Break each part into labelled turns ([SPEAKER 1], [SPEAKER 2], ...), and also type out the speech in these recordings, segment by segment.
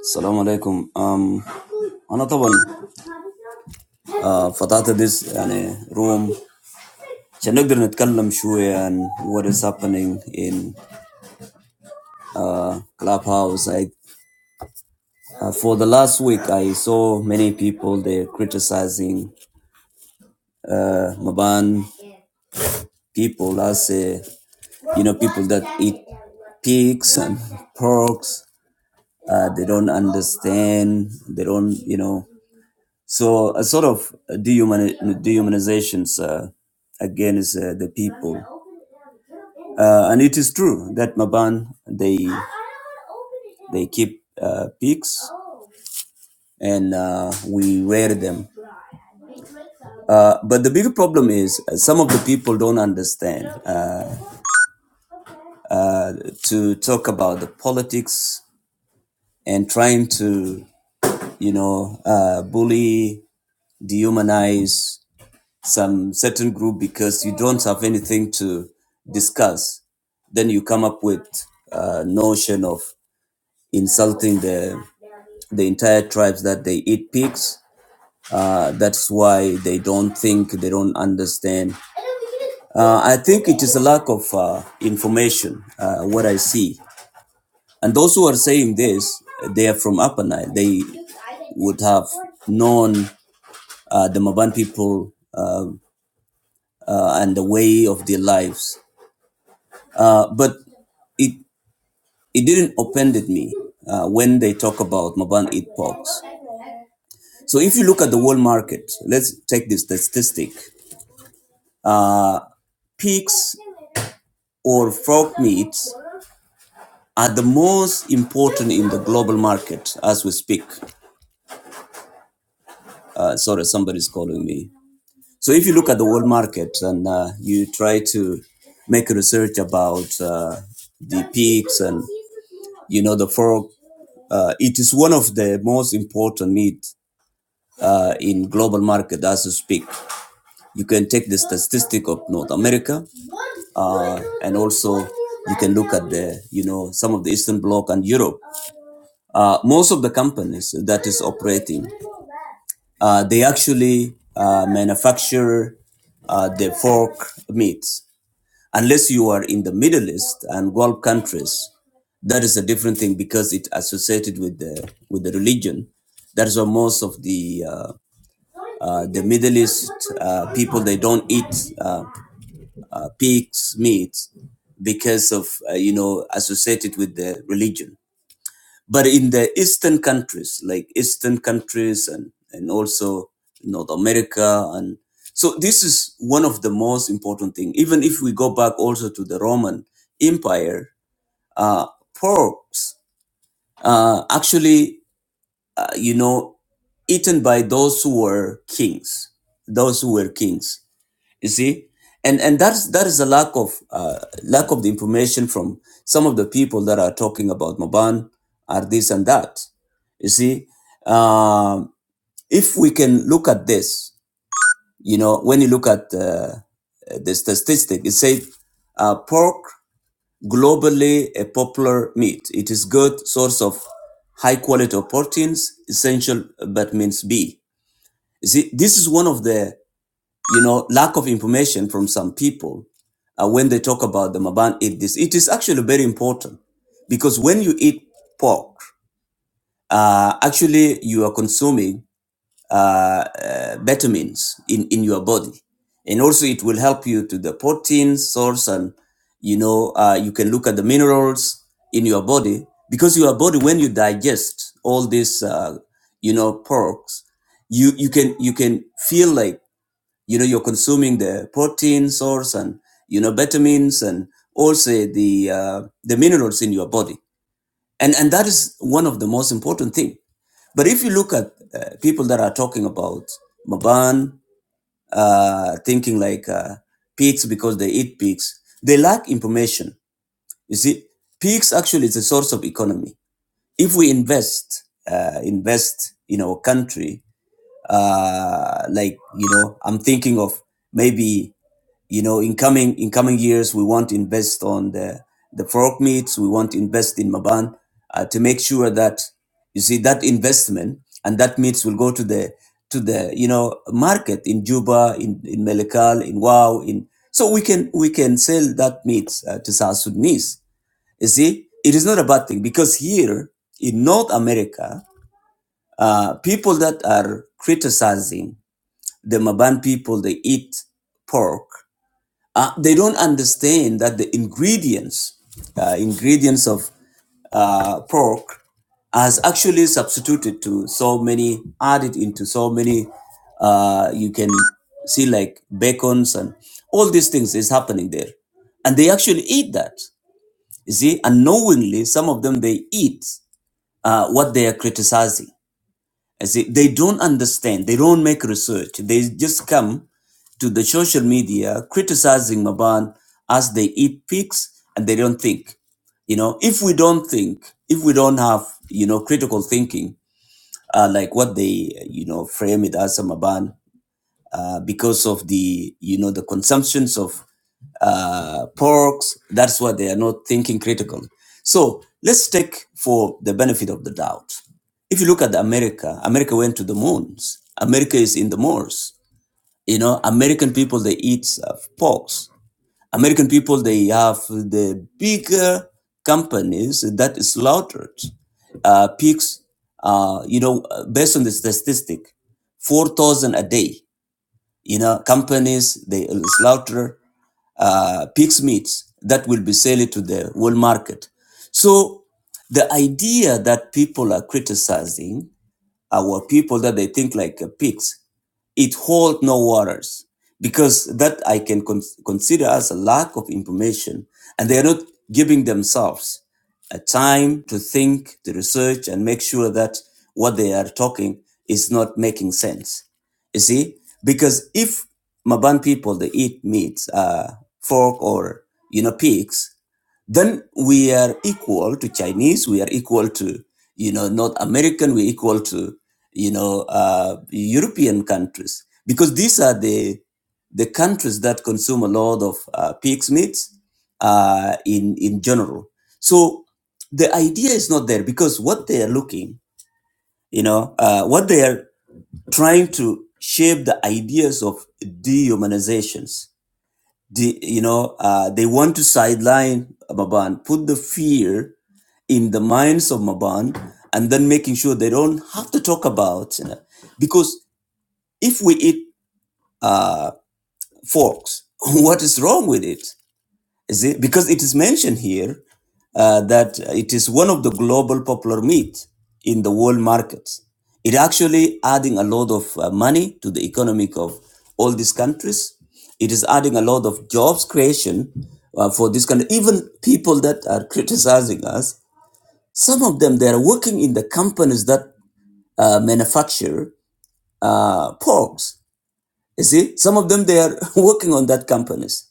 [SPEAKER 1] السلام عليكم um, أنا طبعا uh, فتحت this يعني room عشان نقدر نتكلم شوية عن what is happening in uh, Clubhouse I, uh, for the last week I saw many people they criticizing uh, Maban people as a, you know people that eat pigs and porks uh, they don't understand they don't you know So a sort of dehuman dehumanizations uh, against uh, the people. Uh, and it is true that Maban, they, they keep uh, pigs and uh, we wear them. Uh, but the big problem is uh, some of the people don't understand uh, uh, to talk about the politics and trying to, you know, uh, bully, dehumanize some certain group because you don't have anything to discuss, then you come up with a notion of insulting the the entire tribes that they eat pigs. Uh, that's why they don't think, they don't understand. Uh, I think it is a lack of uh, information, uh, what I see. And those who are saying this, they are from Upper Nile. They would have known uh, the Maban people uh, uh, and the way of their lives. Uh, but it it didn't offended me uh, when they talk about Maban eat pigs. So if you look at the world market, let's take this statistic: uh, pigs or frog meats are the most important in the global market as we speak. Uh, sorry, somebody's calling me. So if you look at the world market and uh, you try to make research about uh, the pigs and you know the pork, uh, it is one of the most important meat uh, in global market as we speak. You can take the statistic of North America, uh, and also you can look at the you know some of the Eastern Bloc and Europe uh, most of the companies that is operating, uh, they actually uh, manufacture uh, the pork meats. Unless you are in the Middle East and Gulf countries, that is a different thing because it associated with the with the religion. That is why most of the uh, uh, the Middle East uh, people they don't eat uh, uh, pigs meat because of uh, you know associated with the religion but in the eastern countries like eastern countries and and also north america and so this is one of the most important thing even if we go back also to the roman empire uh porks uh actually uh, you know eaten by those who were kings those who were kings you see and and that's that is a lack of uh, lack of the information from some of the people that are talking about maban are this and that you see um, if we can look at this you know when you look at uh, the statistic it says uh, pork globally a popular meat it is good source of high quality of proteins essential but means b you see this is one of the you know, lack of information from some people uh, when they talk about the Maban eat this. It is actually very important because when you eat pork, uh, actually you are consuming uh, uh, vitamins in, in your body. And also it will help you to the protein source and, you know, uh, you can look at the minerals in your body because your body, when you digest all these, uh, you know, porks, you, you can, you can feel like you know you're consuming the protein source and you know vitamins and also the uh, the minerals in your body and and that is one of the most important thing but if you look at uh, people that are talking about maban uh, thinking like uh, pigs because they eat pigs they lack information you see pigs actually is a source of economy if we invest uh, invest in our country uh, like you know i'm thinking of maybe you know in coming in coming years we want to invest on the the fork meats we want to invest in maban uh, to make sure that you see that investment and that meats will go to the to the you know market in juba in in melakal in wow in so we can we can sell that meat uh, to south sudanese you see it is not a bad thing because here in north america uh, people that are criticizing the maban people they eat pork uh, they don't understand that the ingredients uh, ingredients of uh, pork has actually substituted to so many added into so many uh, you can see like bacons and all these things is happening there and they actually eat that you see unknowingly some of them they eat uh, what they are criticizing I say they don't understand. They don't make research. They just come to the social media criticizing Maban as they eat pigs and they don't think. You know, if we don't think, if we don't have, you know, critical thinking, uh, like what they, you know, frame it as a Maban, uh, because of the you know the consumptions of uh, porks. That's why they are not thinking critically. So let's take for the benefit of the doubt. If you look at America, America went to the moons. America is in the moors. You know, American people they eat uh, porks. American people they have the bigger companies that slaughtered uh, pigs. Uh, you know, based on the statistic, four thousand a day you know, companies, they slaughter uh, pig's meats that will be sold to the world market. So the idea that people are criticizing our people that they think like uh, pigs, it hold no waters because that I can con- consider as a lack of information, and they are not giving themselves a time to think, to research, and make sure that what they are talking is not making sense. You see, because if Maban people they eat meat, uh, pork or you know pigs, then we are equal to Chinese, we are equal to, you know, North American, we're equal to, you know, uh, European countries because these are the the countries that consume a lot of uh, pig's meats uh, in in general. So the idea is not there because what they are looking, you know, uh, what they are trying to shape the ideas of dehumanizations the, you know, uh, they want to sideline Maban, put the fear in the minds of Maban, and then making sure they don't have to talk about, you know, because if we eat forks, what is wrong with it? Is it- because it is mentioned here uh, that it is one of the global popular meat in the world markets. It actually adding a lot of uh, money to the economic of all these countries. It is adding a lot of jobs creation uh, for this country. Even people that are criticizing us, some of them they are working in the companies that uh, manufacture uh, porks. You see, some of them they are working on that companies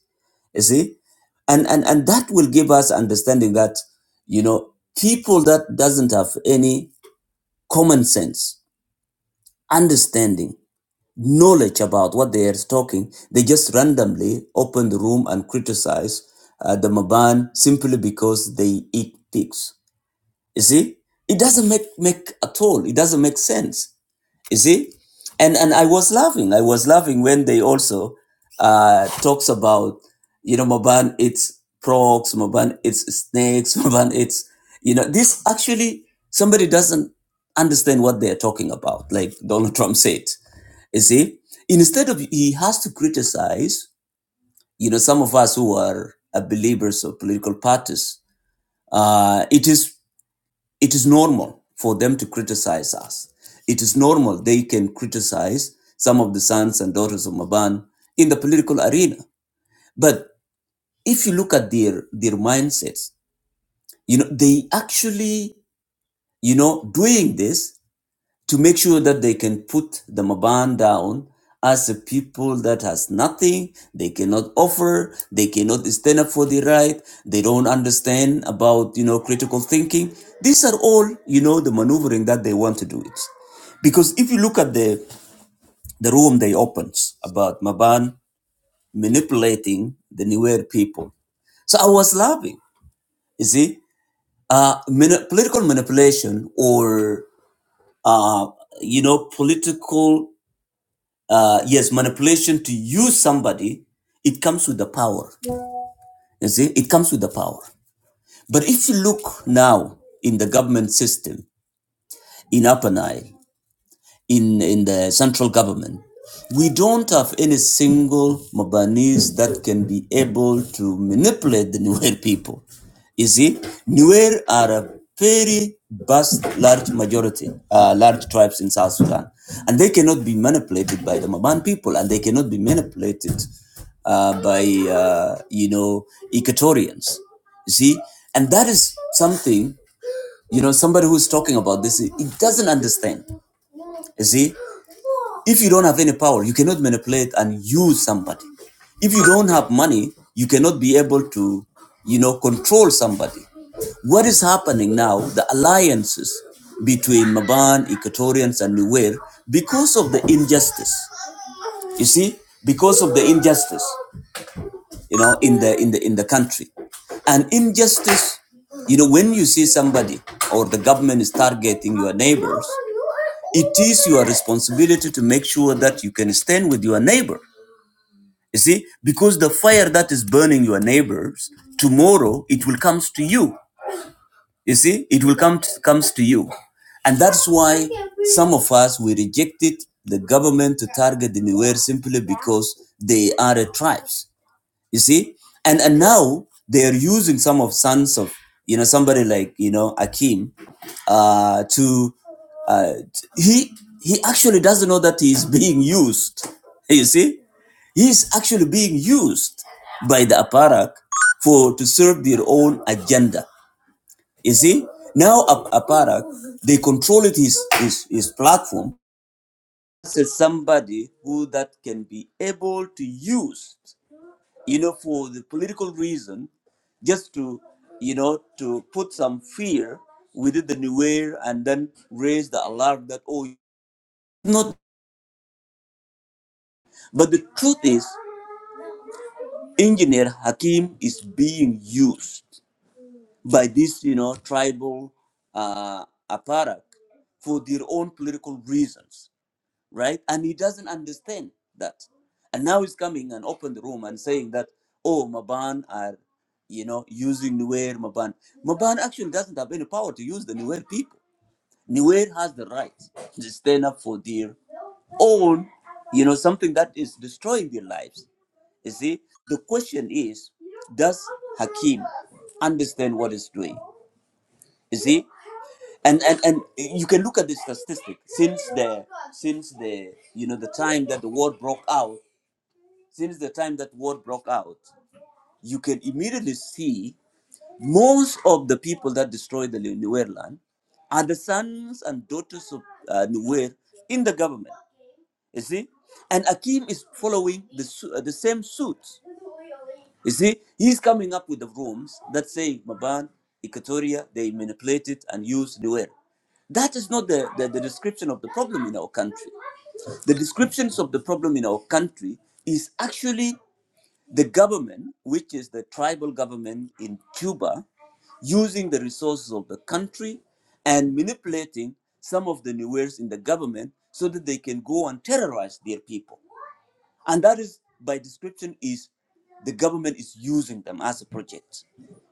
[SPEAKER 1] you see, and and and that will give us understanding that you know people that doesn't have any common sense, understanding, knowledge about what they are talking, they just randomly open the room and criticize uh, the Maban simply because they eat pigs. You see, it doesn't make make at all. It doesn't make sense you see, and and I was laughing. I was laughing when they also uh, talks about you know Maban it's frogs, Maban it's snakes, Maban it's you know this actually somebody doesn't understand what they're talking about. Like Donald Trump said, you see, instead of he has to criticize you know some of us who are uh, believers of political parties. Uh, it is it is normal for them to criticize us. It is normal they can criticize some of the sons and daughters of Maban in the political arena. But if you look at their, their mindsets, you know, they actually, you know, doing this to make sure that they can put the Maban down as a people that has nothing, they cannot offer, they cannot stand up for the right, they don't understand about, you know, critical thinking. These are all, you know, the maneuvering that they want to do it. Because if you look at the, the room they opened about Maban manipulating the Nuer people, so I was laughing. You see, uh, mani- political manipulation or uh, you know, political. uh, yes, manipulation to use somebody, it comes with the power. Yeah. You see, it comes with the power. But if you look now in the government system in Upper Nile, in in the central government we don't have any single Mabanese that can be able to manipulate the Nuer people. You see, Nuer are a very vast, large majority, uh, large tribes in South Sudan, and they cannot be manipulated by the Maban people, and they cannot be manipulated uh, by uh, you know Equatorians. You see, and that is something you know somebody who's talking about this. It doesn't understand. You see, if you don't have any power, you cannot manipulate and use somebody. If you don't have money, you cannot be able to, you know, control somebody. What is happening now, the alliances between Maban, Equatorians, and Nuer, because of the injustice. You see, because of the injustice you know in the in the in the country and injustice you know when you see somebody or the government is targeting your neighbors it is your responsibility to make sure that you can stand with your neighbor you see because the fire that is burning your neighbors tomorrow it will come to you you see it will come to, comes to you and that's why some of us we rejected the government to target the Nuer simply because they are a tribes you see and and now they are using some of sons of you know somebody like you know akim uh to uh he he actually doesn't know that he's being used you see he's actually being used by the aparak for to serve their own agenda you see now aparak they control it his his, his platform as somebody who that can be able to use you know, for the political reason, just to, you know, to put some fear within the Nuer and then raise the alarm that, oh, not. But the truth is, engineer Hakim is being used by this, you know, tribal uh, apparatus for their own political reasons right? And he doesn't understand that. And now he's coming and open the room and saying that, oh, Maban are, you know, using Nuer Maban. Maban actually doesn't have any power to use the Nuer people. Nuer has the right to stand up for their own, you know, something that is destroying their lives. You see, the question is, does Hakim understand what he's doing? You see, and and and you can look at the statistic since the since the you know the time that the war broke out since the time that war broke out you can immediately see most of the people that destroyed the Nuer land are the sons and daughters of uh, Nuer in the government you see? And Akim is following the, su- uh, the same suit. You see? He's coming up with the rooms that say Maban, Equatoria, they manipulated and used Nuer. That is not the, the, the description of the problem in our country. The descriptions of the problem in our country is actually the government, which is the tribal government in Cuba, using the resources of the country and manipulating some of the newers in the government so that they can go and terrorize their people. And that is, by description, is the government is using them as a project.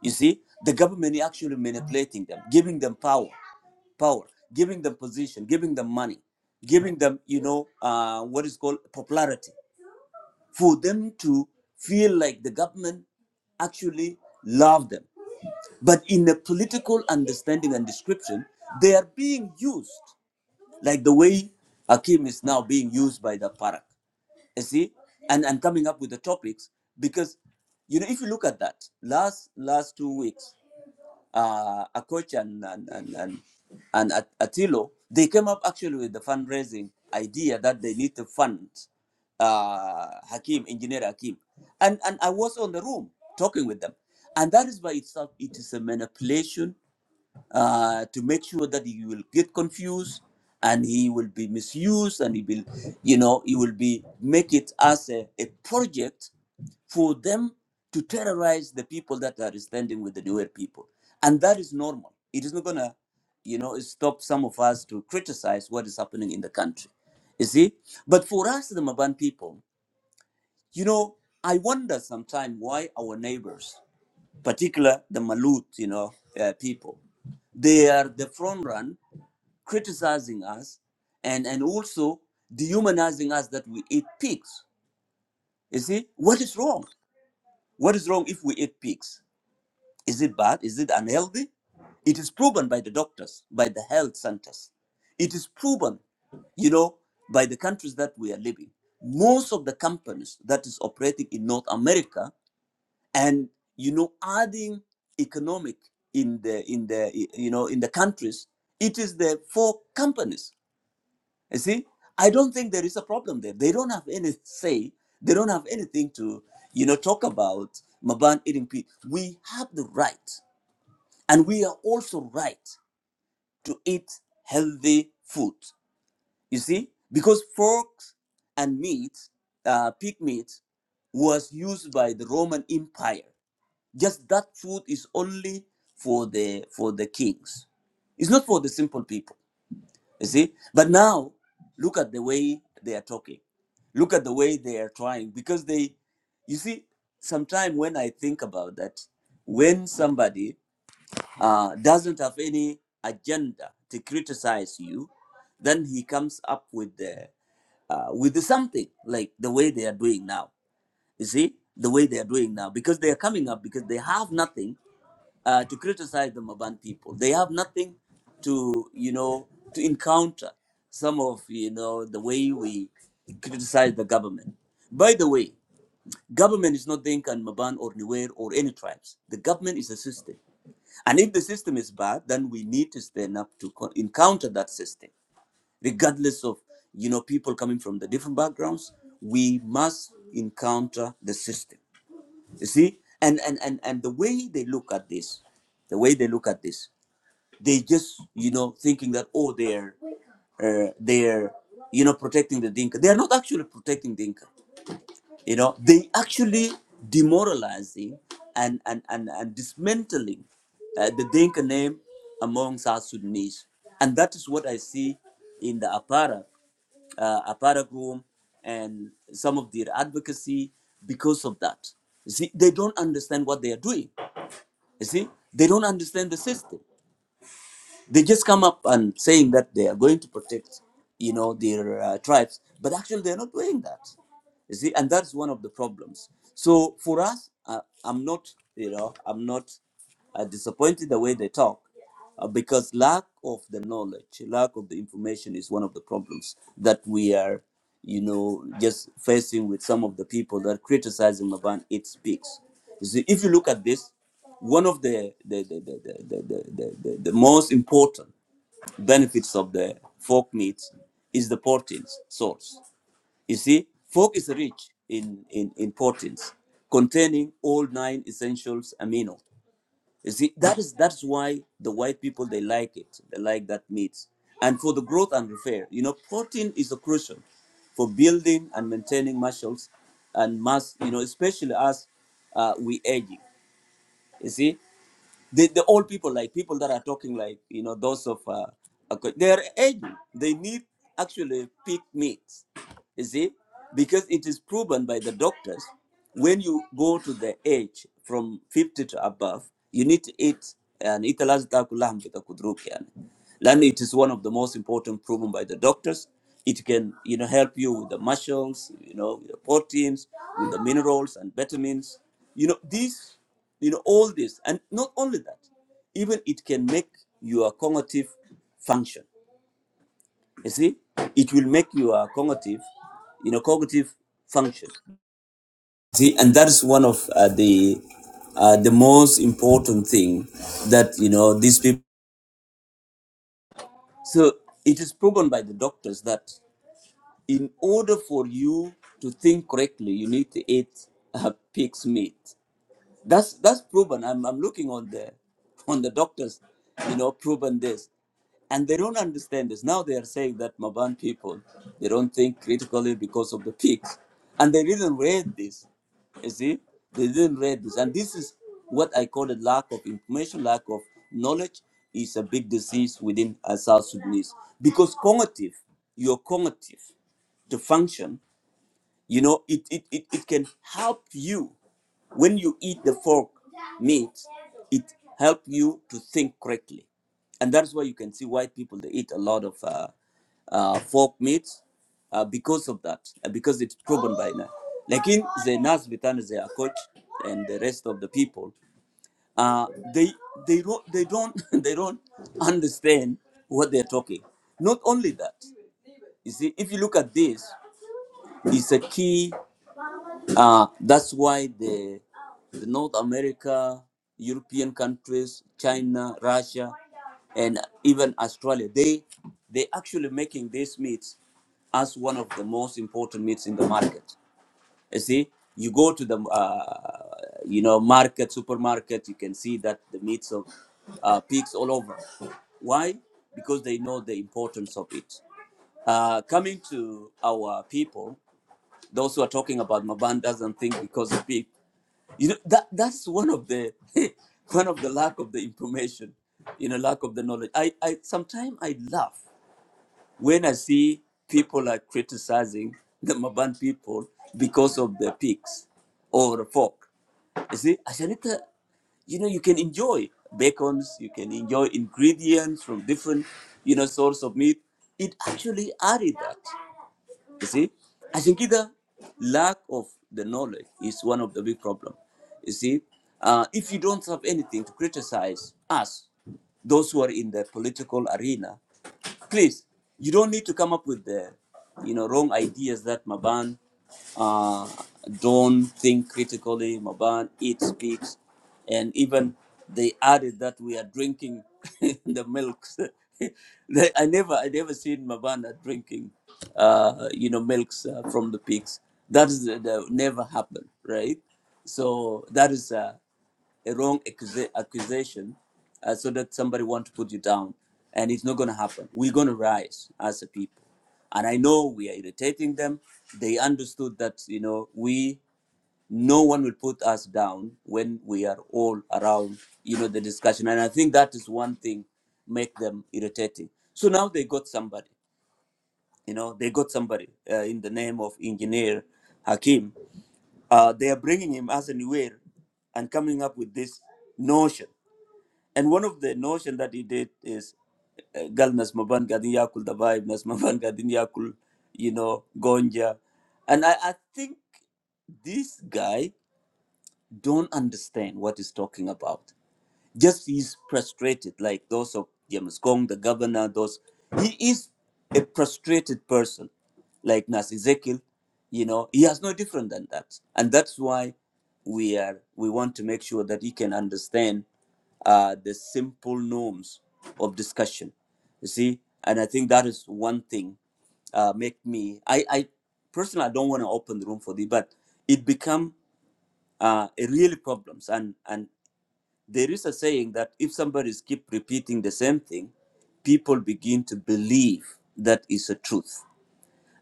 [SPEAKER 1] You see, the government is actually manipulating them, giving them power, power, giving them position, giving them money, giving them, you know, uh, what is called popularity for them to feel like the government actually love them. But in a political understanding and description, they are being used like the way Akim is now being used by the Parak. You see, and and coming up with the topics because you know if you look at that last last two weeks uh, Akoch and and and and, and At- Atilo, they came up actually with the fundraising idea that they need to fund uh, Hakim, engineer Hakim, and and I was on the room talking with them, and that is by itself it is a manipulation uh, to make sure that he will get confused and he will be misused and he will you know he will be make it as a, a project for them to terrorize the people that are standing with the newer people and that is normal it is not gonna you know stop some of us to criticize what is happening in the country you see but for us the maban people you know i wonder sometimes why our neighbors particular the Malut, you know, uh, people. They are the front run criticizing us and, and also dehumanizing us that we eat pigs. You see, what is wrong? What is wrong if we eat pigs? Is it bad? Is it unhealthy? It is proven by the doctors, by the health centers. It is proven, you know, by the countries that we are living. Most of the companies that is operating in North America and you know adding economic in the in the you know in the countries it is the for companies you see i don't think there is a problem there they don't have any say they don't have anything to you know talk about maban eating pea we have the right and we are also right to eat healthy food you see because pork and meat uh, pig meat was used by the roman empire just that food is only for the for the kings. It's not for the simple people. You see? But now look at the way they are talking. Look at the way they are trying. Because they you see, sometimes when I think about that, when somebody uh, doesn't have any agenda to criticize you, then he comes up with the uh, with the something like the way they are doing now. You see the way they are doing now because they are coming up because they have nothing uh, to criticize the Maban people. They have nothing to, you know, to encounter some of, you know, the way we criticize the government. By the way, government is not Dinka and Maban or Nuer or any tribes. The government is a system. And if the system is bad, then we need to stand up to co- encounter that system, regardless of, you know, people coming from the different backgrounds. We must encounter the system. You see? And, and, and, and the way they look at this, the way they look at this they just you know thinking that oh they're uh, they're you know protecting the dinka they are not actually protecting dinka you know they actually demoralizing and and and, and dismantling uh, the dinka name among south sudanese and that is what i see in the apara uh, apara room and some of their advocacy because of that you see they don't understand what they are doing you see they don't understand the system they just come up and saying that they are going to protect, you know, their uh, tribes, but actually they're not doing that. You see, and that's one of the problems. So for us, uh, I'm not, you know, I'm not uh, disappointed the way they talk, uh, because lack of the knowledge, lack of the information is one of the problems that we are, you know, just facing with some of the people that criticizing Maban. It speaks. You see, if you look at this. One of the the the the, the, the, the, the, the most important benefits of the folk meat is the protein source. You see, folk is rich in, in, in proteins containing all nine essentials amino. You see, that is that's why the white people they like it. They like that meat. And for the growth and repair, you know, protein is a crucial for building and maintaining muscles and mass, you know, especially as uh, we aging. You see, the, the old people, like people that are talking, like you know, those of uh, okay, they're aging. They need actually pig meat. You see, because it is proven by the doctors, when you go to the age from 50 to above, you need to eat and eat Then it is one of the most important proven by the doctors. It can, you know, help you with the muscles, you know, with the proteins, with the minerals and vitamins. You know, these you know all this and not only that even it can make your cognitive function you see it will make your cognitive you know cognitive function see and that is one of uh, the uh, the most important thing that you know these people so it is proven by the doctors that in order for you to think correctly you need to eat uh, pig's meat That's that's proven. I'm I'm looking on the on the doctors, you know, proven this. And they don't understand this. Now they are saying that Maban people they don't think critically because of the pigs. And they didn't read this. You see? They didn't read this. And this is what I call a lack of information, lack of knowledge is a big disease within uh, South Sudanese. Because cognitive, your cognitive to function you know, it, it, it, it can help you when you eat the fork meat, it help you to think correctly. And that's why you can see white people, they eat a lot of uh, uh, fork meat uh, because of that, uh, because it's proven by now. Like in the Nas Bitan, the Akot, and the rest of the people, uh, they they don't they don't they don't understand what they're talking. Not only that, you see, if you look at this, it's a key. Uh, that's why the, the North America, European countries, China, Russia, and even Australia, they they actually making this meat as one of the most important meats in the market. You see, you go to the uh, you know market, supermarket, you can see that the meats of uh, pigs all over. Why? Because they know the importance of it. Uh, coming to our people, those who are talking about Maban doesn't think because of people. You know that that's one of the one of the lack of the information, you know, lack of the knowledge. I I sometimes I laugh when I see people are criticizing the Maban people because of the pigs or the pork. You see, Ashanita, you know, you can enjoy bacons, you can enjoy ingredients from different, you know, source of meat. It actually added that. You see, I think either lack of the knowledge is one of the big problem. You see, uh, if you don't have anything to criticize us, those who are in the political arena, please, you don't need to come up with the, you know, wrong ideas that Maban uh, don't think critically. Maban eats, speaks, and even they added that we are drinking the milks. They- I never, I never seen Mabana drinking, uh, you know, milks uh, from the pigs. That is the, the- never happened, right? So that is. uh, a wrong accusa- accusation uh, so that somebody want to put you down and it's not going to happen we're going to rise as a people and i know we are irritating them they understood that you know we no one will put us down when we are all around you know the discussion and i think that is one thing make them irritating so now they got somebody you know they got somebody uh, in the name of engineer hakim uh, they are bringing him as a aware and coming up with this notion and one of the notion that he did is uh, gal nas maban gadin yakul the vibe, nas maban gadin yakul, you know, gonja. And I, I think this guy don't understand what he's talking about just he's frustrated, like those of James Kong, the governor, those he is a frustrated person, like Nas Ezekiel, you know, he has no different than that. And that's why we are we want to make sure that he can understand uh, the simple norms of discussion. You see, and I think that is one thing uh, make me I, I personally I don't want to open the room for this, but it become uh, a really problems and and there is a saying that if somebody keep repeating the same thing, people begin to believe that is a truth.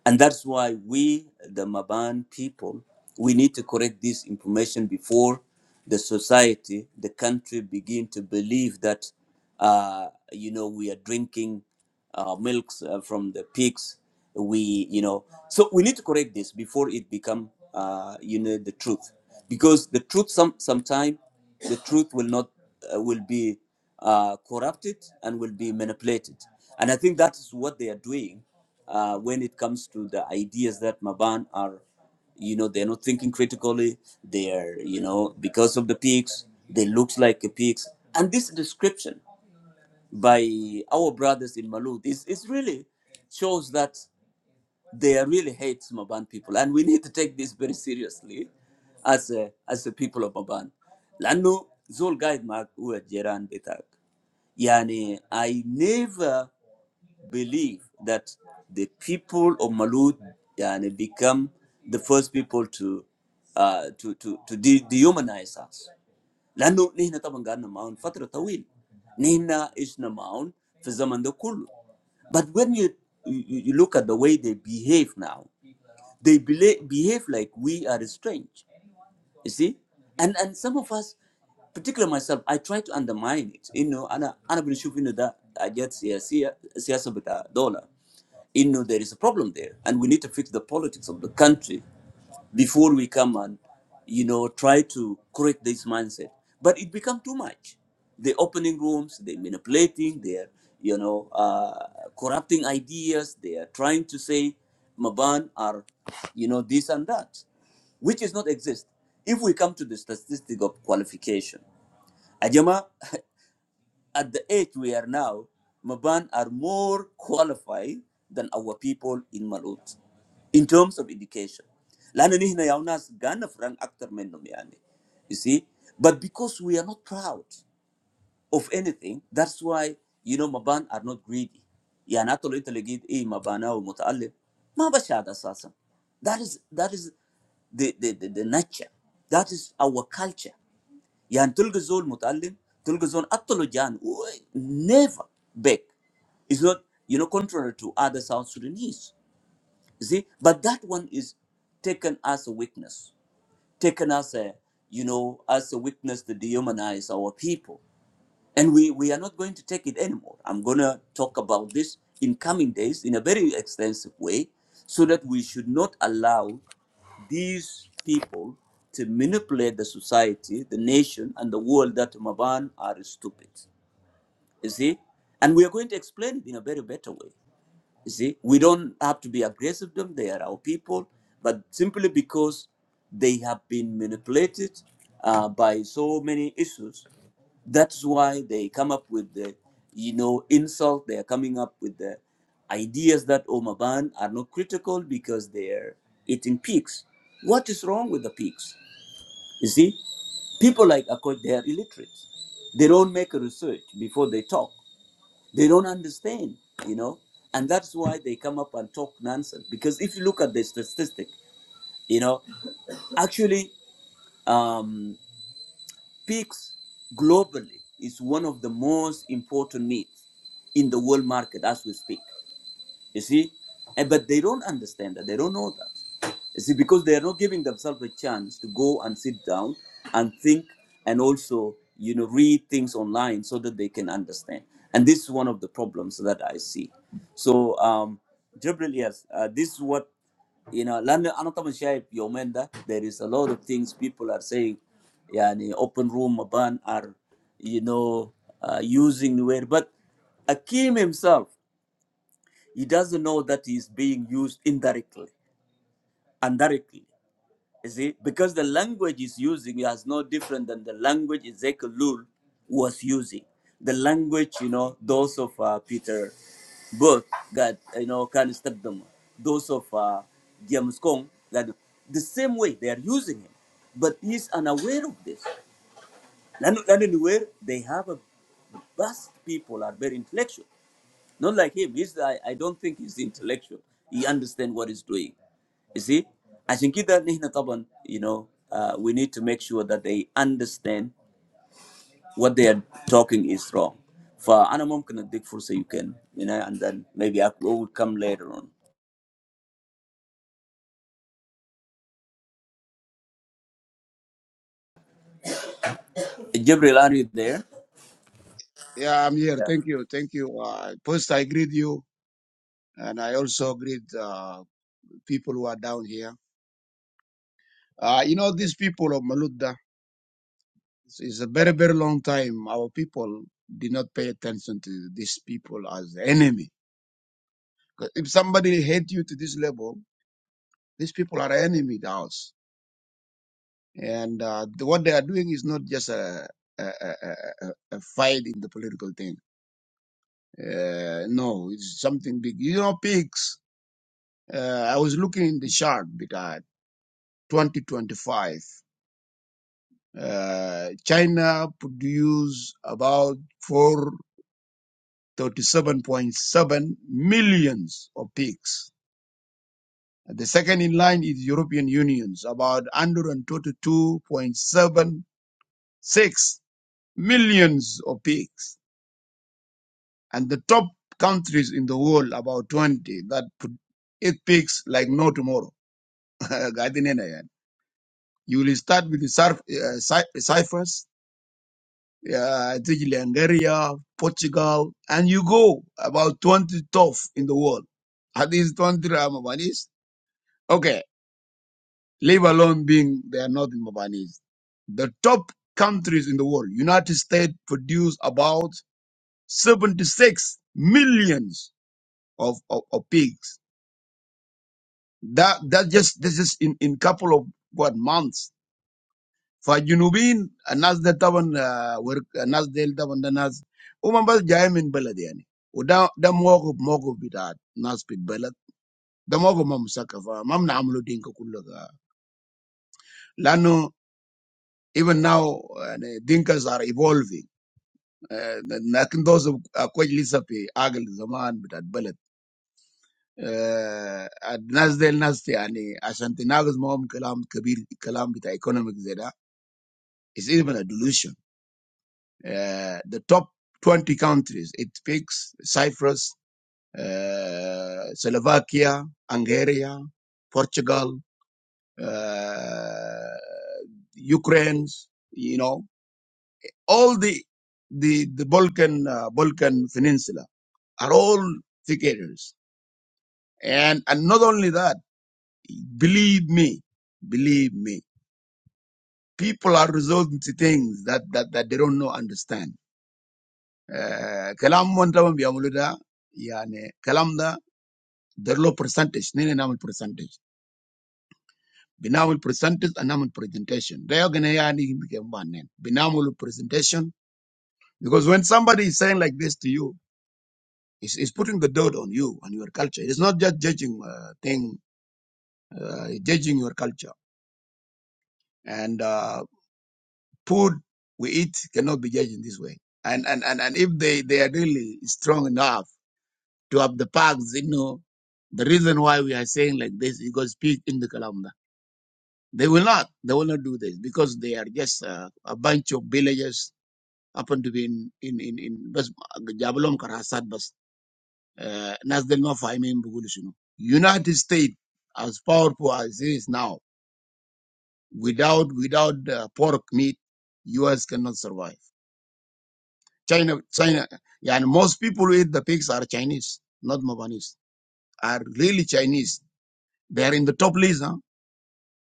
[SPEAKER 1] And that's why we, the Maban people, we need to correct this information before the society, the country begin to believe that, uh, you know, we are drinking uh, milks uh, from the pigs. We, you know, so we need to correct this before it become, uh, you know, the truth, because the truth some sometime, the truth will not uh, will be uh, corrupted and will be manipulated, and I think that is what they are doing uh, when it comes to the ideas that Maban are, you know, they're not thinking critically. They're, you know, because of the pigs, they look like a pigs. And this description by our brothers in Malut is, is really shows that they really hate Maban people. And we need to take this very seriously as a, as a people of Maban. لأنه زول قاعد معك هو الجيران بتاعك. يعني I never believe that the people of Malut yani, become the first people to uh, to to to de- dehumanize us. لأنه نحن طبعا قعدنا معهم فترة طويلة. نحن عشنا معهم في الزمن ده كله. But when you, you you look at the way they behave now, they bela- behave like we are strange. You see, and and some of us, particularly myself, I try to undermine it. You know, and I, and I've been shooting that I get siyasa bita dollar. You know there is a problem there, and we need to fix the politics of the country before we come and, you know, try to correct this mindset. But it become too much. They opening rooms, they manipulating, they are, you know, uh, corrupting ideas. They are trying to say Maban are, you know, this and that, which is not exist. If we come to the statistic of qualification, Ajama at the age we are now, Maban are more qualified than our people in Malut in terms of education. لأن نحن يا ناس غانا فران أكتر منهم يعني. You see? But because we are not proud of anything, that's why, you know, Maban are not greedy. يعني حتى لو أنت لقيت إيه مبانا ومتألف ما بشهد أساسا. That is, that is the, the, the, the nature. That is our culture. يعني تلقى زول متعلم تلقى زول اطلع جان never beg is not you know contrary to other South Sudanese. You see, but that one is taken as a weakness, taken as a you know as a weakness to dehumanize our people. And we, we are not going to take it anymore. I'm going to talk about this in coming days in a very extensive way so that we should not allow these people to manipulate the society, the nation, and the world that Maban are stupid. You see? And we are going to explain it in a very better way. You see, we don't have to be aggressive to them. They are our people, but simply because they have been manipulated uh, by so many issues, that's why they come up with the, you know, insult. They are coming up with the ideas that Omaban are not critical because they are eating pigs. What is wrong with the pigs? You see, people like Akot, they are illiterate. They don't make a research before they talk. They don't understand, you know, and that's why they come up and talk nonsense. Because if you look at the statistic, you know, actually, um, pigs globally is one of the most important meats in the world market as we speak. You see? And, but they don't understand that. They don't know that. You see, because they are not giving themselves a chance to go and sit down and think and also, you know, read things online so that they can understand. And this is one of the problems that I see. So, um, Jibril, yes, uh, this is what, you know, لأن أنا طبعا شايف يومين ده, there is a lot of things people are saying, يعني open room, ban are, you know, uh, using the word, but Akim himself. He doesn't know that he's being used indirectly, indirectly. You see, because the language he's using is no different than the language Ezekiel Lul was using. The language, you know, those of uh, Peter Burke, that, you know, can step them, those of uh, James Kong, that the same way they are using him. But he's unaware of this. And and anywhere, they have a vast people are very intellectual. Not like him. He's I, I don't think he's intellectual. He understands what he's doing. You see? I think that Nihna Taban, you know, uh, we need to make sure that they understand what they are talking is wrong. For Anamom can dig for so you can, you know, and then maybe I will come later on. Jibril, are you there?
[SPEAKER 2] Yeah, I'm here. Thank you. Thank you. Uh, first, I greet you, and I also greet uh, people who are down here. Uh, you know, these people of Maluda, it's, it's a very, very long time. Our people did not pay attention to these people as enemy. 'Cause If somebody hate you to this level, these people are enemy to us. And uh, the- what they are doing is not just a, a, a, a, a a fight in the political thing. Uh, no, it's something big. You know, pigs. Uh, I was looking in the chart, 2025. Uh, China produced about 437.7 millions of pigs. The second in line is European Union's about 122.76 millions of pigs. And the top countries in the world, about 20, that put pigs like no tomorrow. Gadinena you will start with the Cyprus, Yeah, uh, Italy, Nigeria, Portugal, and you go about 20 top in the world. At least 20 are Mabanese. Okay, leave alone being they are not in Mabanese. The top countries in the world, United States produce about 76 millions of, of, of pigs. That, that just, this is in, in couple of what months For jinnubin, a nas deta van work, a nas deta van the nas. Omo ba jaiyin bela deyani. O da da mago mago birad, nas pit bela. Da mago mama saka. Mama na amulo dinka kulloga. Lano even now, dinkas are evolving. Nakan those a koyi lisa pe agal zaman birad bela. A nas deta nas te aani a shante nagu mo mama kalam kabi kalam birad economic zeda. Is even a delusion. uh, the top 20 countries. It picks Cyprus, uh, Slovakia, Hungary, Portugal, uh, Ukraine, you know, all the, the, the Balkan, uh, Balkan Peninsula are all figures. And, and not only that, believe me, believe me, people are resorting to things that, that, that they don't know understand Eh, Kalam كلام من طبعا بيعملوا ده يعني كلام ده دير له برسنتج نحن نعمل برسنتج بنعمل برسنتج نعمل برزنتيشن ده يعني يعني بيجمعنا بنعمل because when somebody is saying like this to you is is putting the dirt on you and your culture it's not just judging uh, thing uh, judging your culture and uh, food we eat cannot be judged in this way and and and, and if they they are really strong enough to have the parks, you know. The reason why we are saying like this is because speak in the Kalamda. They will not. They will not do this because they are just uh, a bunch of villagers happen to be in in in in bas Jabalom Karasat bas uh, Nas del Mafa I United States as powerful as it is now, without without uh, pork meat, U.S. cannot survive. China China yeah, and most people who eat the pigs are Chinese, not Mabanese. Are really Chinese. They are in the top list. Huh?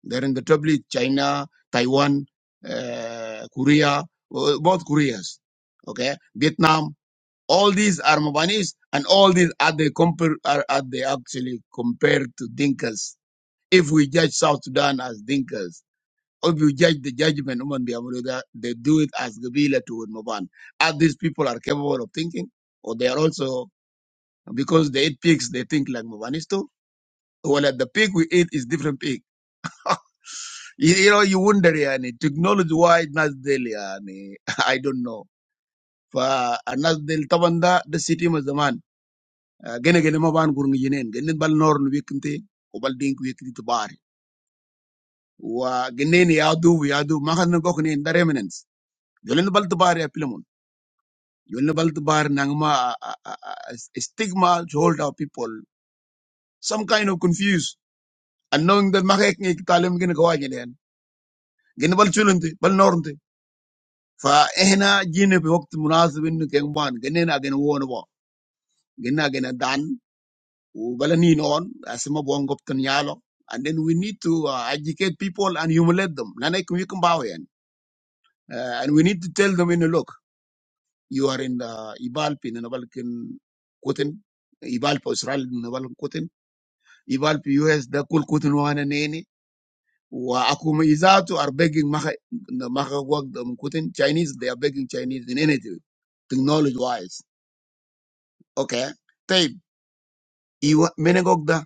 [SPEAKER 2] They're in the tablet, China, Taiwan, uh, Korea, uh, both Koreas, okay, Vietnam. All these are Mabanis, and all these are they compare are, are they actually compared to Dinkas. If we judge South Sudan as Dinkas, or if we judge the judgment Uman Biamuruda, they do it as Gabila to Maban. Are these people are capable of thinking, or they are also because they eat pigs, they think like Mabanis too? Well, the pig we eat is different pig. You, you know, you wonder, yani, technology why Nasdel, yani, I don't know. Fa Nasdel Tabanda, the city was the man. Gene gene ma ban gurung jinen, gene bal nor nu wikinte, o bal dink wikinte tabari. Wa gene ni adu yadu, makan na gok ni the remnants. Yolen bal tabari a pilamun. Yolen bal tabari nangma a a- a- a stigma to hold our people. Some kind of confused. And knowing that makek ni talim gene kawajen yan. Gene bal chulunte, bal norunte. فاحنا جينا في وقت مناسب انه كان بان قلنا اجينا وون بو قلنا دان وبلنين اون اسما بون قبتن يالو and then we need to uh, educate people and humiliate them لانك يكون يكون باو يعني uh, and we need to tell them in a look you are in the ibal pin and balkin kutin ibal po israel na balkin kutin ibal po us da kul kutin wana nene wa akuma izatu are begging maka maka wag them kutin chinese they are begging chinese in anything technology wise Okay, then you what? When I go there,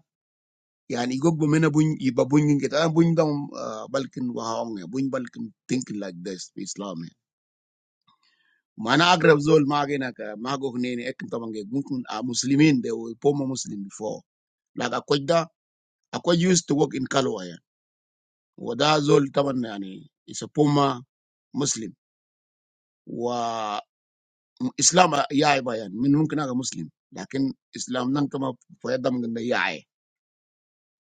[SPEAKER 2] I mean, I go but when I buy, I buy buying it. I buy it down Balkan Wahang, buy Balkan thinking like this, for Islam. Managrabzol magenaka mago hene. I can tell you, Muslimin they were former Muslim before. Like a kuda, a kuda used to work in Kalua. Wada zol, I mean, it's a former Muslim. Wah Islam yai buyan. Minu mungkin aga Muslim, but Islam nang kama fayda ngenda yai.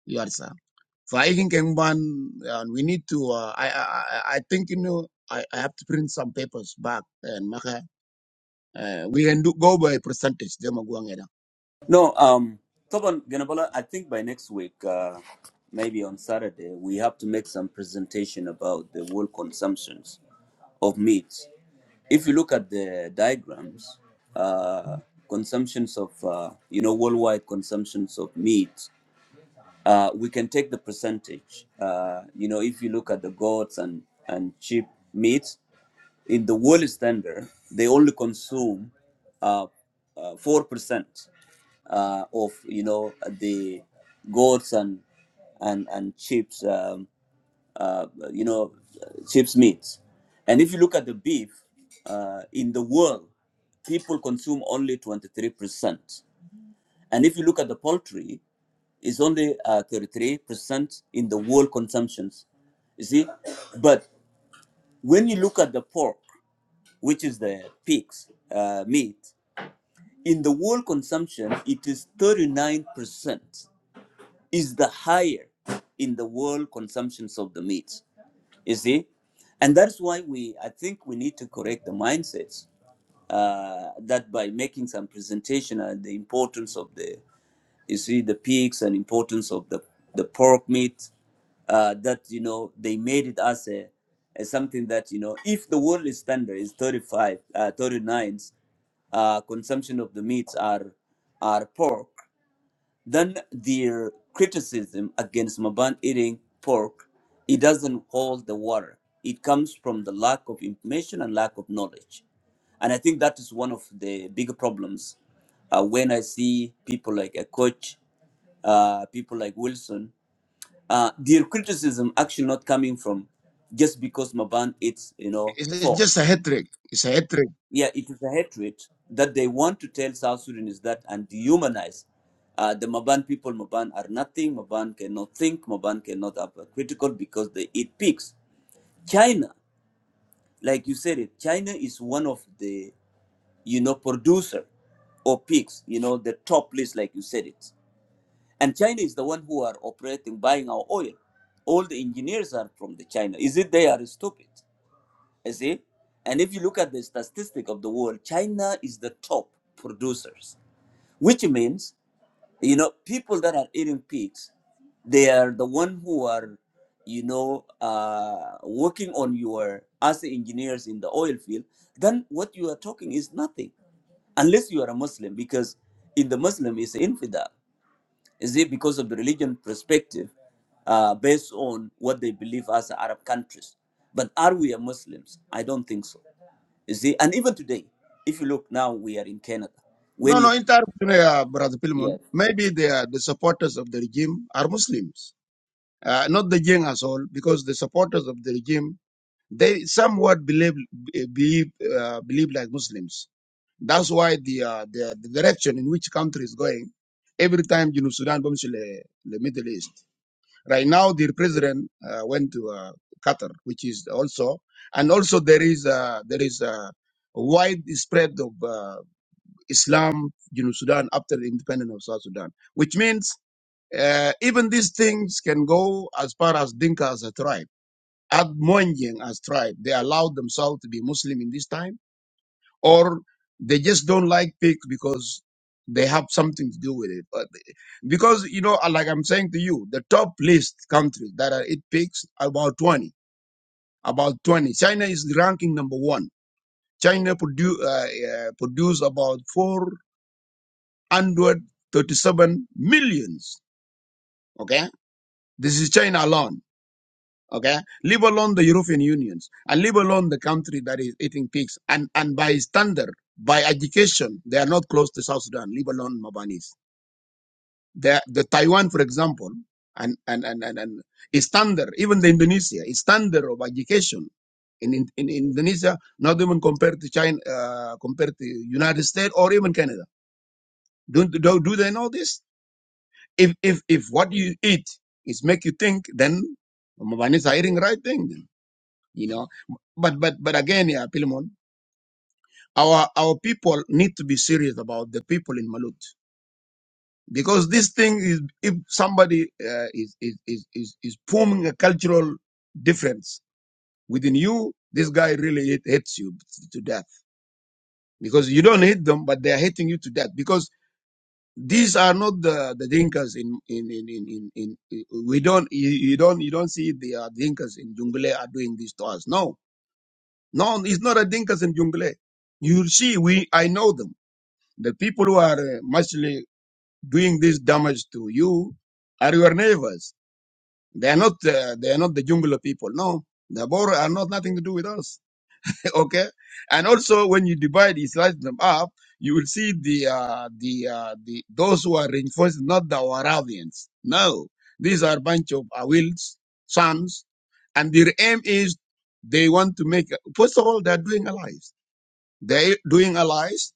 [SPEAKER 2] Yar sa. Fighting Kengban, and we need to. Uh, I, I I I think you know. I, I have to print some papers back and maka. Uh, we can do go by percentage. They are going around.
[SPEAKER 1] No, um, Toban Ganabala, I think by next week, uh, maybe on Saturday, we have to make some presentation about the world consumptions of meat. If you look at the diagrams, uh, consumptions of, uh, you know, worldwide consumptions of meat, uh, we can take the percentage. Uh, you know, if you look at the goats and, and cheap meat, in the world standard, they only consume uh, uh, 4% uh, of, you know, the goats and, and, and chips, um, uh, you know, chips meats. And if you look at the beef, uh, in the world, people consume only 23%. And if you look at the poultry, it's only uh, 33% in the world consumptions. You see? But when you look at the pork, which is the pig's uh, meat, in the world consumption, it is 39%, is the higher in the world consumptions of the meats. You see? And that's why we, I think we need to correct the mindsets uh, that by making some presentation on the importance of the you see the peaks and importance of the, the pork meat uh, that, you know, they made it as a as something that, you know, if the world standard is 35, uh, 39, uh, consumption of the meats are are pork, then their criticism against Maban eating pork, it doesn't hold the water. It comes from the lack of information and lack of knowledge, and I think that is one of the bigger problems. Uh, when I see people like a coach uh, people like Wilson, uh, their criticism actually not coming from just because Maban eats, you know,
[SPEAKER 2] It's, it's
[SPEAKER 1] fork.
[SPEAKER 2] just a hat trick. It's a hat trick.
[SPEAKER 1] Yeah, it is a hatred that they want to tell South Sudanese that and dehumanize. Uh, the Maban people, Maban are nothing, Maban cannot think, Maban cannot have a critical because they eat pigs. China, like you said it, China is one of the, you know, producer of pigs, you know, the top list, like you said it And China is the one who are operating, buying our oil. All the engineers are from the China. Is it they are stupid? You see? And if you look at the statistic of the world, China is the top producers, which means, you know, people that are eating pigs, they are the one who are, you know, uh, working on your as engineers in the oil field. Then what you are talking is nothing, unless you are a Muslim, because in the Muslim is infidel. Is it because of the religion perspective uh, based on what they believe as Arab countries? But are we a Muslims? I don't think so. Is it? And even today, if you look now, we are in Canada.
[SPEAKER 2] No,
[SPEAKER 1] When
[SPEAKER 2] no,
[SPEAKER 1] you,
[SPEAKER 2] entire uh, brother
[SPEAKER 1] yeah,
[SPEAKER 2] Pilmon. Maybe the uh, the supporters of the regime are Muslims, uh, not the gang as all, because the supporters of the regime they somewhat believe eh, believe uh, believe like Muslims That's why the, uh, the the direction in which country is going every time you know Sudan comes to the, the Middle East. Right now, their president uh, went to uh, Qatar, which is also and also there is uh, there is a wide spread of uh, Islam you know Sudan after the independence of South Sudan, which means uh, even these things can go as far as Dinka as a tribe. At Moinjing as tribe, they allowed themselves to be Muslim in this time or they just don't like pig because they have something to do with it. But because you know, uh, like I'm saying to you, the top list countries that are eat pigs about 20, about 20. China is ranking number one. China produ- uh, uh, produce about 437 millions. Okay, this is China alone Okay, leave alone the European Unions, and leave alone the country that is eating pigs. And and by standard, by education, they are not close to South Sudan. Leave alone Mabanese. The the Taiwan, for example, and and and and, and is standard. Even the Indonesia is standard of education in in, in Indonesia, not even compared to China, uh, compared to United States or even Canada. Do, do do they know this? If if if what you eat is make you think, then Mabanese are eating right thing. you know. But but but again, yeah, Pilimon, our our people need to be serious about the people in Malut because this thing is if somebody uh, is, is is is is forming a cultural difference within you, this guy really hate, hates you to death because you don't hate them, but they are hating you to death because. These are not the, the drinkers in, in, in, in, in, in we don't you, you don't you don't see the uh, drinkers in Jungle are doing this to us. No, No, it's not a Dinkas in Jungle. You see, we I know them. The people who are uh, mostly doing this damage to you are your neighbors. They are not. Uh, they are not the Jungle people. No, the Bor are not nothing to do with us. okay, and also when you divide, you slice them up. You will see the uh, the uh, the those who are reinforced, not the Waravians. No, these are bunch of Awils, sons, and their aim is they want to make. First of all, they are doing allies. They doing allies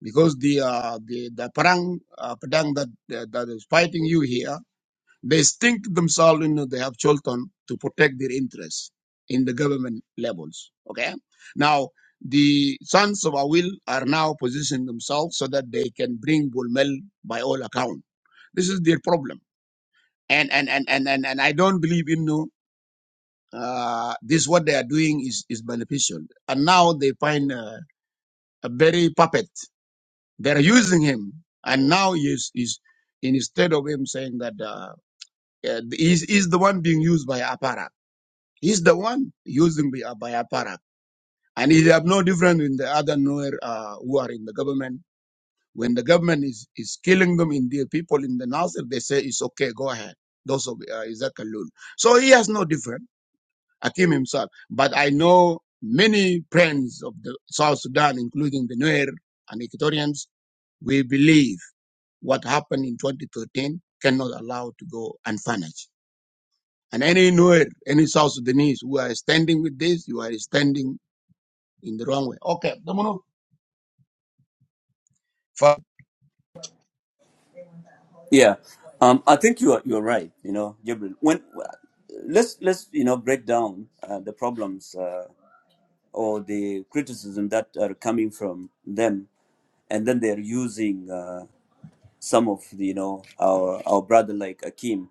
[SPEAKER 2] because the uh, the the Parang uh, Padang that that is fighting you here. They think themselves you know they have Cholton to protect their interests in the government levels. Okay, now the sons of Awil are now positioning themselves so that they can bring Bulmel by all account. This is their problem, and and and and and, and I don't believe you know. Uh, this what they are doing is, is beneficial, and now they find uh, a very puppet They're using him, and now he's, he's instead of him saying that uh, uh, he's, he's the one being used by Aparak. He's the one using by, by Aparak, and he have no different in the other Nuer uh, who are in the government. When the government is, is killing them in the people in the Nasir, they say it's okay, go ahead. Those of uh, Isaac Kalul. So he has no different. Akim himself. But I know many friends of the South Sudan, including the Nuer and Equatorians, we believe. What happened in 2013 cannot allow to go unpunished. And anywhere, any South Sudanese who are standing with this, you are standing in the wrong way. Okay, Domino. For
[SPEAKER 1] yeah, um, I think you are you are right. You know, Jibril. When let's let's you know break down uh, the problems uh, or the criticism that are coming from them, and then they're using uh, some of the, you know our our brother like Akim.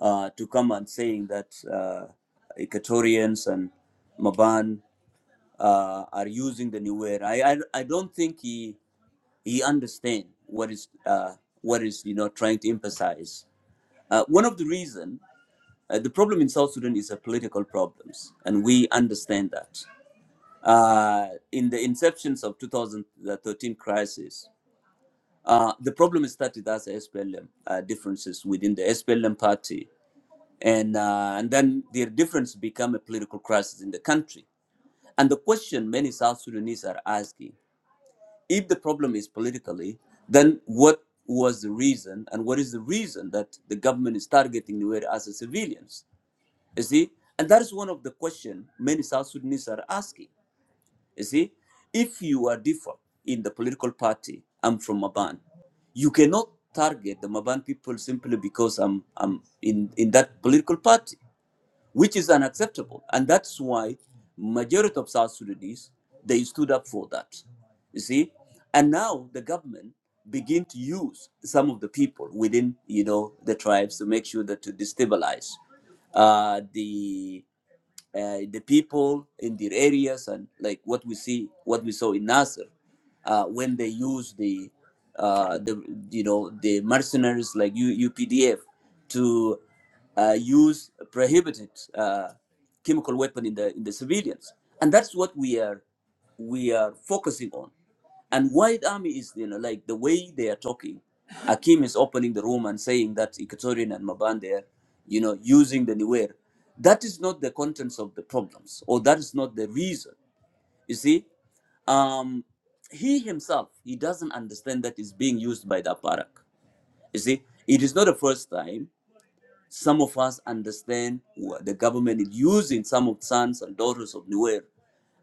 [SPEAKER 1] uh, to come and saying that uh, Equatorians and Maban uh, are using the new era. I, I, I don't think he he understands what is uh, what is you know trying to emphasize. Uh, one of the reason uh, the problem in South Sudan is a political problems, and we understand that. Uh, in the inceptions of 2013 crisis, uh, the problem started as SPLM uh, differences within the SPLM party and uh, and then their difference become a political crisis in the country. And the question many South Sudanese are asking: If the problem is politically, then what was the reason, and what is the reason that the government is targeting Nuer as a civilians? You see, and that is one of the questions many South Sudanese are asking. You see, if you are different in the political party, I'm from Maban. You cannot target the Maban people simply because I'm I'm in in that political party which is unacceptable. And that's why majority of South Sudanese, they stood up for that. You see? And now the government begin to use some of the people within, you know, the tribes to make sure that to destabilize uh, the uh, the people in their areas and like what we see what we saw in Nasser uh, when they use the uh, the you know the mercenaries like U- UPDF to uh, use prohibited uh, chemical weapon in the in the civilians and that's what we are we are focusing on and white army is, you know, like the way they are talking. Akim is opening the room and saying that Equatorian and Mabande are, you know, using the Niwer. That is not the contents of the problems, or that is not the reason. You see, um, he himself, he doesn't understand that it's being used by the Aparak. You see, it is not the first time. Some of us understand what the government is using some of sons and daughters of Nuer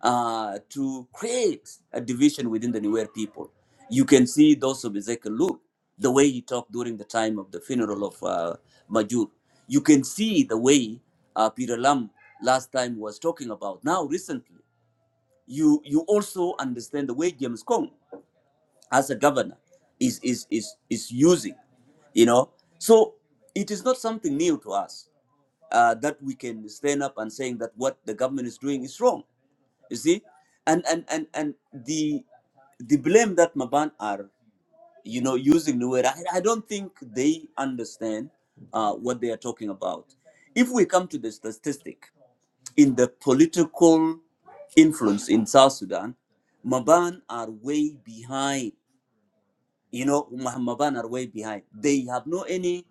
[SPEAKER 1] uh, to create a division within the Nuer people. You can see those of Ezekiel Luke, the way he talked during the time of the funeral of uh, Majur. You can see the way uh, Peter Lam last time was talking about. Now, recently, you you also understand the way James Kong, as a governor, is is is is using. You know, so it is not something new to us uh, that we can stand up and saying that what the government is doing is wrong. You see, and and and and the the blame that Maban are you know using Nuer, I, I don't think they understand uh, what they are talking about. If we come to the statistic in the political influence in South Sudan, Maban are way behind you know, Mahmaban are way behind. They have no any,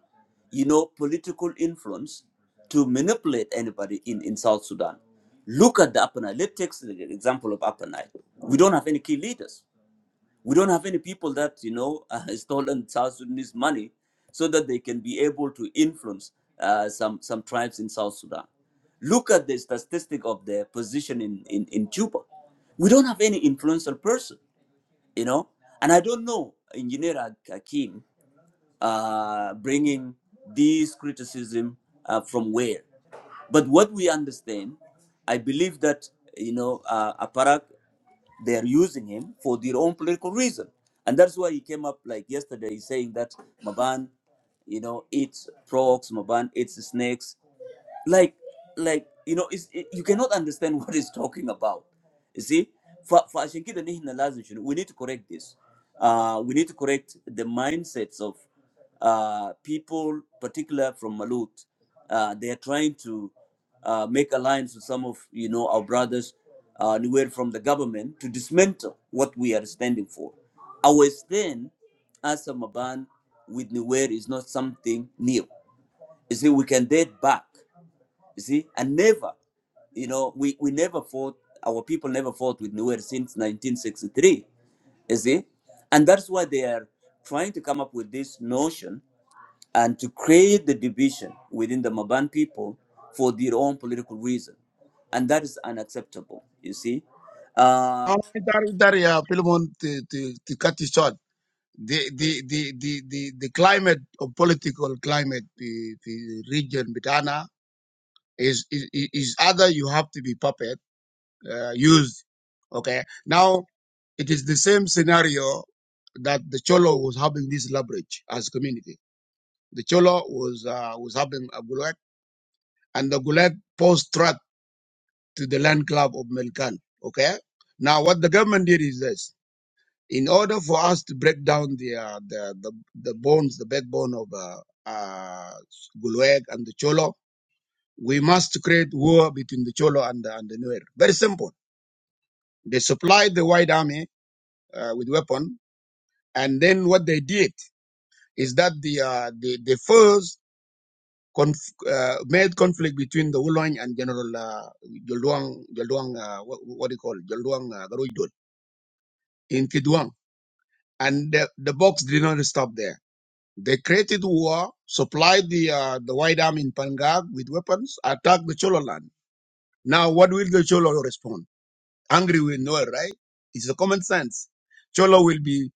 [SPEAKER 1] you know, political influence to manipulate anybody in, in South Sudan. Look at the Upper Nile. Let's take the example of Upper Nile. We don't have any key leaders. We don't have any people that, you know, uh, stolen South Sudanese money so that they can be able to influence uh, some, some tribes in South Sudan. Look at the statistic of their position in, in, in Juba. We don't have any influential person you know and i don't know engineer Ak- uh, bringing this criticism uh, from where but what we understand i believe that you know uh, aparak they are using him for their own political reason and that's why he came up like yesterday saying that maban you know eats frogs maban eats snakes like like you know it's, it, you cannot understand what he's talking about you see for for عشان كده نحن لازم شنو we need to correct this uh we need to correct the mindsets of uh people particular from Malut uh they are trying to uh make alliance with some of you know our brothers uh anywhere from the government to dismantle what we are standing for our stand as a Maban with Nuer is not something new you see we can date back you see, and never, you know, we, we never fought, our people never fought with Nuer since 1963. You see, and that's why they are trying to come up with this notion and to create the division within the Maban people for their own political reason. And that is unacceptable, you see. Uh,
[SPEAKER 2] Philemon, to, to, to cut it short, the, the, the, the, the, the climate of political climate, the, the region, Bitana, is, is, is either you have to be puppet, uh, used. Okay. Now, it is the same scenario that the Cholo was having this leverage as community The Cholo was uh, was helping uh, Gulag, and the Gulag posed threat to the land club of Melkan. Okay, now what the government did is this: in order for us to break down the uh, the, the the bones, the backbone of uh, uh, Gulag and the Cholo, we must create war between the Cholo and the, and the Nuer. Very simple. They supplied the White Army uh, with weapon, and then what they did is that the uh, the the first conf- uh, made conflict between the Wulong and General uh, Jolduang, Jolduang uh, what, what do you call it? Jolduang uh, Garuidul in Kidwang. And the, the box did not stop there. They created war, supplied the uh, the White Army in Pangag with weapons, attacked the Cholo land. Now, what will the Cholo respond? Angry with Noel, right? It's the common sense. Cholo will be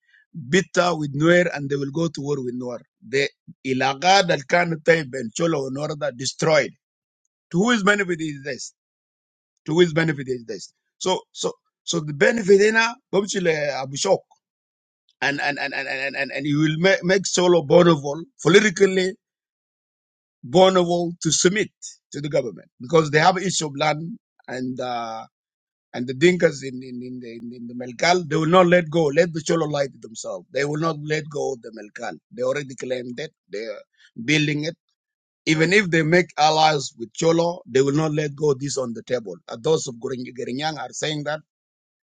[SPEAKER 2] bitter with Nuer and they will go to war with Nuer. The Ilaga that can Taib and Cholo and Norda destroyed. To whose benefit is this? to his benefit is this. So so so the benefit in a Abishok and and and and and and, and he will make, make Solo vulnerable, politically vulnerable to submit to the government because they have issue of land and uh and the Dinkas in in in the, in, in the Melkal, they will not let go. Let the Cholo light themselves. They will not let go of the Melkal. They already claimed it. They are building it. Even if they make allies with Cholo, they will not let go of this on the table. Uh, those of Gering- Gerinyang are saying that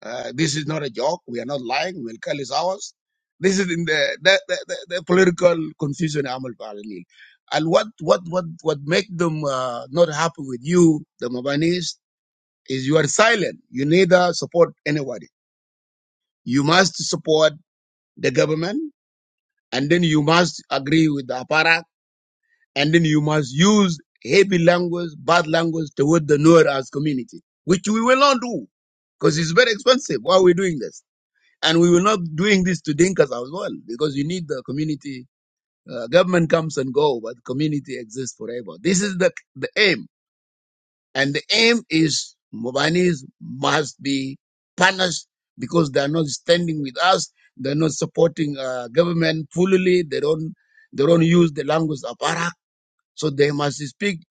[SPEAKER 2] Uh, this is not a joke. We are not lying. Wilkal is ours. This is in the the, the, the, the political confusion. Amal Paralil. And what what what what make them uh, not happy with you, the Mabanis, is you are silent. You neither support anybody. You must support the government, and then you must agree with the apparat, and then you must use heavy language, bad language toward the Nuer as community, which we will not do because it's very expensive. Why are we doing this? And we were not doing this to Dinkas as well, because you need the community. Uh, government comes and go, but community exists forever. This is the, the aim. And the aim is Mubanis must be punished because they are not standing with us. They're not supporting uh, government fully. They don't, they don't use the language of Arak. So they must speak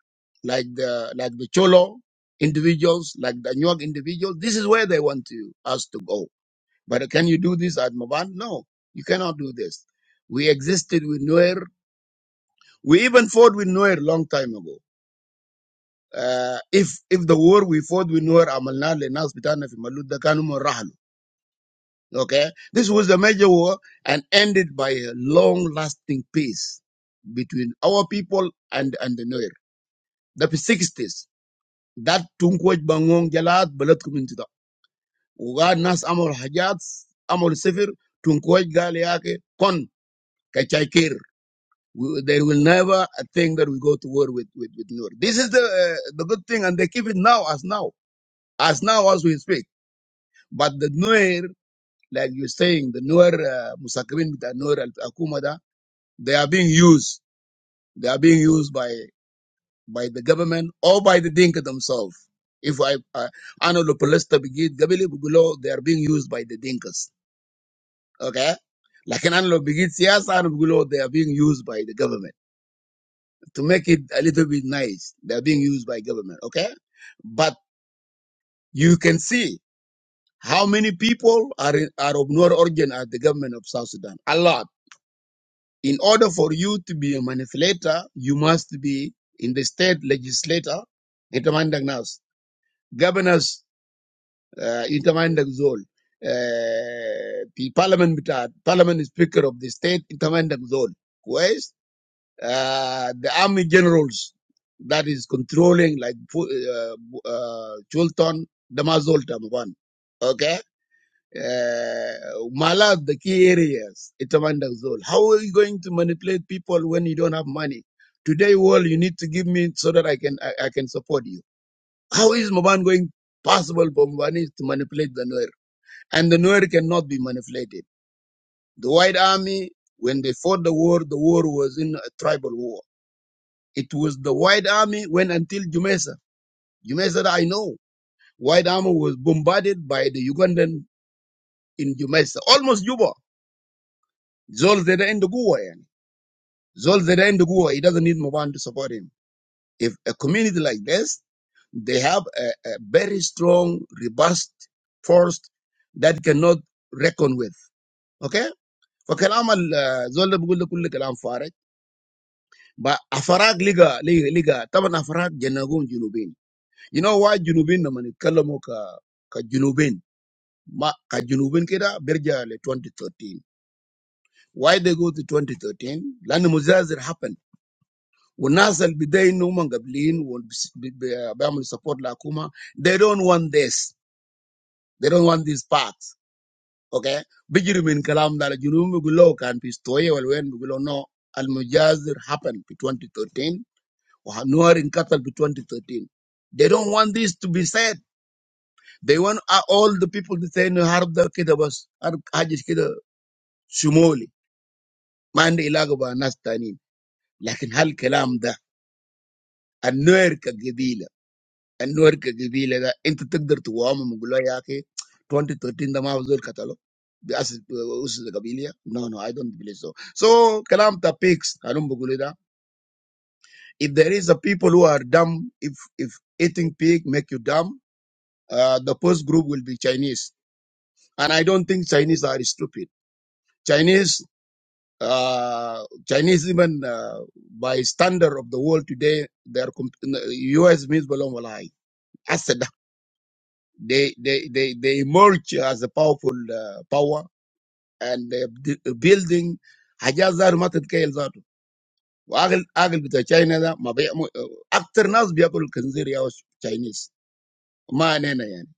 [SPEAKER 2] like the, like the Cholo individuals, like the Nyok individuals. This is where they want to, us to go. But can you do this at Maban? No, you cannot do this. We existed with Nuer. We even fought with Nuer long time ago. Uh, if if the war we fought with Nuer amalna lenas bitana fi malud da kanu mun rahlu. Okay, this was a major war and ended by a long-lasting peace between our people and and the Nuer. The 60s. That tunkwaj bangong jalat balat kuminti Uga nas amol hajats amol sifir tunkwaj gal yake kon kachayker. we, they will never think that we go to war with with, with Nuer. This is the uh, the good thing, and they keep it now as now as now as we speak. But the Nuer, like you're saying, the Nuer uh, Musakrin, the Nuer Akumada, they are being used. They are being used by by the government or by the Dinka themselves. If I uh, ano lo palesta bigid gabili bugulo, they are being used by the Dinkas. Okay, like an ano lo bigid siyasa bugulo, they are being used by the government. to make it a little bit nice. They're being used by government, okay? But you can see how many people are in, are of no origin at the government of South Sudan. A lot. In order for you to be a manipulator, you must be in the state legislator, intermandang nas, governors, uh, intermandang zol, uh, the parliament, uh, parliament is speaker of the state, intermandang zol. Kwes? uh, the army generals that is controlling like Fu- uh, uh, Chulton, Damazol, Tamaban. Okay? Uh, Malad, the key areas, Itamandazol. How are you going to manipulate people when you don't have money? Today, world, you need to give me so that I can I, I can support you. How is Maban going possible for Mobani to manipulate the Nuer? And the Nuer cannot be manipulated. The White Army, when they fought the war, the war was in a tribal war it was the White Army went until Jumesa. Jumesa, I know. White Army was bombarded by the Ugandan in Jumesa, almost Juba. Zol Zeda in the Gua. yani. Zol Zeda in the Gua. He doesn't need Moban to support him. If a community like this, they have a, a very strong, robust force that cannot reckon with. Okay? فكلام ال- زول ده بيقول ده كله كلام فارغ. ب- أفراج لقى- لقى- لقى. طبعا أفراج جناقون جنوبيين. You know why Junubin naman Kalamu ka ka Junubin ma ka Junubin kira berja le 2013. Why they go to 2013? لأن مزازر happened. والناس اللي بداين هم قابلين وبيعملوا support لحكومة they don't want this they don't want these parts okay بيجري من كلام ده الجنوب بيقولوا كان في استوية والوين بيقولوا no المجازر happened في 2013 وهنور انقتل في 2013 they don't want this to be said They want uh, all the people to say no harb da kida bas harb hajis kida shumoli ma عنده علاقة مع ناس تانيين لكن هالكلام ده النوير كقبيلة ka كقبيلة ده انت تقدر تقومهم وتقول له يا اخي 2013 ده ما هو زول قتله بأسس أسس قبيلية no no I don't believe so so كلام ta pigs هنم بقول da. if there is a people who are dumb if if eating pig make you dumb uh, the first group will be Chinese and I don't think Chinese are stupid Chinese Uh, Chinese even uh, by standard of the world today, they are comp- U.S. means belong alike. Asada. They they they they emerge as a powerful uh, power and they b- building حاجات زار ما تتخيل ذاته وعقل عقل بتاع China ده ما بيعمل اكتر ناس بياكلوا الخنزير يا Chinese ما علينا يعني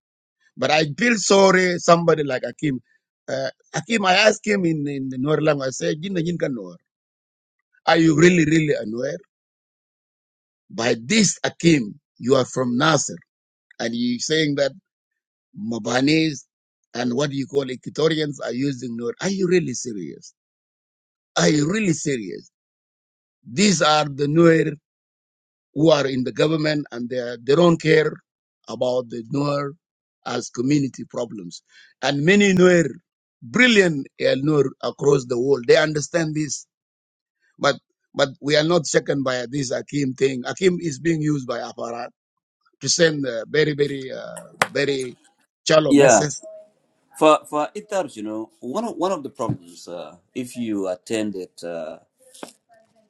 [SPEAKER 2] but I feel sorry somebody like Akim uh, Akim I asked him in in the Nuer language I said "Jin na jin ka Nuer are you really really a Nuer By this, Akim, you are from Nasser, and you're saying that Mabanis and what you call Equatorians are using Nuer. Are you really serious? Are you really serious? These are the Nuer who are in the government, and they, are, they don't care about the Nuer as community problems. And many Nuer, brilliant uh, Noor across the world, they understand this, but but we are not shaken by this Akim thing. Akim is being used by aparat. to send uh, very, very, uh, very shallow
[SPEAKER 1] yeah,
[SPEAKER 2] messages.
[SPEAKER 1] for, for Itar, you know, one of, one of the problems, uh, if you attended uh,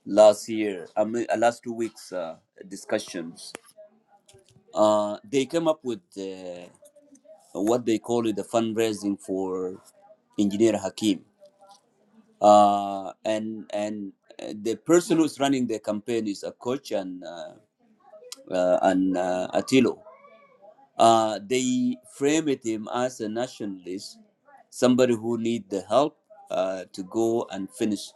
[SPEAKER 1] last year, I mean, uh, last two weeks' uh, discussions Uh, they came up with uh, what they call it the fundraising for Engineer Hakim. Uh, and and uh, the person who's running the campaign is a coach and uh, uh, and uh, Attilo. Uh, they framed him as a nationalist, somebody who need the help uh, to go and finish,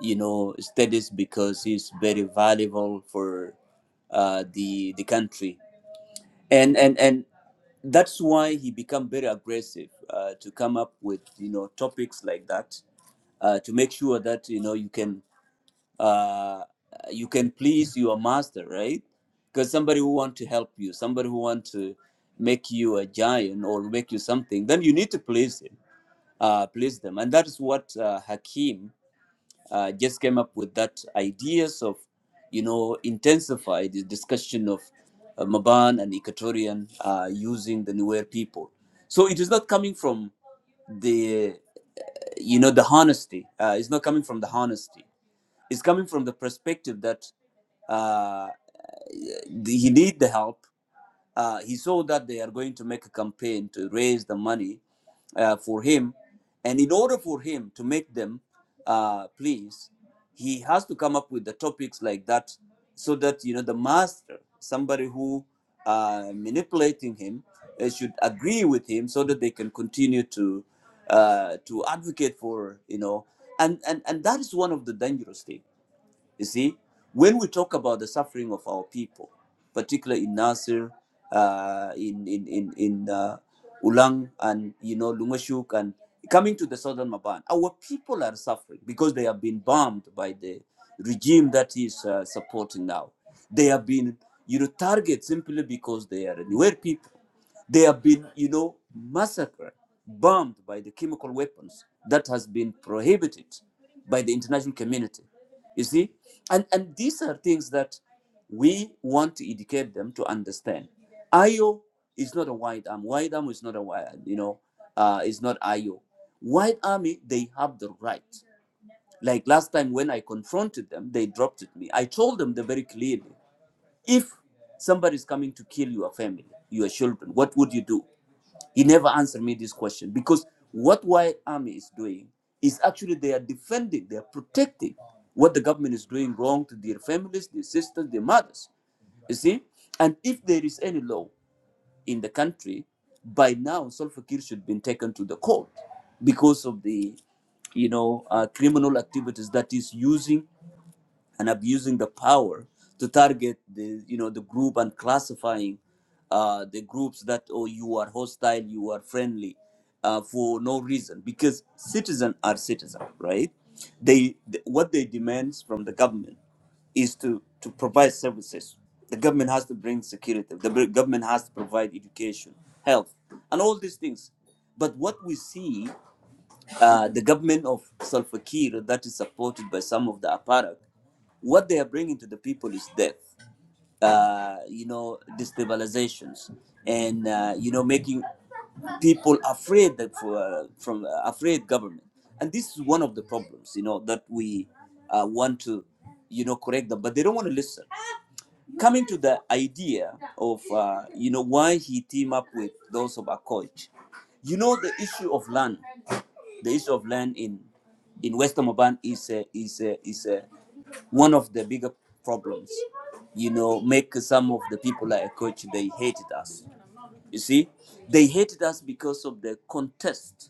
[SPEAKER 1] you know, studies because he's very valuable for uh, the the country and and and that's why he become very aggressive uh, to come up with you know topics like that uh, to make sure that you know you can uh, you can please your master right because somebody who want to help you somebody who want to make you a giant or make you something then you need to please him uh, please them and that is what uh, hakim uh, just came up with that ideas of, you know, intensify the discussion of uh, Maban and Equatorian uh, using the Nuer people. So it is not coming from the, uh, you know, the honesty. Uh, it's not coming from the honesty. It's coming from the perspective that uh, the- he need the help uh, he saw that they are going to make a campaign to raise the money uh, for him. And in order for him to make them uh, please, he has to come up with the topics like that so that, you know, the master, somebody who uh, manipulating him, uh, should agree with him so that they can continue to uh, to advocate for, you know, and, and, and that is one of the dangerous things you see, when we talk about the suffering of our people, particularly in Nasir, uh, in in in in uh, Ulang, and you know Lumashuk, and coming to the southern Maban, our people are suffering because they have been bombed by the regime that is uh, supporting now. They have been, you know, targeted simply because they are Nuer people. They have been, you know, massacred, bombed by the chemical weapons that has been prohibited by the international community. You see? And, and these are things that we want to educate them to understand. IO is not a white arm. White arm is not a white, you know, uh, is not IO. White army, they have the right. Like last time when I confronted them, they dropped it me. I told them the very clearly, if somebody is coming to kill your family, your children, what would you do? He never answered me this question because what White Army is doing is actually they are defending, they are protecting what the government is doing wrong to their families, their sisters, their mothers. You see? And if there is any law in the country, by now Salva Kiir should have been taken to the court because of the, you know, uh, criminal activities that is using and abusing the power to target the you know the group and classifying uh, the groups that oh you are hostile you are friendly uh, for no reason because citizens are citizens right they th- what they demand from the government is to to provide services the government has to bring security the br- government has to provide education health and all these things but what we see uh, the government of Salva Kiir that is supported by some of the apparat, what they are bringing to the people is death, uh, you know, destabilizations, and uh, you know, making people afraid that for, uh, from uh, afraid government, and this is one of the problems, you know, that we uh, want to, you know, correct them, but they don't want to listen coming to the idea of uh, you know why he teamed up with those of Akoch, you know the issue of land, the issue of land in in Western Oban is a, is a, is a, one of the bigger problems. You know, make some of the people like Akoch they hated us. You see, they hated us because of the contest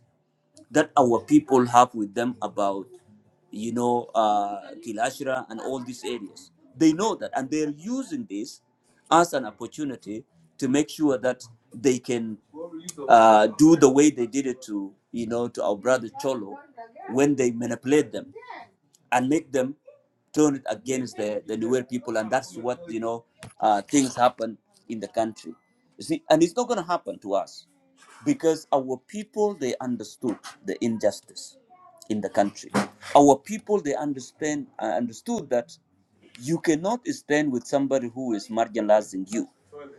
[SPEAKER 1] that our people have with them about, you know, uh, Kilashra and all these areas. They know that, and they're using this as an opportunity to make sure that they can uh, do the way they did it to, you know, to our brother Cholo when they manipulate them and make them turn it against the, the Nuer people. And that's what, you know, uh, things happen in the country. You see, and it's not going to happen to us because our people they understood the injustice in the country our people they understand uh, understood that you cannot stand with somebody who is marginalizing you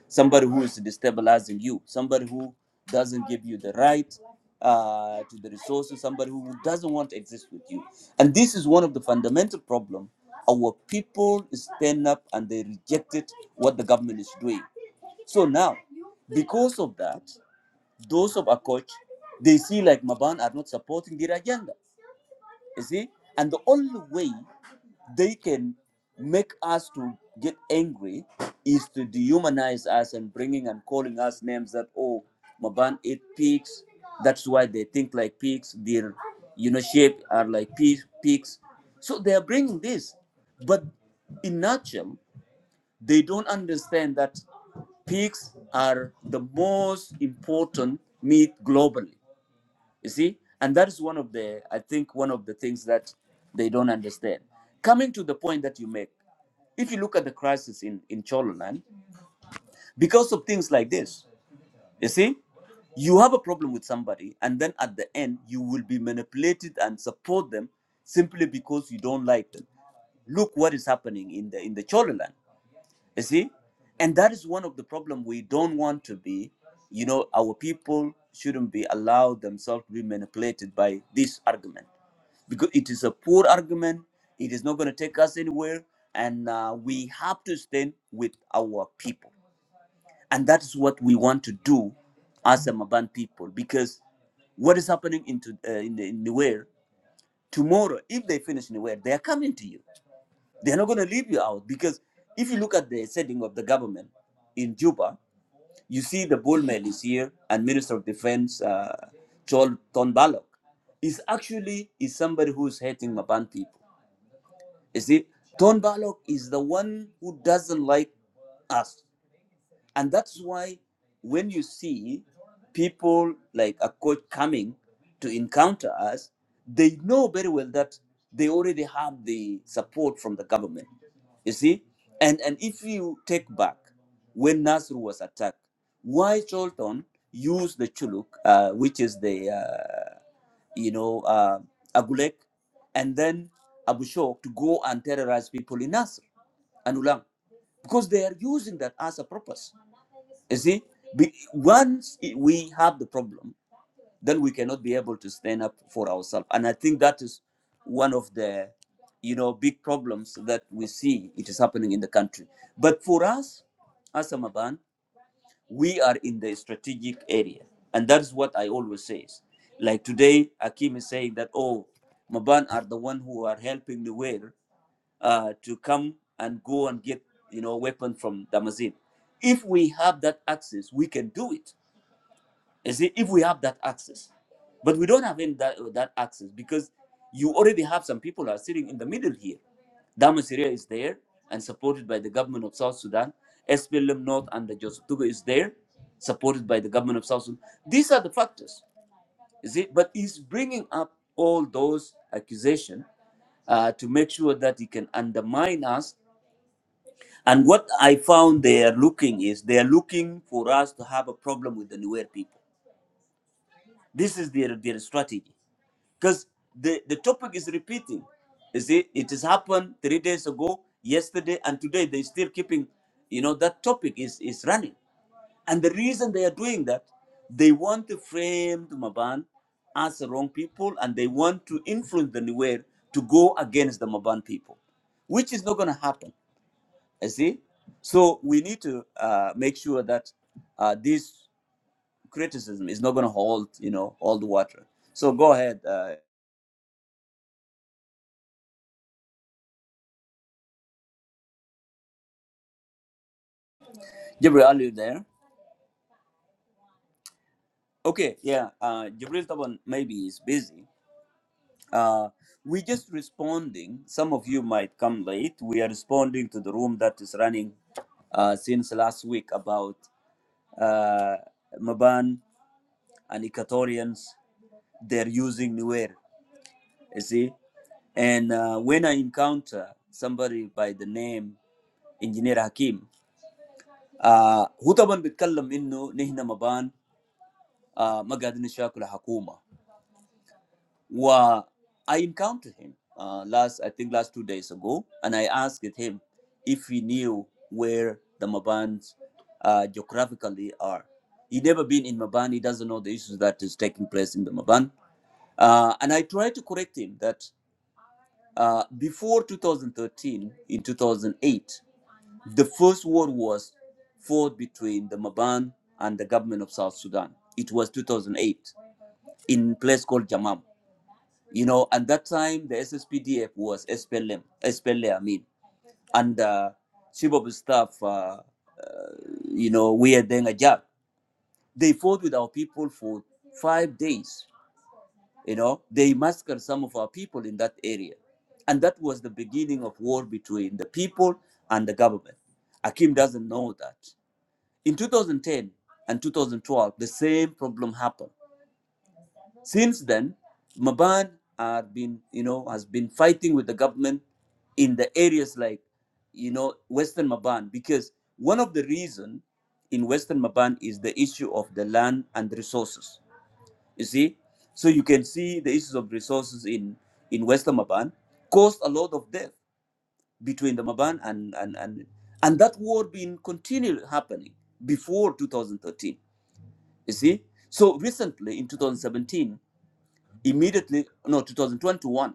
[SPEAKER 1] somebody who is destabilizing you somebody who doesn't give you the right uh, to the resources somebody who doesn't want to exist with you and this is one of the fundamental problem our people stand up and they rejected what the government is doing so now because of that those of a coach, they see like Maban are not supporting their agenda. You see? And the only way they can make us to get angry is to dehumanize us and bringing and calling us names that oh maban ate pigs that's why they think like pigs their you know shape are like pigs. pigs so they are bringing this but in nutshell they don't understand that pigs are the most important meat globally you see and that is one of the i think one of the things that they don't understand coming to the point that you make if you look at the crisis in in chololand because of things like this you see you have a problem with somebody and then at the end you will be manipulated and support them simply because you don't like them look what is happening in the in the chololand you see? And that is one of the problem we don't want to be. You know, our people shouldn't be allowed themselves to be manipulated by this argument because it is a poor argument. It is not going to take us anywhere. And uh, we have to stand with our people. And that is what we want to do as a Maban people because what is happening into, uh, in, the, in the Nuer, tomorrow, if they finish Nuer, they are coming to you. They're not going to leave you out because if you look at the setting of the government in Juba, you see the bull is here and Minister of Defense uh, Joel Tonbalok is actually is somebody who's hating Maban people. You see, Tonbalok is the one who doesn't like us. And that's why when you see people like a coach coming to encounter us, they know very well that they already have the support from the government. You see? And and if you take back when Nasr was attacked, why Cholton used the Chuluk, uh, which is the uh, you know uh, Agulek, and then Abu Shok to go and terrorize people in Nasr and Ulang because they are using that as a purpose you see, be, once i- we have the problem, then we cannot be able to stand up for ourselves. And I think that is one of the, you know, big problems that we see it is happening in the country. But for us, as a Maban, we are in the strategic area, and that's what I always say. Like today, Akim is saying that oh, Maban are the one who are helping the way uh, to come and go and get you know weapon from Damazin. If we have that access, we can do it. Is it if we have that access? But we don't have any that, that access because you already have some people are sitting in the middle here. Damasiria is there and supported by the government of South Sudan. SPLM North under Joseph Tuga is there, supported by the government of South Sudan. These are the factors. Is it? But he's bringing up all those accusations uh, to make sure that he can undermine us and what I found they are looking is they are looking for us to have a problem with the Nuer people. This is their, their strategy. Because the, the topic is repeating. You see, it has happened three days ago, yesterday, and today they're still keeping, you know, that topic is, is running. And the reason they are doing that, they want to frame the Maban as the wrong people and they want to influence the Nuer to go against the Maban people, which is not going to happen you see? So we need to uh, make sure that uh, this criticism is not going to hold, you know, all the water. So go ahead, uh, Jibril, are you there? Okay, yeah, uh, Jibril Taban maybe is busy. Uh, we just responding. Some of you might come late. We are responding to the room that is running uh, since last week about uh, Maban and Equatorians. They're using Nuer. you see. And uh, when I encounter somebody by the name Engineer Hakim, uh, هو طبعا بيتكلم انه نحن مبان uh, ما قاعدين نشاكل الحكومة. و I encountered him uh, last I think last two days ago and I asked him if he knew where the Mabans uh, geographically are. He never been in Maban. He doesn't know the issues that is taking place in the Maban. Uh, and I tried to correct him that Uh, before 2013, in 2008, the first war was fought between the Maban and the government of South Sudan. It was 2008 in a place called Jamam. You know, at that time, the SSPDF was SPLM, SPLA, mean, and uh, chief of staff, uh, uh, you know, we are doing a job. They fought with our people for five days you know, they massacred some of our people in that area. And that was the beginning of war between the people and the government. Akim doesn't know that. In 2010 and 2012, the same problem happened. Since then, Maban are been, you know, has been fighting with the government in the areas like, you know, Western Maban, because one of the reason in Western Maban is the issue of the land and resources you see, so you can see the issues of resources in in Western Maban caused a lot of death between the Maban and and and and that war been continually happening before 2013. You see, so recently in 2017, immediately no 2021,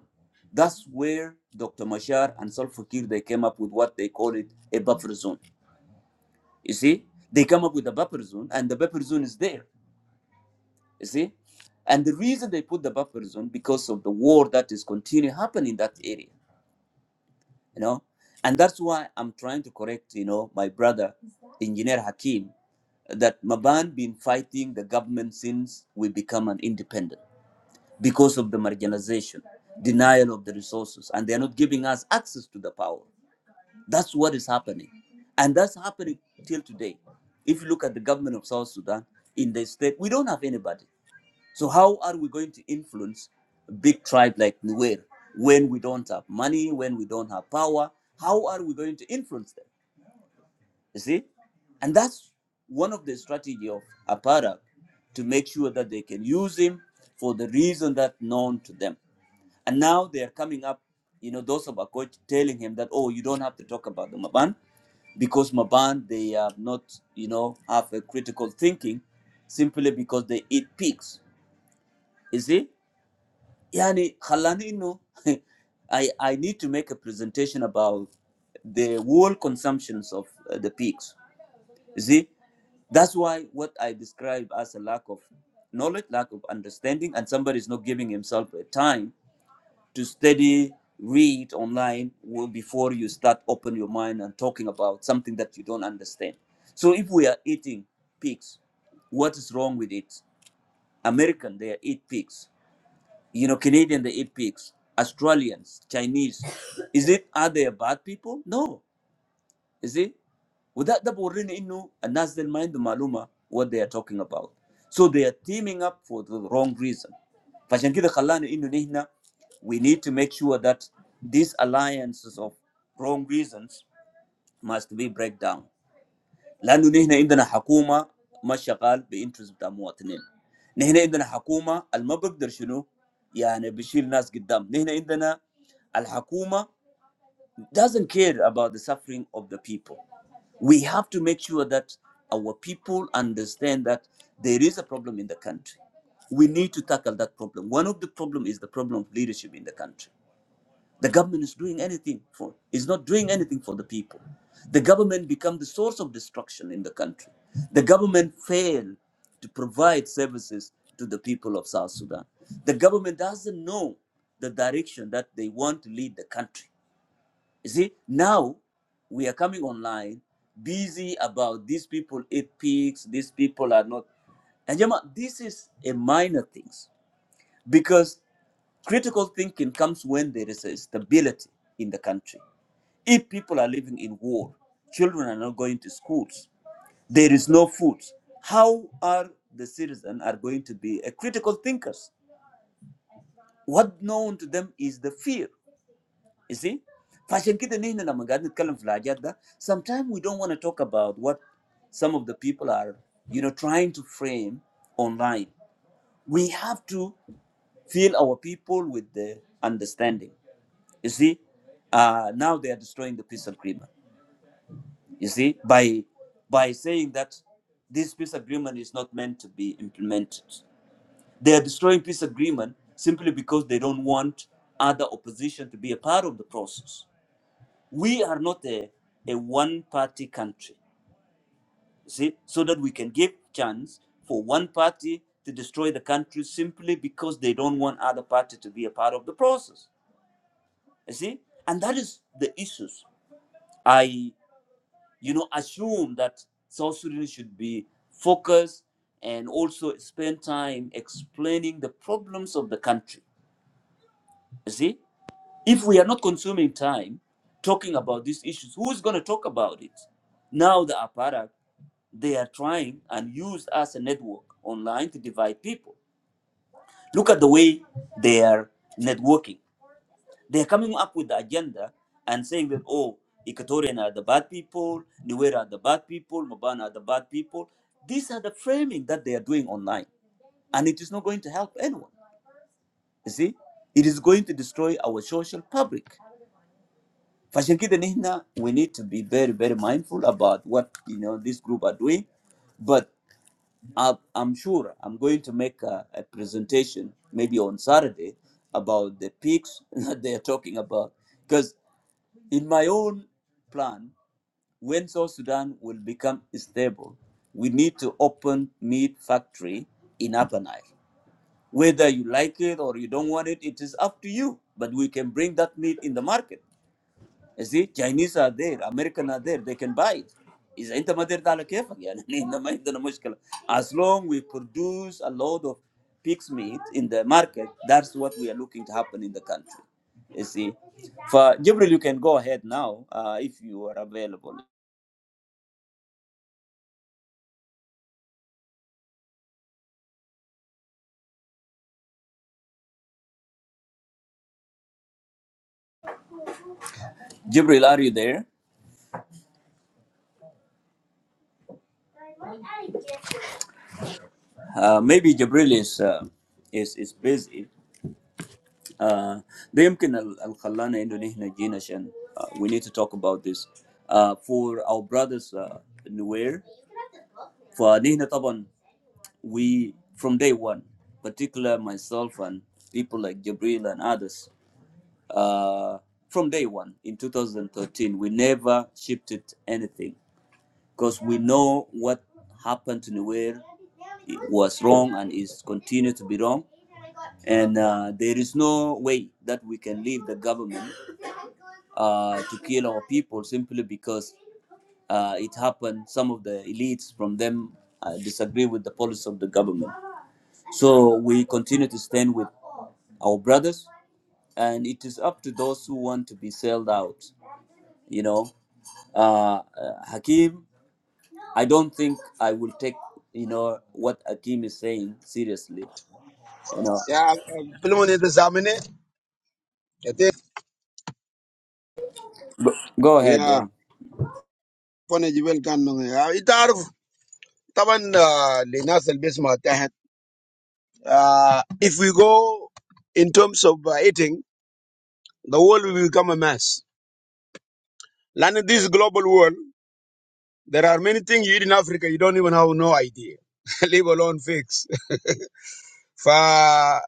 [SPEAKER 1] that's where Dr. Mashar and Salva Kiir they came up with what they call it a buffer zone. You see, they come up with a buffer zone, and the buffer zone is there You see? And the reason they put the buffer zone because of the war that is continuing happening in that area, you know? And that's why I'm trying to correct, you know, my brother, Engineer Hakim, that Maban been fighting the government since we become an independent because of the marginalization, denial of the resources, and they're not giving us access to the power. That's what is happening. And that's happening till today. If you look at the government of South Sudan, in the state, we don't have anybody. So how are we going to influence a big tribe like Nuer when we don't have money, when we don't have power? How are we going to influence them? You see? And that's one of the strategy of Aparak to make sure that they can use him for the reason that known to them. And now they are coming up, you know, those of Akoj telling him that, oh, you don't have to talk about the Maban because Maban, they are not, you know, have a critical thinking simply because they eat pigs. You see? Yani خلاني no. I I need to make a presentation about the world consumptions of uh, the pigs. You see, that's why what I describe as a lack of knowledge, lack of understanding, and somebody is not giving himself a time to study, read online well, before you start open your mind and talking about something that you don't understand. So if we are eating pigs, what is wrong with it? American, they eat pigs you know, Canadian, the eight pigs, Australians, Chinese. Is it, are they bad people? No. Is it? Without the Borin Innu, and that's the mind the Maluma, what they are talking about. So they are teaming up for the wrong reason. فعشان كده خلانا إنه نحن we need to make sure that these alliances of wrong reasons must be break down. لانه نحن عندنا حكومه ما شغال بانترست بتاع مواطنين نحن عندنا حكومه اللي ما بقدر شنو يعني بيشيل ناس قدام نحن عندنا الحكومه doesn't care about the suffering of the people we have to make sure that our people understand that there is a problem in the country we need to tackle that problem one of the problem is the problem of leadership in the country the government is doing anything for is not doing anything for the people. The government become the source of destruction in the country. The government failed to provide services to the people of South Sudan. The government doesn't know the direction that they want to lead the country. You see, now we are coming online, busy about these people eat pigs, these people are not. And Jama, this is a minor things because critical thinking comes when there is a stability in the country if people are living in war, children are not going to schools, there is no food. How are the citizens are going to be a critical thinkers? What known to them is the fear. You see? فعشان كده نحن لما قاعدين نتكلم في الحاجات ده sometimes we don't want to talk about what some of the people are you know trying to frame online we have to fill our people with the understanding you see uh, now they are destroying the peace agreement You see, by by saying that this peace agreement is not meant to be implemented, they are destroying peace agreement simply because they don't want other opposition to be a part of the process. We are not a, a one-party country. You see, so that we can give chance for one party to destroy the country simply because they don't want other party to be a part of the process. You see, and that is the issues. I you know, assume that South Sudanese should be focused and also spend time explaining the problems of the country. You see, if we are not consuming time talking about these issues, who's going to talk about it? Now the apparat they are trying and use as a network online to divide people. Look at the way they are networking They're coming up with the agenda and saying that, oh, Equatorian are the bad people, Nuer are the bad people, Mobana are the bad people. These are the framing that they are doing online. And it is not going to help anyone. You see, it is going to destroy our social public. فعشان كده نحن we need to be very very mindful about what you know this group are doing but I, I'm sure I'm going to make a, a presentation maybe on Saturday about the peaks that they are talking about In my own plan, when South Sudan will become stable, we need to open meat factory in Upper Nile. Whether you like it or you don't want it, it is up to you. But we can bring that meat in the market. You see, Chinese are there, American are there, they can buy it. إذا أنت ما قدرت على كيفك يعني إحنا ما عندنا مشكلة. As long we produce a lot of pig's meat in the market, that's what we are looking to happen in the country. You see, for Jibril, you can go ahead now uh, if you are available. Jibril, are you there? Uh, maybe Jibril is uh, is is busy. آه، ده يمكن ال- اللي خلانا انه نحن جينا عشان آه، we need to talk about this آه، for our brothers آه، نوير فنحن طبعا we from day one particular myself and people like Jabril and others uh, from day one in 2013 we never shifted anything because we know what happened to Nuer it was wrong and is continued to be wrong. And uh, there is no way that we can leave the government uh, to kill our people simply because uh, it happened. Some of the elites from them uh, disagree with the policy of the government. So we continue to stand with our brothers, and it is up to those who want to be sold out. You know, uh, uh, Hakim. I don't think I will take you know what Akim is saying seriously. You know,
[SPEAKER 2] Ya filmu ne ta samu ne? Ya te?
[SPEAKER 1] go, go
[SPEAKER 2] Ya
[SPEAKER 1] ahead. Yeah.
[SPEAKER 2] fana jibel kan nan ya ita arf taban ah, le nasal bisma ta het. Ah, If we go in terms of ah, eating, the world will become a mess. Land in this global world, there are many things you eat in Africa you don't even have no idea. Leave alone fix. For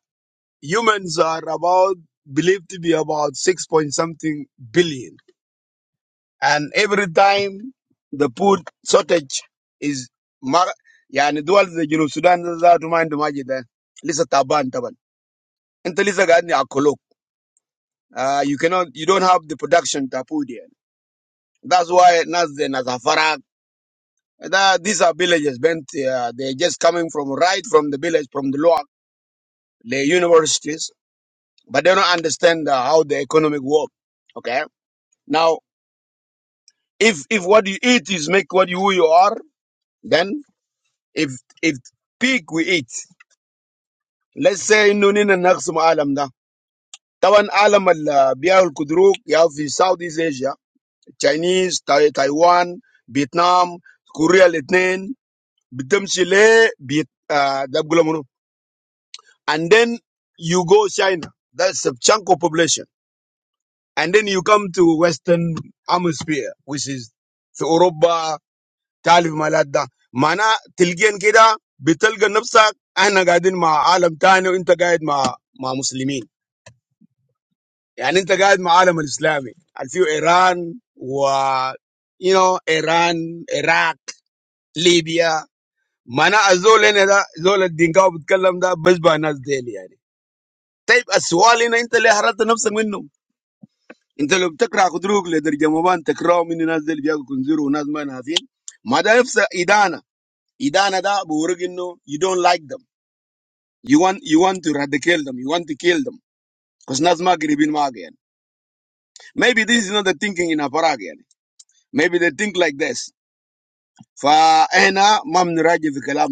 [SPEAKER 2] humans are about believed to be about six point something billion. And every time the food shortage is mar يعني دول زي جنوب Sudan ده ذاته mind عندهم حاجة ده لسه تعبان طبعا انت لسه قاعد ياكلوك uh, you cannot you don't have the production بتاع food يعني that's why ناس زي ناس فرق these are villages bent uh, they're just coming from right from the village from the lower the universities but they don't understand uh, how the economic work okay now if if what you eat is make what you who you are If if peak we eat, let's say inunina naxma alamda. Tawan alamal biya kudruk yao fi South East Asia, Chinese, Tai Taiwan, Vietnam, Korea, Latin. Bitumsi le bit ah dabgula mono. And then you go China. That's a chunk of population. And then you come to Western Hemisphere, which is Europe. Talib malada. Mana tilgen keda betilga nabsak? Ana qadin ma alam tano. Inta qaid ma ma muslimin. Yani inta qaid ma alam alislami. Alfiu Iran wa you know Iran, Iraq, Libya. Mana azol e neda azol addinga obut kalam da bezba nas deli yari. Type aswali na inta leharat nabsam inno. Inta loptekra kudrug le der jamawan tekra minin nas delbi ago kunziru nas man hazin. Madafsa idana idana da bohurgin no you don't like them. You want you want to radicate them. You want to kill them. Because Nazma Gribin again. Maybe this is not the thinking in Aparag. يعني. Maybe they think like this. فأنا ما بنراجع في كلام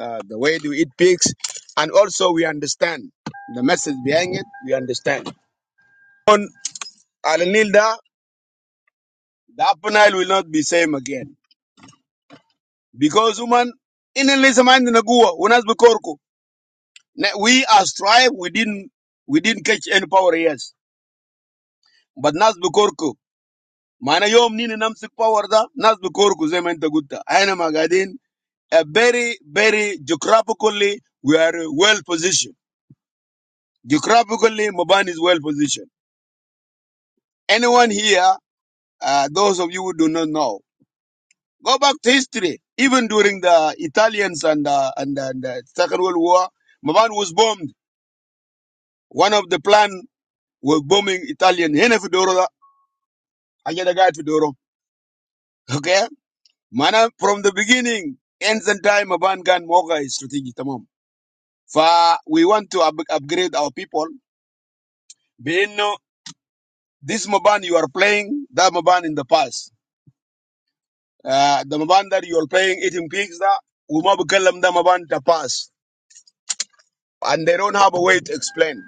[SPEAKER 2] uh, the way to eat pigs and also we understand the message behind it we understand على النيل the upper Nile will not be same again because woman إن اللي لسه ما عندنا قوة وناس بكوركو we as tribe we didn't we didn't catch any power yes but Nas بكوركو Mana yom nini namsik power da nas bikorku zema inta gutta. Aina magadin a very very geographically we are well positioned. Geographically Mobani is well positioned. Anyone here, uh, those of you who do not know, go back to history. Even during the Italians and uh, and, the, and the Second World War, Mobani was bombed. One of the plan was bombing Italian. Hene Fidoro da, ajada gai Fidoro. Okay, mana from the beginning, ends and time Mobani gan moga is strategic tamam. For we want to up- upgrade our people. Being this Maban you are playing, that Maban in the past. Uh, the Maban that you are playing, eating pigs, that Uma Bukalam, the Maban the past. And they don't have a way to explain.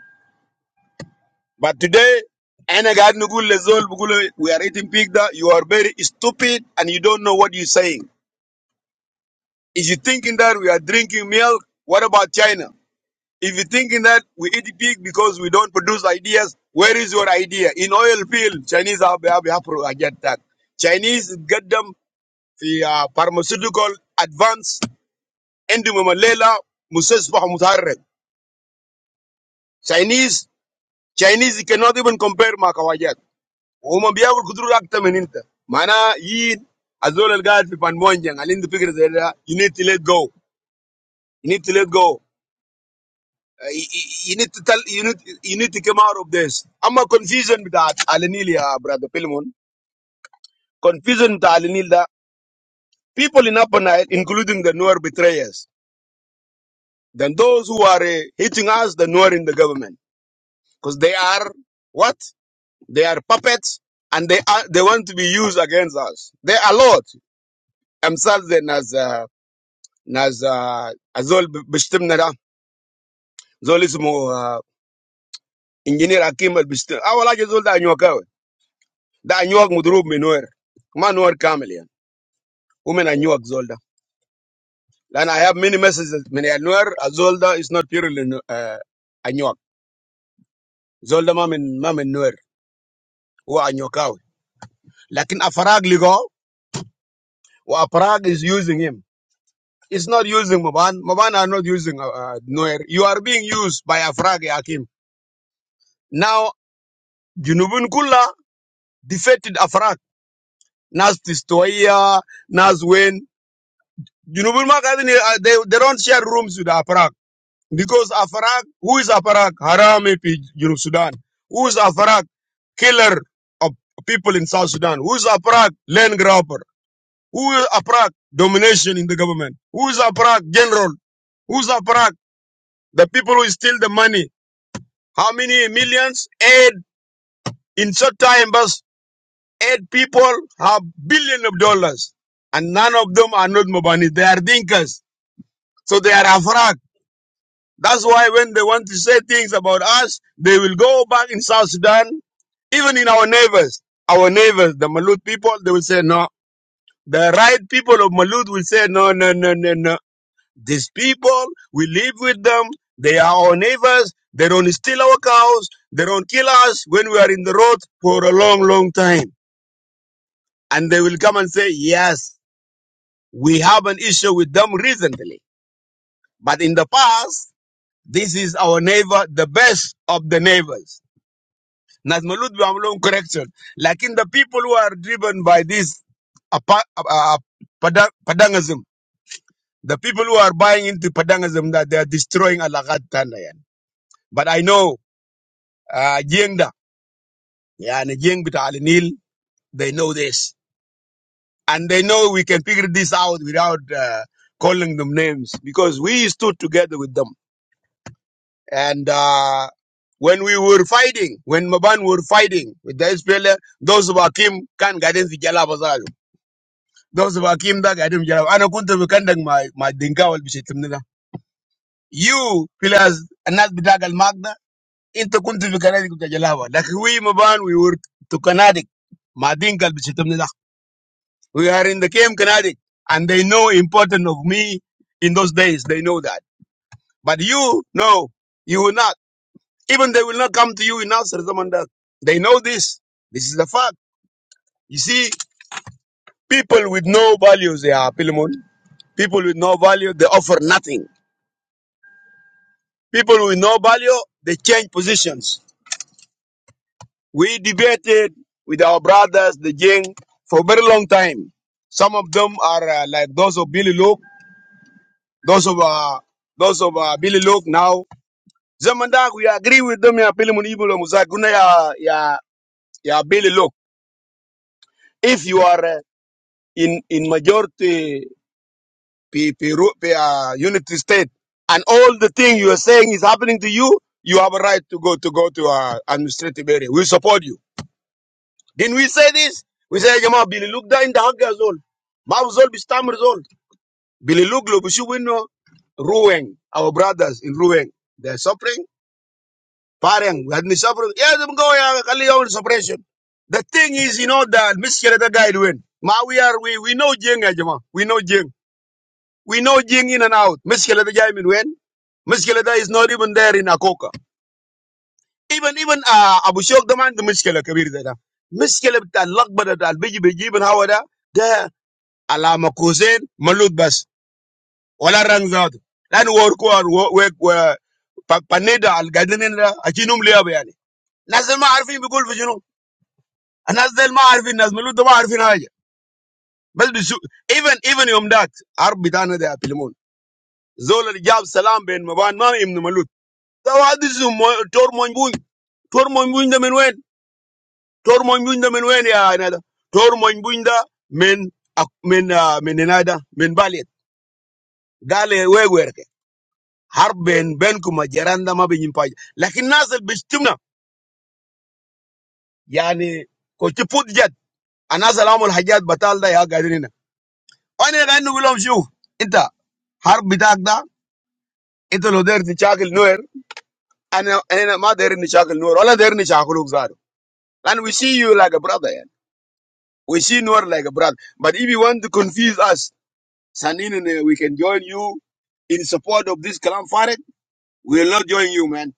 [SPEAKER 2] But today, أنا قاعد نقول we are eating pig that you are very stupid and you don't know what you're saying. Is you thinking that we are drinking milk? What about China? If you're thinking that we eat pig because we don't produce ideas, where is your idea? In oil field, Chinese have, have, have pro- get that. Chinese get them the uh, pharmaceutical advance ending malela musasbah mutarrek. Chinese Chinese cannot even compare makawajat. وهم بياكل كتر اكتر من انت معناها يين الزول اللي قاعد في بانمونجان اللي عنده you need to let go you need to let go Uh, y- y- you need to tell you need you need to come out of this. I'm a confusion with that Alenil, uh, brother Pilmon. Confusion with Alenil that people in Upper Nile, including the Nuer betrayers, then those who are uh, hitting us, the Nuer in the government, because they are what they are puppets and they are they want to be used against us. They are lot themselves and as uh, as uh, Azol Bishtimnada, Zolismo uh, Engineer Akim Bishtim. I will like Zol ده أنيوك مضروب من نوير ما نوير كامل يعني ومن أنيوك زول ده لأن I have many messages من نوير الزول ده is not purely نو- آه، أنيوك Zolda ده ما من ما من نوير هو أنيوكاوي لكن أفراج لقاه وأفراج is using him It's not using Maban. Maban are not using uh, uh, Noer. You are being used by Afrag Hakim. Now, Junubun Kula defeated Afrag. Nas Tistoia, Nas Wayne. Junubun Makadini, uh, they, they don't share rooms with Afrag. Because Afarak, who is Afarak? Harami P. Junub Sudan. Who is Afarak? Killer of people in South Sudan. Who is Afarak? Land grabber. Who is Afarak? Domination in the government. Who is Afarak? General. Who is Afarak? The people who steal the money. How many millions? Eight. In short time, but eight people have billion of dollars. And none of them are not Mobani. They are thinkers. So they are Afarak. That's why when they want to say things about us, they will go back in South Sudan, even in our neighbors, our neighbors, the Malut people, they will say no. The right people of Malut will say no, no, no, no, no. These people, we live with them. They are our neighbors. They don't steal our cows. They don't kill us when we are in the road for a long, long time. And they will come and say, yes, we have an issue with them recently. But in the past, this is our neighbor, the best of the neighbors. ناس مولود بيعملوهم correction Like in the people who are driven by this apa- uh, pada- padangism the people who are buying into padangism that they are destroying alagat tana yan. but I know uh, jeng da yani jeng bita Al Nil, they know this and they know we can figure this out without uh, calling them names because we stood together with them and uh, when we were fighting, when Maban were fighting with the SPLA, those who were can guidance the Jalabazar. those of Akim Dag, I didn't get I don't know Kunta Vikandag, my, my Dinka will be Shetimnida. You, pillars, and not Bidag al Magda, into Kunta Vikanadik of Jalava. Like we, Maban, we were to Kanadik, my Dinka will be Shetimnida. We are in the Kem Kanadik, and they know important of me in those days. They know that. But you, no, you will not. Even they will not come to you in answer, Zamandak. They know this. This is the fact. You see, people with no values, they are Pilimon. People with no value, they offer nothing People with no value, they change positions. We debated with our brothers, the Jing, for a very long time. Some of them are uh, like those of Billy Luke, those of uh, those of uh, Billy Luke now. Zamandak, we agree with them. Ya Billy Munibulu Musaguna ya ya ya Billy Luke. If you are uh, in in majority P, P, P, uh, unity state, and all the thing you are saying is happening to you, you have a right to go to go to uh, administrative area. We support you. Didn't we say this? We say, Jama, Billy look down in the hug as all. Mouth Zol, Bistamr Zol. Billy look, Lobushu winno, Ruweng, our brothers in Ruweng. They're suffering. Parang, we had me suffering. Yeah, them go, yeah, Kali our suppression. The thing is, you know, that Mister the guy doing. Ma, we are, we, we know Jing, eh, Jama. We know Jing. We know Jing in and out. Mister the guy, I mean, when? Miskeleda is not even there in Akoka. Even even uh, Abu Shok the man the Miskele Kabir that Miskele that luck but that biji biji even how there." Ala kusen malud bas wala rang zaatu lan wor ko an paneda al gadinin la achinum liya yani nazal ma arfin bigul fi junu nazal ma arfin naz malud da ma arfin haja bas bisu even even yom dat arb bitana da filmun zol al jab salam ben maban ma ibn malud da wadisu tor mon buñ tor mon buñ da men wen tor mon buñ da men wen ya nada tor mon buñ da men ak- men ah, men nada men balet gale wegwer Harb Ben Benku Ma Geranda Ma Benjipaj. Lekin nasal bishtimna yani kochiput jed. Anasalamul Hajat batalda yah gaidinna. Oine gaidinu kalamju. Inta harb bidakda inta lo der ni chakil noer. Ane ane ma der ni chakil noer. Ola der ni chakuluk zaru. And we see you like a brother. yani. We see noer like a brother. But if you want to confuse us, Saninane, we can join you in support of this caliphate. We will not join you, man.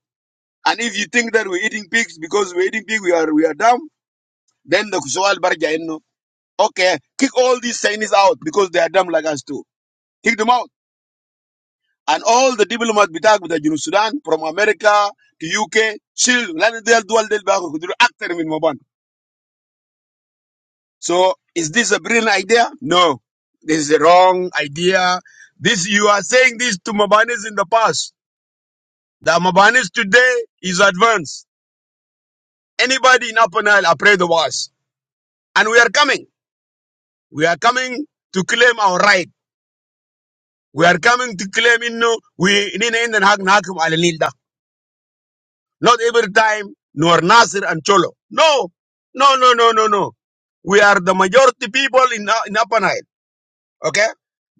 [SPEAKER 2] And if you think that we're eating pigs because we're eating pigs, we are we are dumb. Then the Kushawal Barja Innu. Okay, kick all these Chinese out because they are dumb like us too. Kick them out. And all the diplomats bitak with the Junus Sudan from America to UK, shield, land del dual del bago kuduru actor in maban. So is this a brilliant idea? No. This is the wrong idea. This you are saying this to Mabanis in the past. The Mabanis today is advanced. Anybody in Upper Nile are afraid of us. And we are coming. We are coming to claim our right We are coming to claim in no, we in in and hak nakum al nilda. Not every time, nor Nasir and Cholo. No, no, no, no, no, no. We are the majority people in uh, in Upper Nile. Okay?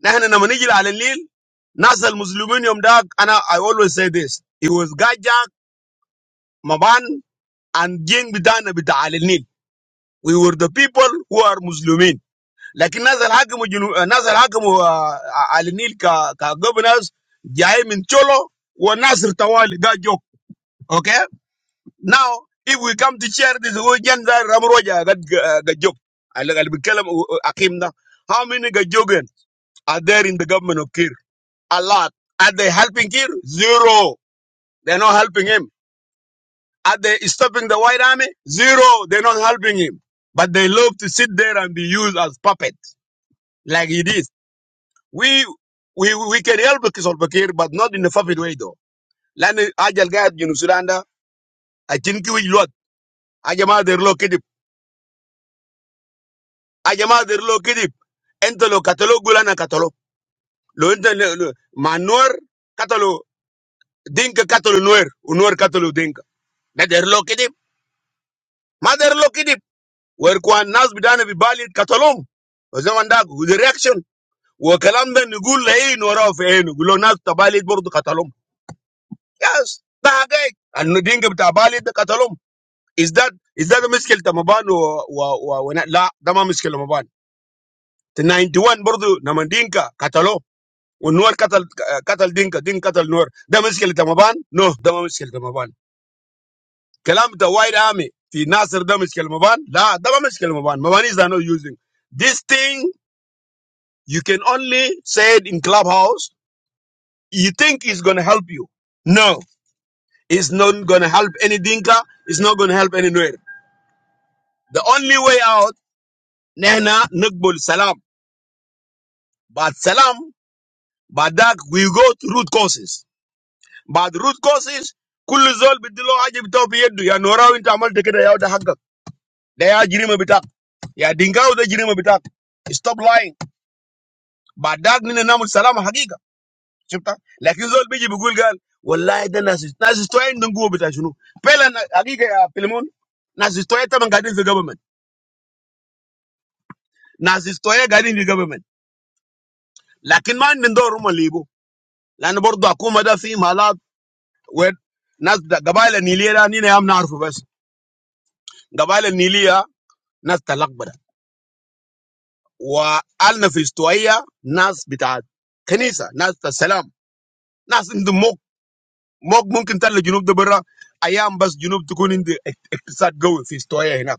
[SPEAKER 2] نحن لما نيجي على النيل ناس المسلمين يوم داك I always say this it was Gajak, Maban and Jing Bidana بتاع على النيل we were the people who are Muslimin لكن ناس اللي حكموا جنو... ناس اللي حكموا آه، على النيل ك كجوفرنس جاي من تشولو وناصر طوالي ده جوك اوكي ناو if we come to share this region ده رمروجا قد قد جوك اللي اللي بيتكلم اقيم now. how many gajogan are there in the government of Kir a lot are they helping Kir zero they're not helping him are they stopping the white army zero they're not helping him but they love to sit there and be used as puppets like it is We we we can help the Kiswahili, but not in a funny way though. Like I just got in Uganda, I think we should. I am after looking, I am after looking, into the catalogue, and catalogue. Look into the manure catalogue, drink catalogue, manure catalogue, drink. That they're looking, they're looking. We're going now to buy the catalogue. I say, man, the reaction. We're going to buy the catalogue. Yes, that's it. And drink to buy the catalogue. Is that is that the mistake the moban or or when la damn mistake the moban the 91 border namandinka catalog onor catalog catalog dinka dinka catalog onor damn mistake the moban no damn mistake the moban kelam the wide army the nasser damn mistake the moban la damn mistake the moban mobanies are not using this thing you can only say it in clubhouse you think it's gonna help you no it's not gonna help anything it's not gonna help anywhere the only way out nana nukbul salaam. But Salam, but that we go through courses. But the root courses could result with the Lord. I just stop here. Do you know how important they can do your struggle? They are genuine. They are genuine. Stop lying. But that, you know, my Salam, how big it. But result, we just be good. God will lie. Then, Nazis. Nazis to wait and go. But you know, Pelan. How big the film? Nazis to wait. They are guarding the government. Nazis to wait. Guarding the government. But man, they don't know how to live. They are not doing. Come, they are just immoral. When Naz bita gabaya niliera ni ne am na arufu bas gabaya nilia Naz talak bara wa al nefistoia Naz bita kennisa Naz ta salam Naz indu moq moq moq mungkin tala jinub tu bara ayam bas jinub tu kunindi episod gawe nefistoia hina.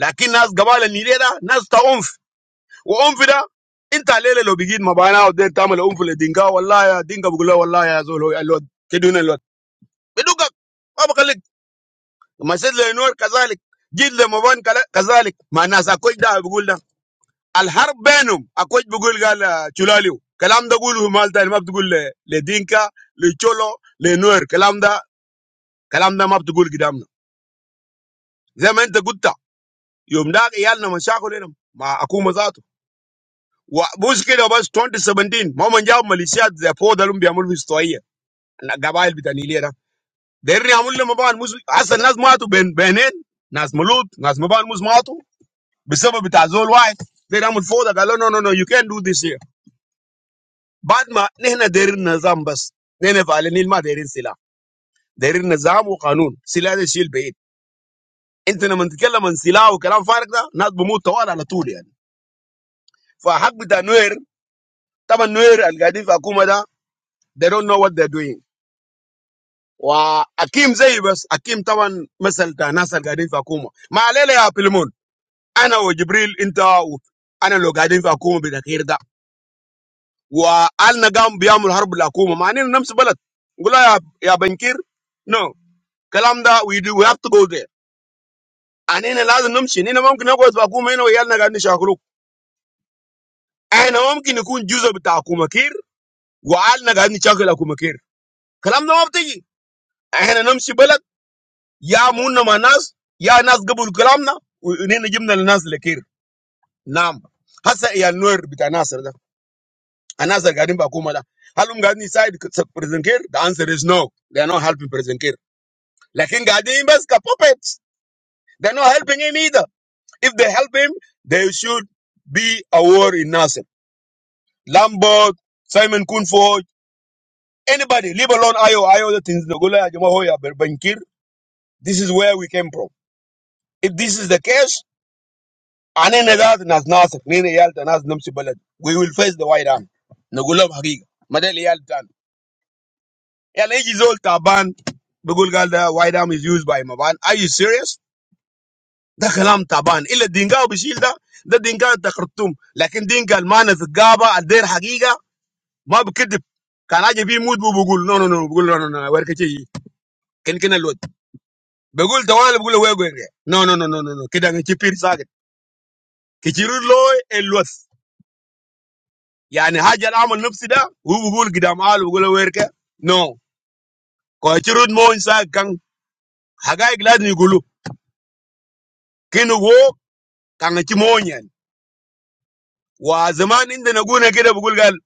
[SPEAKER 2] Lakini Naz gabaya niliera Naz ta umfu wa umfida intalele lo bigid mabana odet tamele umfule dinga walla ya dinga bugula walla ya zolo ya Lord keduna Lord beduga papa kaling. Ma said le noir kazalic. Give the mabane kazalic. Ma nas akujda bughula. Al har benum akuj bughul gal chulaliu. Kalamba bughulu malda ma bughulu le dinka le cholo le noir. Kalamba kalamba ma bughulu gidamno. Zaman te gutta. Yumda eyal namashako lemo ma akuma zato. Muski do bas twenty seventeen. Ma manja malisia zepo darum biamulvis toyiye. Gabai albitani leera. Deni amul le mabane musi asa nas mauato ben benen. Nas malut nas mabane musi mauato. Because they are all white, they are not fooled. They are like, no, no, no, you can't do this here. But my, they are in the system. They are following my. They are in the law. They are in the system and the law. The system is broken. You are not going to get anything. You are not going to get anything. They don't know what they are doing. And the people who are in the system, they are not going to get anything. Wa al nagaam biyamul harb lakum. Manin namm sebelat. Gula ya ya bankir. No. Kalam da wido wabto go de. Anin elaz namm shini namm ki nabo esbakum eno ayal nagaani shakrul. An namm ki ni kun juzo bita akum akir. Wa al nagaani chakel akum akir. Kalam namm abti gi. An namm sebelat. Ya muun namanaz. Ya naz kabul kalam na. Unin najim nalanaz lekir. Namm. Hasa ya nur bita nass raja. Anaz akadin bakum ada. Halum gadin isaid se presentir. The answer is no. They are not helping presentir. Lakin Gadim is a puppets. They're not helping him either. If they help him, they should be a war in Nasser. Lambert, Simon Kunfo, anybody, leave alone Ayo, Ayo, the things, Nogula, Jamahoya, Berbankir. This is where we came from. If this is the case, anene zat nas Nasser, nene yalta nas namsi balad. We will face the white arm. Nogula Hagiga. Madele yaltan. Yal egi zol taban. Bugul galda, white arm is used by Maban. Are you serious? ده كلام تعبان الا الدينجا وبيشيل ده ده دينجا انت خرطوم لكن دينجا المعنى في الجابه الدير حقيقه ما بكذب كان عاجب بيموت بقول نو نو نو بقول نو نو نو ورك شيء كان كنا الواد بقول توالي بقول له وين وين نو نو نو نو نو كده انا كبير ساكت كتير لوي الواد يعني حاجه العمل نفسي ده هو بقول قدام قال بقول له ويرك نو كتير مو انسان كان حقائق لازم يقولوا كانوا هو كان كي مو يعني وزمان عندنا قلنا كده بقول قال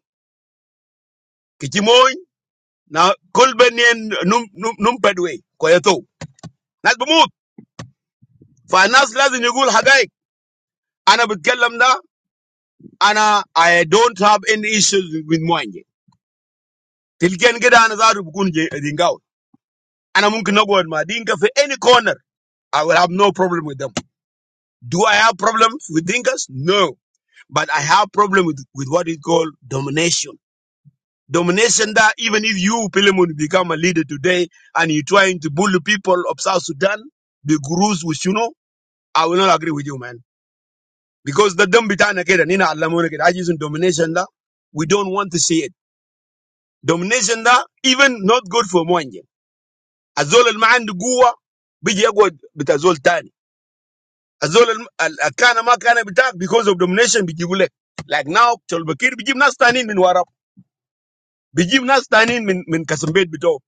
[SPEAKER 2] كي مو na kul benin num num num pedwe koyeto nas bumut fa nas lazim yugul hagaik ana bitkallam da ana i don't have any issues with moanje tilgen gida ana zaru bukun je dingaw ana mumkin nagod ma dinka fi any corner i will have no problem with them do i have problems with dinkas no but i have problem with with what is called domination Domination that even if you, Pilemun, become a leader today and you're trying to bully people of South Sudan, the gurus with you know. I will not agree with you, man. Because the dumb bitana kid and I using domination da. We don't want to see it. Domination da even not good for Mwanje. Azol al mind guwa biji yagod bit azol tani. Azol al akana ma kana bitak because of domination biji Like now Cholbakir biji nas tanin min warab, Biji nas tanin min min kasambet bito.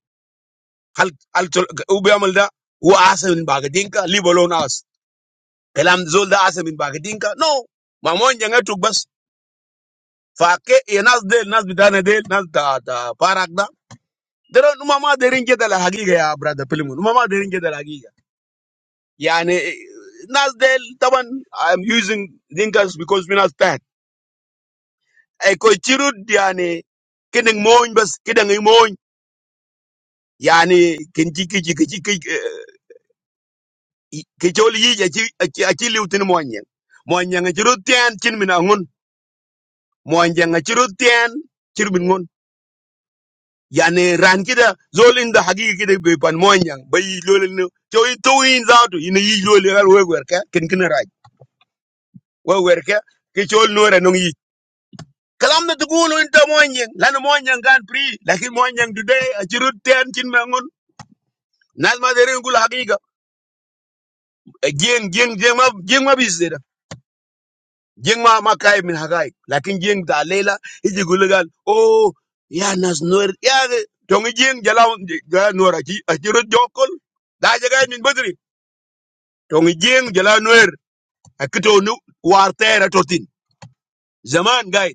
[SPEAKER 2] Hal hal chol ube amal da huwa min bagadinka leave alone us. Kalam zol da asa min bagadinka. No. Ma Mwanje ngetuk bus. Because you need to need to be there, need to be there, need to be there. Parakda. There are no more. There is no more. There is no more. I am using fingers because we are tired. I go to church. I am not going. I am not going. I am not going. I am not going. Yan e ran kida zolinda hagiga kida bapan moanyang bai zolindo kyo i two in zato ine yizoliga lwe gwerka kinki na raji wewe gwerka kicho lwa renungi kalam na tukulu inta moanyang lana moanyang gan pri lakini moanyang today achirut tean chin bangon nalamaderi ungu lha hagiga geng geng geng ma geng ma bisira geng ma makai min hagaik lakini geng da lela hizugula gal oh yanas lwa yah dongi geng gelau nga lwa raji achirut jokol da jaga min batri. tong jeng jala nuer akito nu war tera totin zaman gai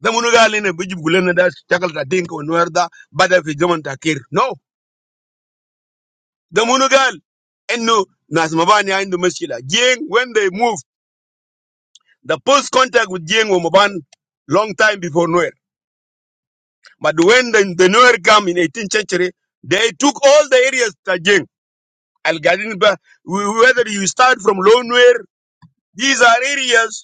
[SPEAKER 2] The munu gal ne bijib gulen da shakal ta dink wa nuer da bada fi zaman takir no the Munugal. And enno nas mabani aindu mashkila jeng when they moved the post contact with jeng wa maban long time before nuer but when the, the nuer come in 18th century they took all the areas ta jeng al gadin whether you start from low nuer these are areas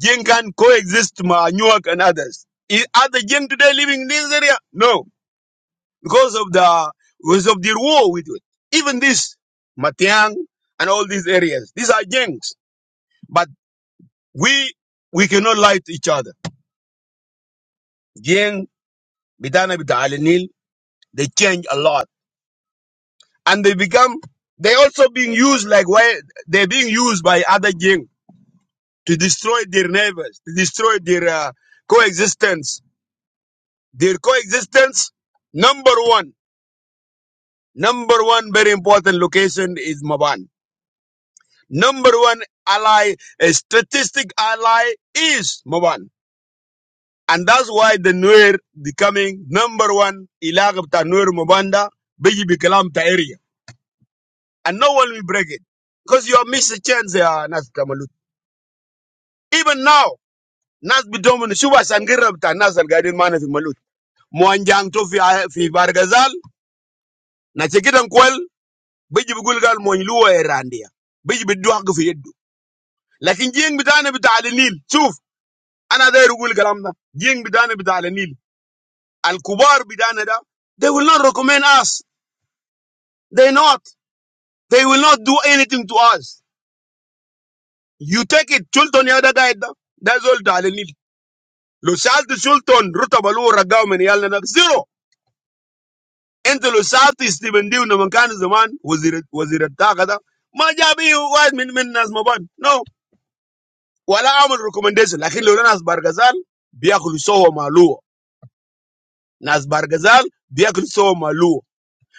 [SPEAKER 2] Jin can coexist ma Newark and others. I- Are the Jin today living in this area? No, because of the because of their war with it. Even this Matiang and all these areas, these are Jinks. But we we cannot lie to each other. Jin Bidana Bita Ali Nil, they change a lot, and they become they also being used like why they're being used by other Jin to destroy their neighbors, to destroy their uh, coexistence. Their coexistence, number one. Number one, very important location is Maban. Number one ally, a statistic ally is Maban. And that's why the Nuer becoming number one Ilagapta Nuer Mabanda, Biji Bikalamta area. And no one will break it. Because you have missed a chance there, Nas Tamalut. Even now, Nas Bitomun Shuba Sangirabta Nas Al Gadin Manafi Malut. Mwanjang to fi, fi Bargazal, Nachikitan Kwel, Biji Bugulgal Moinlua Erandia. Biji Biduak لكن جين بتاعنا بتاع النيل. شوف انا داير اقول كلامنا، جين بتاعنا بتاع النيل الكبار بتاعنا ده they will not recommend us. They not. They will not do anything to us. You take it. Sultan ya da guide da. That's all بتاع النيل. لو سالت سلطان رتب له رجعوا من يالنا زيرو. انت لو سالت ستيفن ديو لما كان زمان وزير وزير الطاقه ده ما جابيه واحد من من ناس مبان نو no. ولا عمل ريكومنديشن. لكن لو ناس برغزال بياكلوا سوا مع لو Naz bargazal biakul somalu.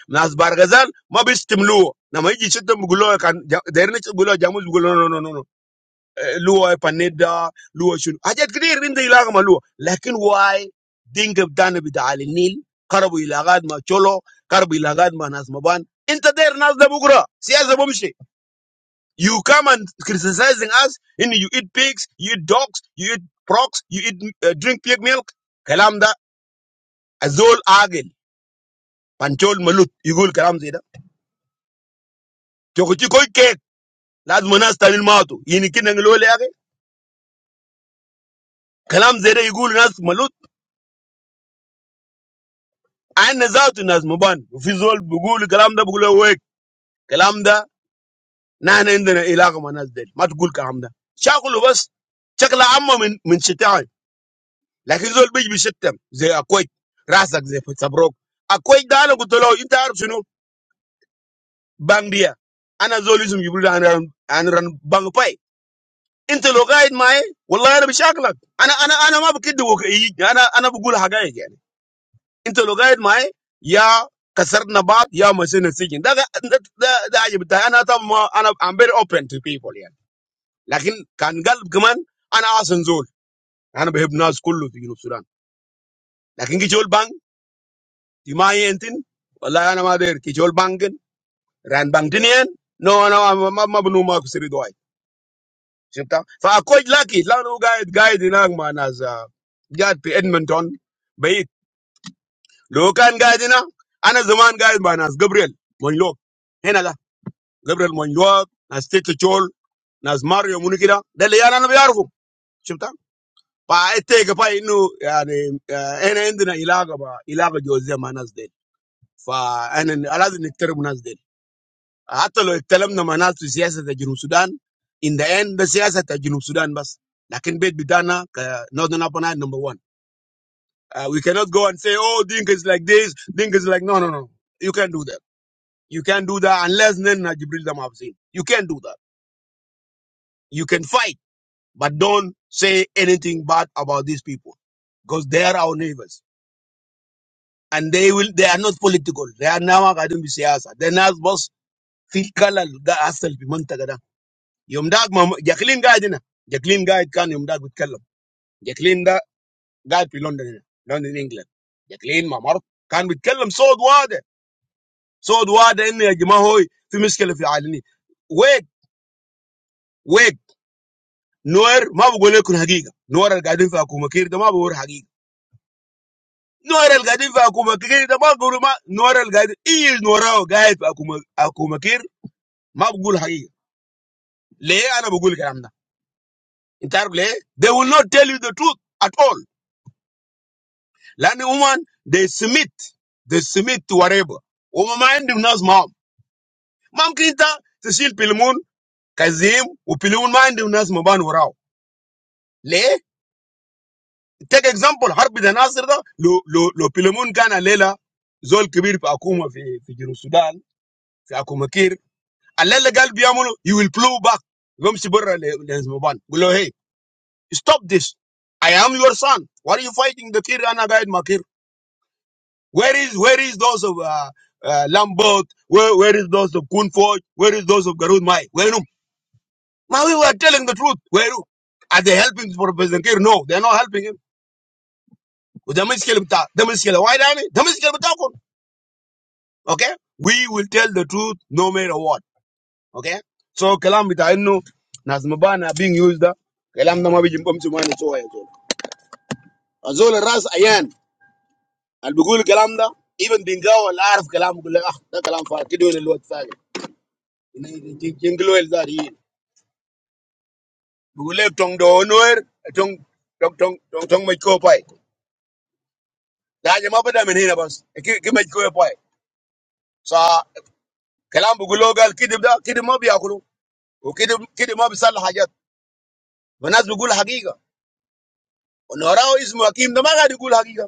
[SPEAKER 2] Naz bargazal ma bis timlu. Namai di chetta mukulau kan deri ne chukulau jamu chukulau no no no no. Luwa paneda luwa chun. Ajat kiri rinde ilaga malu. Lakun wai dingkubdana bidale nil karbu ilagad ma cholo karbu ilagad ma naz maban. Enta deri nazabukura siya zabo mishe. You come and criticizing us. in You eat pigs. You eat dogs. You eat procs. You eat uh, drink pig milk. Kalanda azol agin. Panchol malut igul kalam zeda kyochi koi ke laz manaz taril maato yini ki nenglole ake kalam zeda igul nas malut ain nazar tu nas moban ufi zol bu gul kalam da bu gula uik kalam da na na enda ilaqa manaz deli matu gul kalam da chakulu bas chakla amma min min chetay lehi zol bij bi chetem zay akoi razak zay sabroq akoi dahalo gutolo intar chuno bangiya ana zol isum yubula anran anran bangpai. Intologaid mai, walla ya rabishakla. Ana ana ana ma bu kidu gokayik. Ana ana bu gul haga yekan. Intologaid mai, ya kasar na baat ya masenetsikin. Daga d d d aje bata. Ana tamu ma ana amber open to people yekan. Lakini kan galb kuman ana asen zul. Ana behib nas kulu tiguro suran. Lakini kijol bank tima yentin. Walla ya namaadir kijol banken ran bankinian. No ana ma ma ma bunuma kusiridoy. Chipta. Fa akujlaki, lano gaed gaed ina akman as ya pi Edmonton. Be it lokan gaed ina. Anas zaman gaed man as Gabriel. Mani lok. Hena la Gabriel mani lok nas Steve Joel nas Mario Munikiro. Della yana na biarfu. Chipta. Paite kpa inu ya na endi na ilaga ba ilaga jozi man as dead. Fa ane alazi na tera man as dead. حتى لو اتكلمنا مع ناس في سياسه جنوب السودان ان ذا اند ده سياسه بتاع جنوب السودان بس لكن بيت بتاعنا نورثن ابان نمبر 1 Uh, we cannot go and say, oh, Dink is like this, Dink is like, no, no, no. You can't do that. You can't do that unless then Jibril Damavzin. You can't do that. You can fight, but don't say anything bad about these people because they are our neighbors. And they will, they are not political. They are now academic siyasa. They're not boss. في الكلل ده أصل في منطقة ده. Yumdaak Jama, Jama gaet na. Jama gaet kan Yumdaak but kellem. Jama da gaet fi London na. London England. Jama Mama, kan but kellem Saudiwaad. Saudiwaad enni ya jimahoy fi miskel fi alini. Wake, wake. Noor ma bu gule kun hagiga. Noor el gaet fi akuma kira, ma bu ur hagiga. Noor el gaet fi akuma kira, ma bu ur ma. Noor el gaet ill Noorah gaet fi akuma akuma kira, ma bu gule hagiga. Le ana bu gule keramda. In Arabic, they will not tell you the truth at all. Lanu uman de summit, de summit tuareb. Umama endiunaz mama, mama kita tsichile pilimun kaziye upilimun umama endiunaz mabana ora. Le take example harbi denazir da lo lo pilimun kana lela zole kubir pa akuma fe fe giru Sudan fe akuma kiri. Allele galbiyamu you will pull back. Gomsi borra le le mabana. Muloi stop this. I am your son. Why are you fighting the kiri ana gaed makiri? Where is where is those of uh, uh, Lambert? Where where is those of Kunfoj? Where is those of Garud Mai? Where um, Ma, we were telling the truth. Where um, are they helping for President Kiir? No, they are not helping him. They وده مشكلة They ده مشكلة. Why are They ده مشكلة بتاعكم. Okay? We will tell the truth no matter what. Okay? So كلام بتاع إنه ناس مبانا being used ده كلام ده ما بيجي بمشي ما نسوى يا زول. الزول الراس عيان اللي بيقول الكلام ده even بينجاو اللي عارف كلام بيقول لك اه ده كلام فارغ كده وين jinglo el zarin bugule tong do noer tong tong tong tong tong mai ko pai da je ma bada men hina bas E ki ki mai ko pai sa kalam bugulo gal kidib da kidib ma biya kulu o kidib kidib ma bisal hajat wanas bugul haqiqa onora o ismu hakim da ma ga digul haqiqa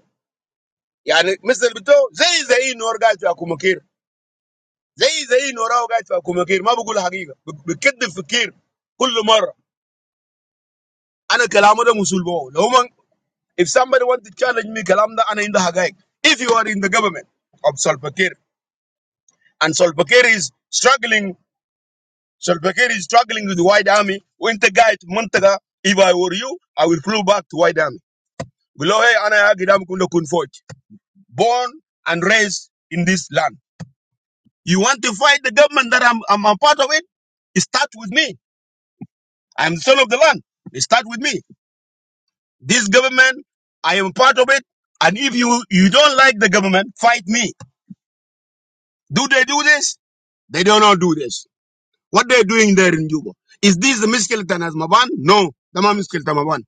[SPEAKER 2] yani misal bito zai zai nor ga ta kuma kir zai zai nora ga ta kuma kir ma bugul haqiqa bikid the fikir كل مره انا كلامه ده مسؤول بو If somebody wants to challenge me, Kalamda and in the Hagaik, if you are in the government of Solpakir, and Solpakir is struggling, Solpakir is struggling with the White Army, when the guy at Muntaga, if I were you, I will flew back to White Army. Below, hey, ana ya gidam kunda kun foj. Born and raised in this land. You want to fight the government that I'm, I'm a part of it? It starts with me. I'm the son of the land. It starts with me. This government, I am part of it. And if you, you don't like the government, fight me. Do they do this? They don't know do this. What they're doing there in Juba. Is this the Miskeleton as Maban? No. Tama Miskeleton Maban.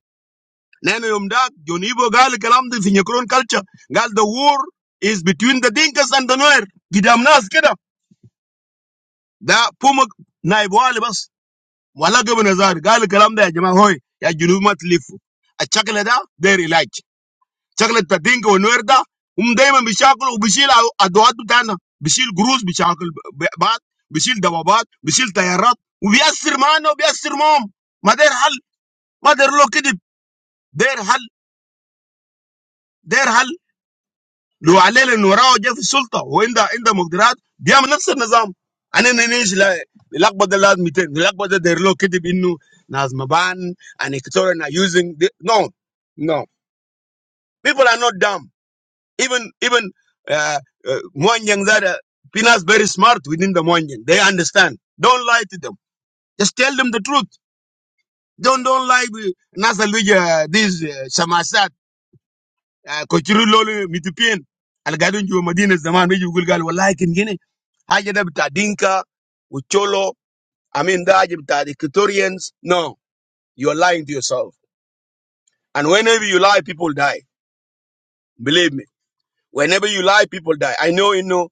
[SPEAKER 2] Lena Yomdak, Jonibo Gal Kalam the Finyakron culture. Gal the war is between the Dinkas and the Nuer. Gidam Nas Keda. Da Pumak Naibu Alibas. Wala Gabonazar. Gal Kalam de Jama Ya Junumat Lifu. A Chakalada, they're elite. شكلت تدينك ونوير ده هم دايما بيشاكلوا وبيشيل ادوات بتاعنا، بيشيل جروز، بيشاكل بعض، بيشيل دوابات، بيشيل تيارات، وبيأثر معانا وبيأثر معاهم. ما داير حل، ما داير له كذب، داير حل، داير حل لو عليه لانه وراه جاي في السلطه وعنده عنده مقدرات بيعمل نفس النظام. انا نيش لقبه ده لازم مئتين لقبه ده داير له كذب انه ناس مبان and Equatorian are using the, no no people are not dumb. Even even uh, uh, Moanyang that uh, Pinas very smart within the Moanyang. They understand. Don't lie to them. Just tell them the truth. Don't don't lie with Nasaluja this uh, Shamasat uh, Kochiru Lolo Mitupien. Algadun Ju Madina Zaman Miju Gulgal like in Guinea. Haja bita Dinka, Ucholo, I mean the Haja No, you're lying to yourself. And whenever you lie, people die. Believe me. Whenever you lie, people die. I know you know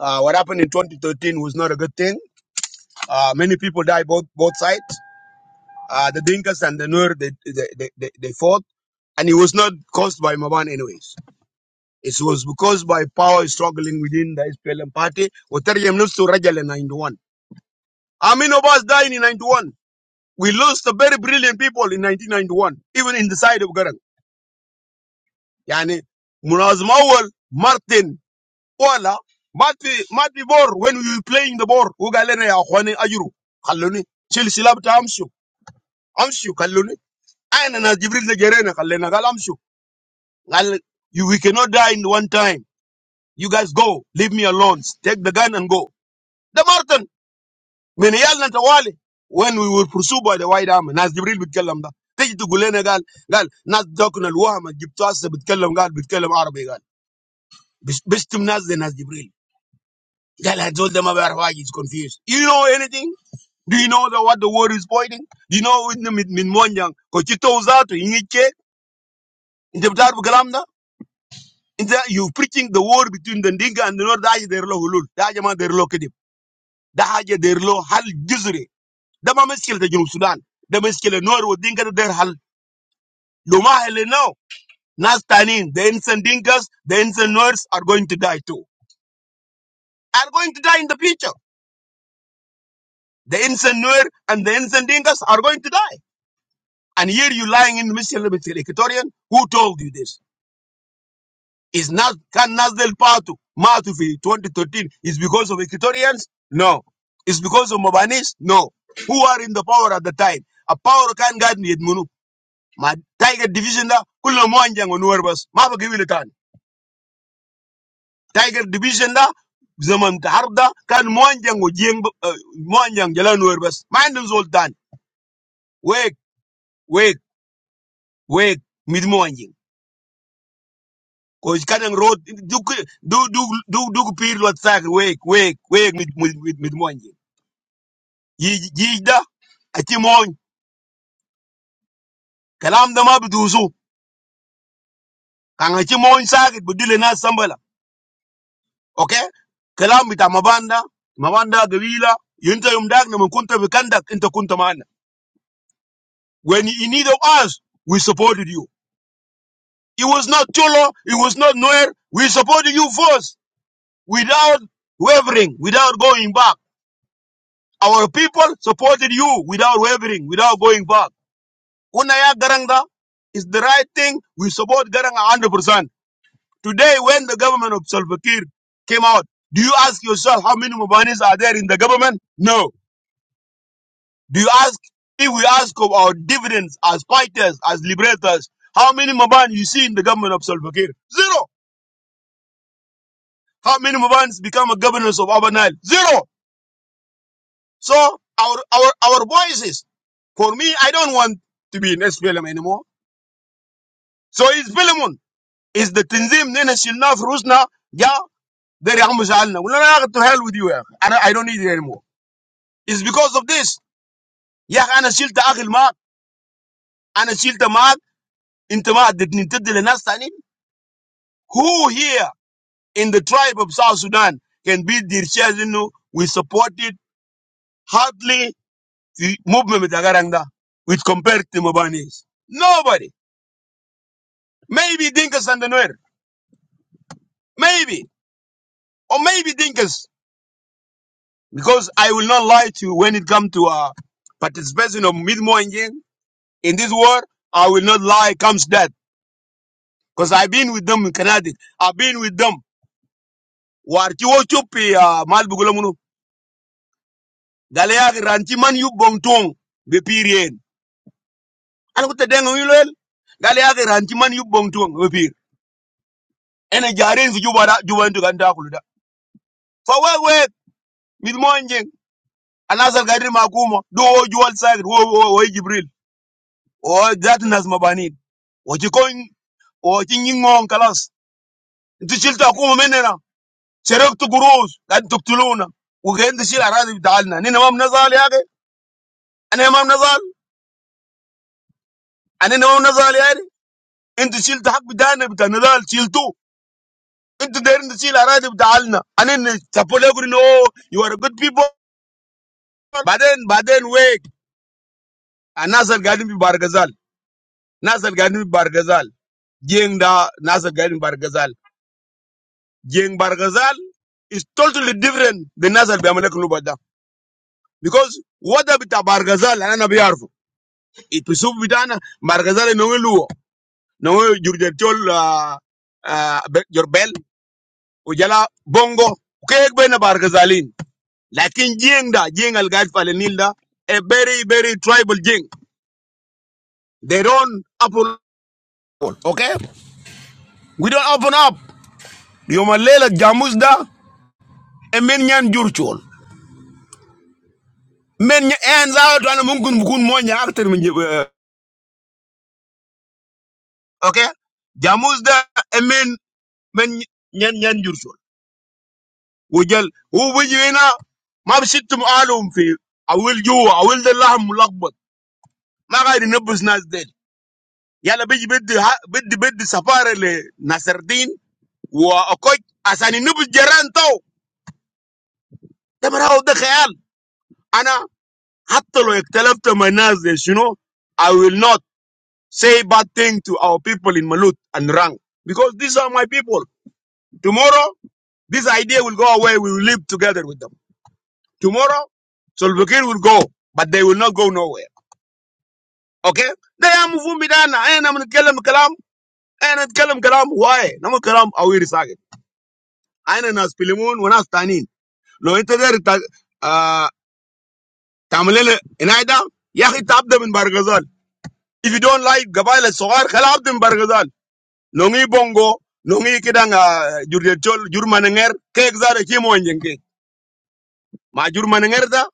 [SPEAKER 2] uh, what happened in 2013 was not a good thing Uh, many people died both both sides. Uh, the Dinkas and the Nuer, they, they, they, they, they fought. And it was not caused by Maban anyways. It was because by power struggling within the SPLM party. Oterium lost to Rajal in 91. How many of us died in 91? We lost the very brilliant people in 1991, even in the side of Garang. Yani, Munazim Awal, Martin, Ola, Mati, Mati Bor, when we were playing the Bor, Ugalene Ahwane Ayuru, Kaluni, Chil Silab Amshu, Amshu, Khaluni. أنا ناس جبريل نجرينا خلينا قال أمشوا قال you, we cannot die in one time you guys go leave me alone take the gun and go The Martin. من يالنا توالي when we were pursued by the white army ناس جبريل بيتكلم ده تيجي تقول لنا قال قال ناس ذاكنا الوهم جبتوا هسه بيتكلم قال بيتكلم عربي قال بس- بشتم ناس زي ناس جبريل قال هدول ده ما بيعرف حاجه he's confused you know anything Do you know the, what the word is pointing? Do you know in the min monjang? Kochito uzato ingiche. Interpretar bugalamda. Instead, you preaching the war between the Dinka and the North. That's their law hulul. That's man their law kedim. That's their law hal juzri. That man meskele the Junub Sudan. That meskele North with Dinka that their hal. Luma hal now. Nas tanin. The innocent Dinkas, the innocent Norths are going to die too. Are going to die in the future. The innocent North and the innocent Dinkas are going to die. And here you lying in the meskele meskele Equatorian. Who told you this? Is not can Nasdel Patu Matu fi 2013 is because of Equatorians? No. It's because of Mobanis? No. Who are in the power at the time? A power can guide me Munu. My Tiger Division da kulla muanjang onuerbas. Mapa kiwilitan. Tiger Division da zaman harda kan muanjang o jeng uh, muanjang jala nuerbas. Mindum zoltan. Wake, wake, wake. Mid muanjing. Cause kanang road do do do do do pir lot sak wake wake wake mid mid mid moanjing. Jij da, a moñ. Kalam da ma bi Kan a moñ sakit bi na sambala. Okay? Kalam bita mabanda, mabanda gawila. Yunta yum dag na mun kunta bi kandak, inta kunta mana. When you in need of us, we supported you. It was not Cholo, it was not Noel. We supported you first without wavering, without going back. Our people supported you without wavering, without going back. Unaya Garanga is the right thing. We support Garanga 100%. Today, when the government of Salva Kiir came out, do you ask yourself how many Mubanis are there in the government? No. Do you ask, if we ask of our dividends as fighters, as liberators, how many Mubani you see in the government of Salva Kiir? Zero. How many Mubanis become a governors of Upper Nile? Zero. So our, our, our voices, for me, I don't want to be in SPLM anymore. So it's Philemon. It's the Tinzim, Nene Shilna, Frusna, Ya, Deri Hamu We Well, not have to hell with you. yeah. I I don't need it anymore. It's because of this. يا أخي أنا شلت عقل معك أنا شلت معك أنت ما ادتني تدي لناس تانيين Who here in the tribe of South Sudan can be their shares إنه we supported hardly the movement بتاع قرن ده with compared to Mabanis? Nobody. Maybe Dinkas and the Nuer. Maybe. Or maybe Dinkas. Because I will not lie to you when it comes to uh, participation of Midmoinjin in this war, I will not lie comes that. Because I've been with them in Canada. I've been with them war ci wo coppi uh, mal bugula munu gale ya ran ci man yu bong tong be pir yen an ko tedeng yu lel gale ya ran man yu bong be pir ene jaren fi juba da juba ndu ganda kulu da fa we we mit mo njen anasal gadir ma kuma do wo juwal sagir wo wo wo jibril o dat nas mabanin o ci kon o ci nyingon kalas ntu chilta kuma menena serek tu gurus gad tuktuluna وكان تشيل اراضي بتاعنا نحن ما بنزعل يا اخي انا ما بنزعل انا ما بنزعل In the chill, the heart be dying. Be the another chill too. In the there, in the chill, I write the heart na. I mean, the people you know, you are a good people. But then, but then, wake. A Nasar Garden be bargazal. Nasar Garden be bargazal. Geng da Nasar Garden be bargazal. Geng bargazal. It's totally different. The Nasar be amulekunu badda. Because what the be the bargazal? I na be harfu. It presupposes that the bargazal is noelu. Noelu, your your bell. ujala bongo kek bena barka zalin lakin jing da jing al gad pale nil a very very tribal jing they don't open up, okay we don't open up yoma lela jamus da e men nyan jurchol men nya en za to ana mungun bukun mo nya akter min jib- eh, okay jamus da e men men nyan nyan jurchol wujal hu bujina ma bishittum alum fi awil juwa awil da lahm mulakbat ma gaidi nabus nas del yala biji beddi ha beddi beddi safare le nasardin wa okoj asani nubu jaran tau. ده براو ده Ana انا حتى لو اختلفت مع الناس I will not say bad thing to our people in Malut and Rang because these are my people tomorrow this idea will go away we will live together with them tomorrow Solbukir will go but they will not go nowhere okay They ده يا مفهوم بدانا انا بنتكلم كلام انا نتكلم كلام هواي نعمل كلام اوير ساكت I don't like government. If you don't like government, go out and protest. Longi Bongo, longi kidanja Jurmaninger kekzare kimu njenge. Ma Jurmaninger da,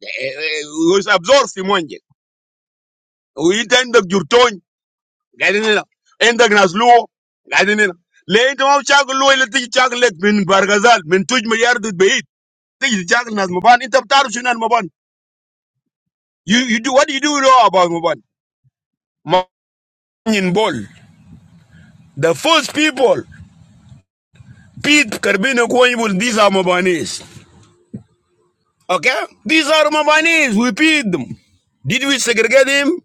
[SPEAKER 2] he absorbs him njenge. He enda gurtoni, gadeni la. Enda gnaslo, gadeni la. Le i tomo chaglo, le tomo chagle min bar gazal min tuju milyar dut behe. Le tomo chaglo nas maban. Enda tartarushina maban. You you do what do you do know about Muban? Manyin Bol. The first people, Pete Carbino Kwanyibul, these are Mubanis. Okay? These are Mubanis. We feed them. Did we segregate him?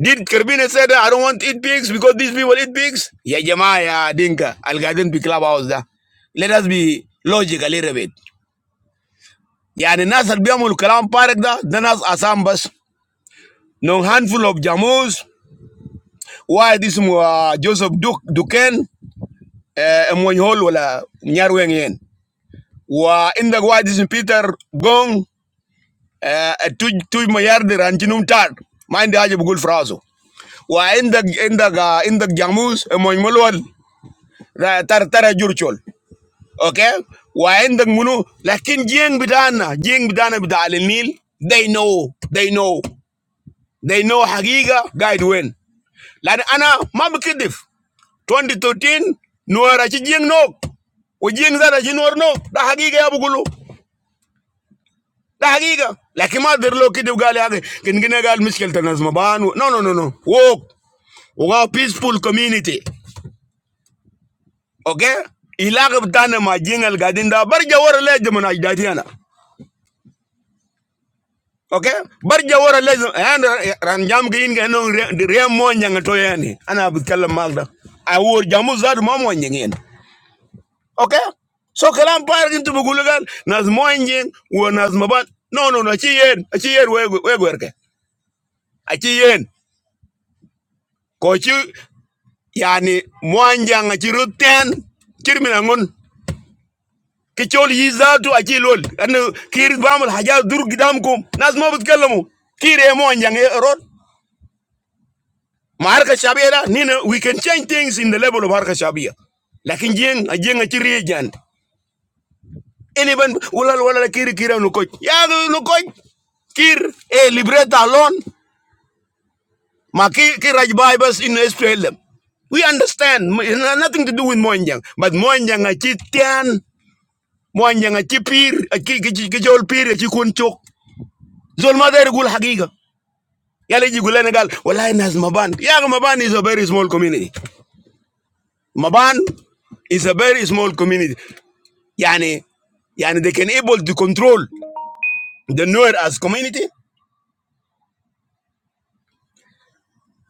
[SPEAKER 2] Did Carbino say that I don't want to eat pigs because these people eat pigs? Yeah, Jama, yeah, Dinka. Al will get clubhouse. da. Let us be logical a little bit. يعني الناس اللي بيعملوا كلام فارغ ده ده ناس أسام No handful of Jamos. Why this uh, Joseph Duke Duquesne? moñ hol wala ñaar weng yen wa inda wadi sin peter gong eh, eh, tuj tuj mo yarde ran jinum tar ma inda haje bugul frazo wa inda inda ga inda jamus moñ molwal tar tar jurchol okay wa inda munu lakin jeng bidana jeng bidana bidal nil they know they know they know hagiga guide when lani ana mam kidif 2013 nuara chi jeng nok Ujing zara jinor no da hagiga ya bugulu Dahiga, lakimadirloki dugaali agi. Kine ngaal miskel tenazmo banu. No no no no. Oo, ugao peaceful community. Okay. Ilagbta na majingal garden da barja wara lez mo najdatiana. Okay. Barja wara lez. An ranjam kini ngong diya mo njenga toyani. Anabukala magda. Awo jamuzad mo njenga yend. Okay. So kalam para kinto buguligan nazmo njeng u nazmo ban. No no no. Achi yend. Achi yend we we gwerke. Achi yend kochi. yani mwanjanga chirutten kirmina ngun kichol yizatu achilol an kir bamul haja dur gidamkum nas ma butkallamu kire mwanjanga erot marka shabira nina we can change things in the level of harka shabia lakin jeng ajeng chiri jand any ban ulal wala kiri kira no coach ya no coach kir e libreta alone ma ki kiraj bibas in SPLM we understand it has nothing to do with mwanjang but mwanjanga chitian moanyang aci pir kicol pir aci kun cok zol madher gul hagiga yala ji gulene gal wallahi nas maban yaga maban is a very small community maban is a very small community yani yani they can able to control the Nuer as community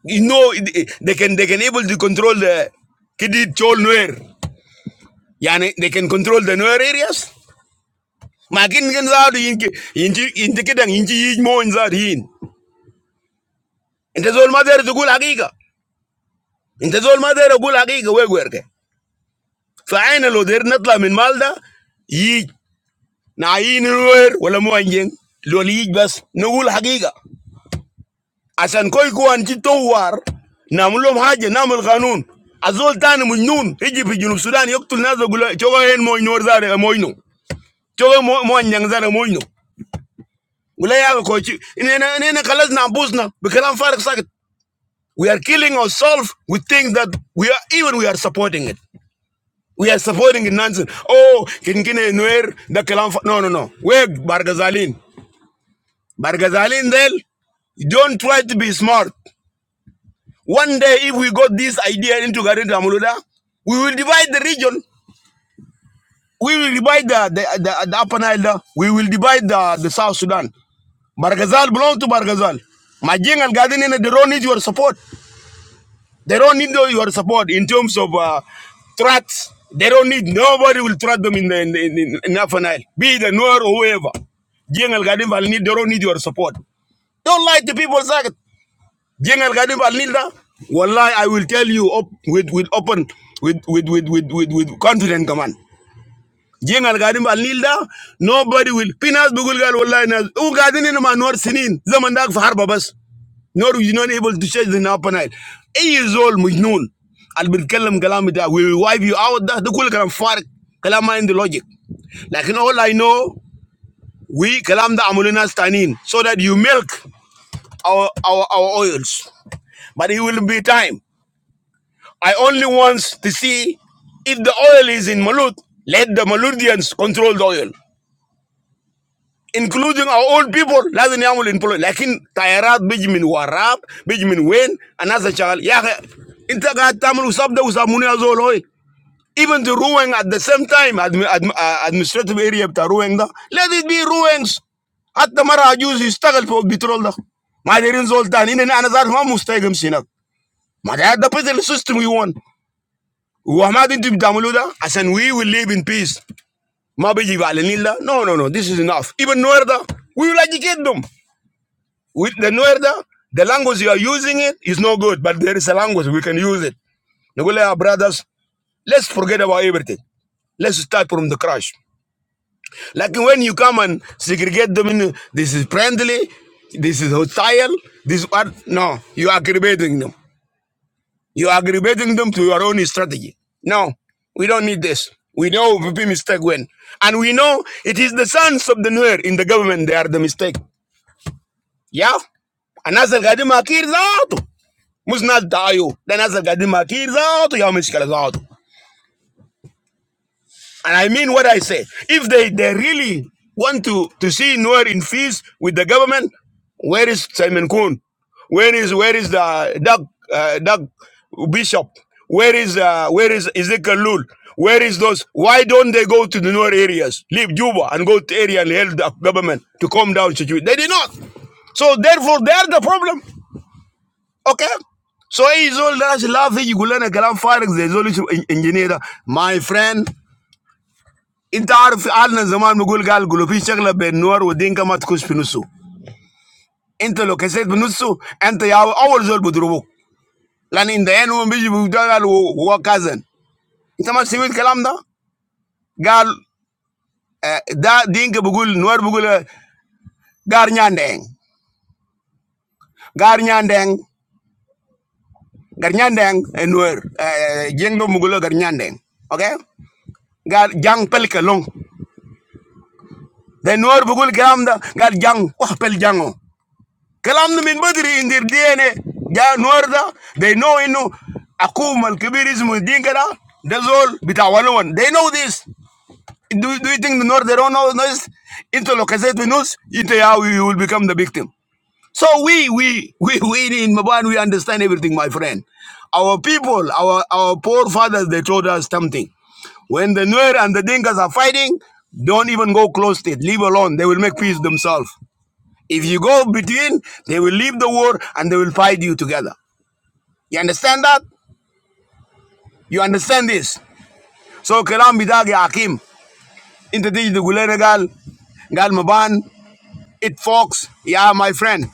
[SPEAKER 2] you know they can they can able to control the kidid chol Nuer yani they can control the Nuer areas makin gen zaadu yinki yinki yinti kidang yinki yij moin zaadu yin ente zol madher gul hagiga انت زول ما داير اقول حقيقه ويك ويركه فعين لو داير نطلع من مالدا ييج نعين وير ولا مو انجن لول ييج بس نقول حقيقه عشان كوي كوان تتوار نعمل لهم حاجه نعمل قانون الزول تاني مجنون يجي في جنوب السودان يقتل ناس يقول تشوغا هين موينو زار موينو تشوغا مو انجن زار موينو ولا يا كوتشي اننا اننا خلصنا انفسنا بكلام فارغ ساكت. We are killing ourselves. We think that we are even. We are supporting it. We are supporting in nonsense. Oh, kinkine nuer the kalam. No, no, no. We're Bargazalin. Bargazalin del. Don't try to be smart. One day, if we got this idea into Garden Amuluda, we will divide the region. We will divide the the, the, the Upper Nile. there. We will divide the, the South Sudan. Bargazal belongs to Bargazal. Majing and Garden in the don't need your support. They don't need no- your support in terms of uh, threats. They don't need nobody will threat them in the in in, in, Afan Nile. Be it the Noor or whoever. Jeng Al Gadim Al Nil, they don't need your support. Don't lie to people, Zagat. Jeng Al Gadim Al Nil, Wallahi, I will tell you op, with with open with with with with with, with confident command. Jeng Al Gadim Al Nil, nobody will. Pinas bugulgal Gal Wallahi Nas. U Gadin in Ma Sinin. Zaman Dag Fahar Babas. Nor is not able to change the upper Nile. Eight years old, Mujnun. I'll be telling Kalamita, we will wipe you out. That The cool Kalam Farak, Kalama in the logic. Like in all I know, we Kalamda Amulina Stanin, so that you milk our, our, our oils. But it will be time. I only want to see if the oil is in Malut, let the Maludians control the oil. including our old people lazima yamul employ lakin tayarat biji min warab biji min wen another chagal Yeah, akhi, inta tamul usab da usamuni Azoloi. even the ruling at the same time admi, admi, uh, administrative area of ruling da let it be ruins At the Mara, يشتغل فوق البترول ده ما دايرين زول تاني إن انا ذات ما مستحق Sinak, هناك ما the ده system. السيستم وي وان وما دي انتوا بتعملوه ده عشان وي ويل ليف ان بيس ما بيجي No, no, ده نو نو نو ذيس از انف ايفن educate them with the Nuerda, the language you are using it is no good, but there is a language we can use it. Nugulea brothers, let's forget about everything. Let's start from the crash. Like when you come and segregate them in, this is friendly, this is hostile, this is what? No, you are aggravating them. You are aggravating them to your own strategy. No, we don't need this. We know VP mistake when. And we know it is the sons of the Nuer in the government, they are the mistake. Yeah? And as Gadima Kirzato. must not die you. Then as a gadima kids out, you out. And I mean what I say. If they, they really want to, to see Noor in peace with the government, where is Simon Kuhn? Where is where is the Doug uh, Doug Bishop? Where is uh, where is Ezekiel Lul? Where is those? Why don't they go to the Noor areas, leave Juba and go to area and help the government to calm down situation? They did not. So therefore, they are the problem. Okay? So he's all that love you go learn a kalam farik zai zo lishi engineer my friend انت عارف قعدنا زمان بنقول قال قلوبي شغله بين نور ودينك ما تخش في نصه انت لو كسيت بنصه انت يا اول زول بيضربوك لان ان ذا هم بيجي بيقولوا هو كازن انت ما سمعت الكلام ده قال ده دينك بيقول نور بيقول غارنياندين غارنياندين غارنياندين نور جينغ بيقول غارنياندين اوكي قال جانج بلك لون The Nuer Bugul Gram da gal young. wah pel jango. Kalam no min badri in their DNA. Ja Nuer da they know inu akum al kibirism dinka da that's all bitawaluan. They know this. Do, do you think the North they don't know this? Into localized we know. into how we will become the victim. So we, we, we, we in Maban, we understand everything, my friend. Our people, our, our poor fathers, they told us something. When the Nuer and the Dinkas are fighting, don't even go close to it. Leave alone. They will make peace themselves. If you go between, they will leave the war and they will fight you together. You understand that? You understand this? So Kalam Bidagi Hakim, Intatij the Gulenagal, Gal Maban, it folks, yeah, my friend.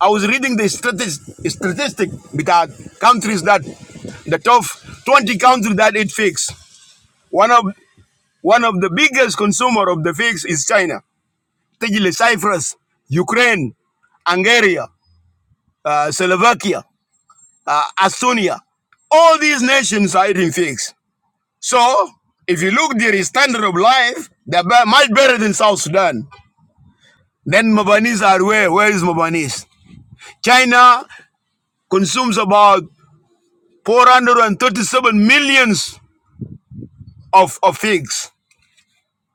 [SPEAKER 2] I was reading the statistic, statistic because countries that the top 20 countries that eat figs. One of one of the biggest consumer of the figs is China. Particularly Cyprus, Ukraine, Hungary, uh, Slovakia, uh, Estonia. All these nations are eating figs. So if you look their standard of life, they're much better than South Sudan. Then Mabanese are where? Where is Mabanese? China consumes about 437 millions of, of figs.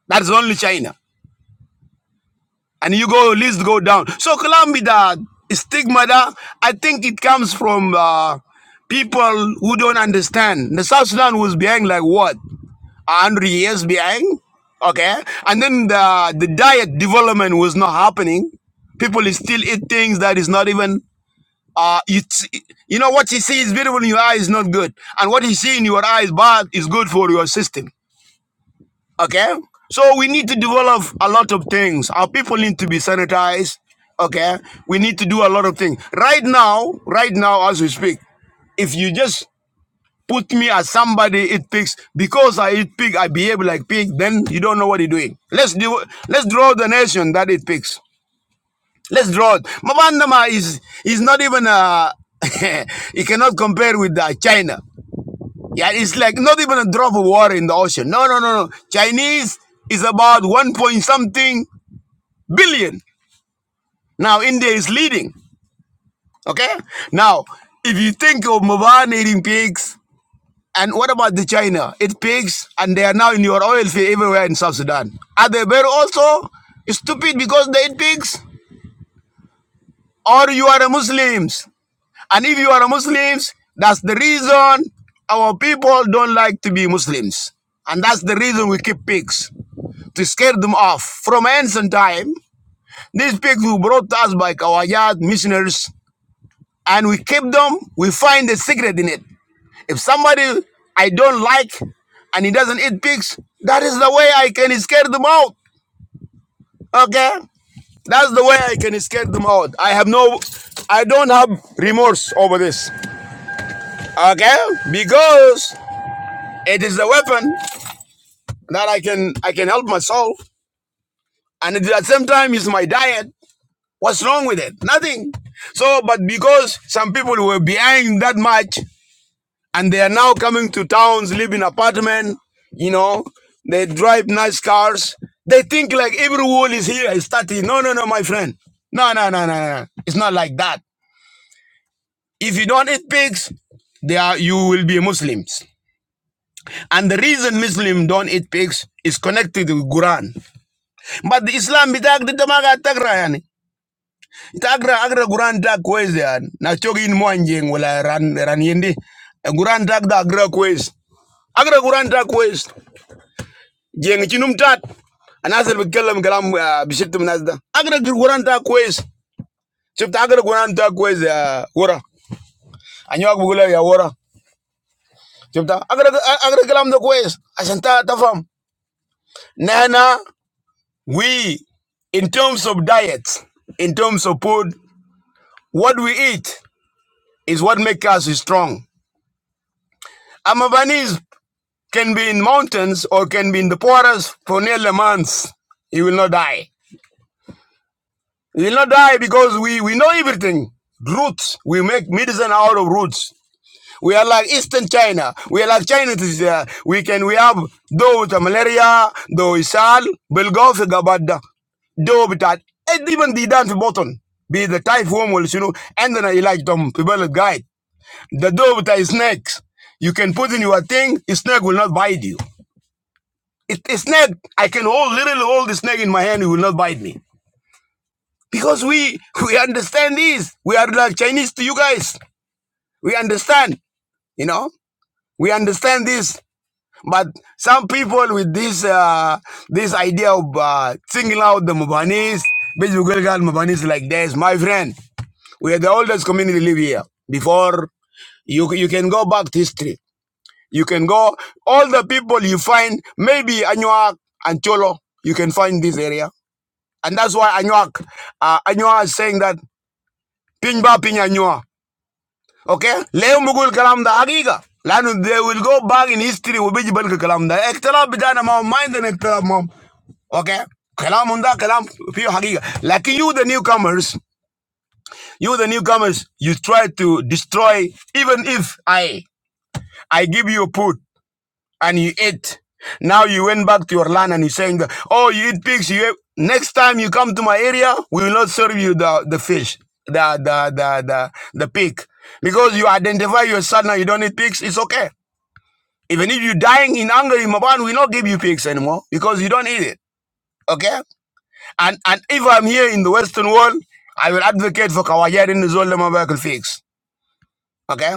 [SPEAKER 2] That's only China. And you go, list go down. So Colombia, the stigma, that I think it comes from uh, people who don't understand. The South Sudan was behind like what? 100 years behind? Okay. And then the, the diet development was not happening. People still eat things that is not even uh you you know what you see is beautiful in your eye is not good and what you see in your eye is bad is good for your system Okay? So we need to develop a lot of things. Our people need to be sanitized. Okay? We need to do a lot of things. Right now, right now as we speak, if you just put me as somebody eat pigs because I eat pig, I behave like pig, then you don't know what you're doing. Let's do let's draw the nation that eat pigs. Let's draw it. Mabandama is is not even a you cannot compare with uh, China. Yeah, it's like not even a drop of water in the ocean. No, no, no, no. Chinese is about one point something billion. Now India is leading. Okay. Now, if you think of Mobile eating pigs, and what about the China? It pigs, and they are now in your oil field everywhere in South Sudan. Are they very also stupid because they eat pigs? Or you are a Muslims? And if you are a Muslims, that's the reason our people don't like to be Muslims. And that's the reason we keep pigs. to scare them off. From ancient time, these pigs were brought to us by Kawajad missionaries, and we keep them. We find a secret in it. If somebody I don't like and he doesn't eat pigs, that is the way I can scare them out. Okay? That's the way I can scare them out. I have no, I don't have remorse over this. Okay? Because it is a weapon that I can I can help myself, and at the same time, it's my diet. What's wrong with it? Nothing. So, but because some people were behind that much and they are now coming to towns, live in apartment, you know, they drive nice cars. They think like every wall is here is 30. No, no, no, my friend. No, no, no, no, no. no. It's not like that. If you don't eat pigs, they are you will be Muslims. And the reason Muslim don't eat pigs is connected with Quran. But the Islam bitak di tamaga tagra Tagra agra guran dag kwez yan. Na chogi in moanjing wala ran ran yendi. Guran dag da agra kwez. Agra guran dag kwez. Jeng chinum tat. Anasel bikalam kalam bishiktum nasda. Agra guran dag kwez. Chipta agra guran dag kwez ya wora. Anyo bugula ya wora. Chipta agra agra kalam da kwez. Asanta tafam. Nana we in terms of diets, in terms of food, what we eat is what makes us strong. Amabanis Can be in mountains or can be in the forest for nearly months. You will not die. You will not die because we, we know everything. Roots. We make medicine out of roots. We are like Eastern China. We are like China. uh, we can we have though the malaria, though isal, bilgof gabada, though bitat, and even the dance button. Be the typhoon will you know, and then I like them people guide. The dough with the snakes. You can put in your thing, a snake will not bite you. It, a snake, I can hold literally hold the snake in my hand, it will not bite me. Because we we understand this. We are like Chinese to you guys. We understand, you know? We understand this. But some people with this uh, this idea of uh, singling out the Mubanis, Bejugulgal Mubanis like this, my friend, we are the oldest community live here. Before you you can go back to history. You can go all the people you find, maybe Anuak and Cholo, you can find this area And that's why Anyak, uh, Anywa is saying that ping ba ping Anywa. Okay? Leo mugul kalam da agiga. Lanu, they will go back in history, will be jibal kalam da. Ektalab bitana mom, mind an ektalab mom. Okay? Kalam hunda, kalam fiyo hagiga. Like you, the newcomers, you, the newcomers, you try to destroy, even if I, I give you a put. and you ate. Now you went back to your land and you're saying, oh, you eat pigs. You ate. Next time you come to my area, we will not serve you the, the fish, the, the, the, the, the pig. Because you identify yourself now, you don't eat pigs, it's okay. Even if you're dying in hunger in Maban, we will not give you pigs anymore because you don't eat it. Okay? And and if I'm here in the Western world, I will advocate for Kawajarin Zolda Mabakal pigs. Okay?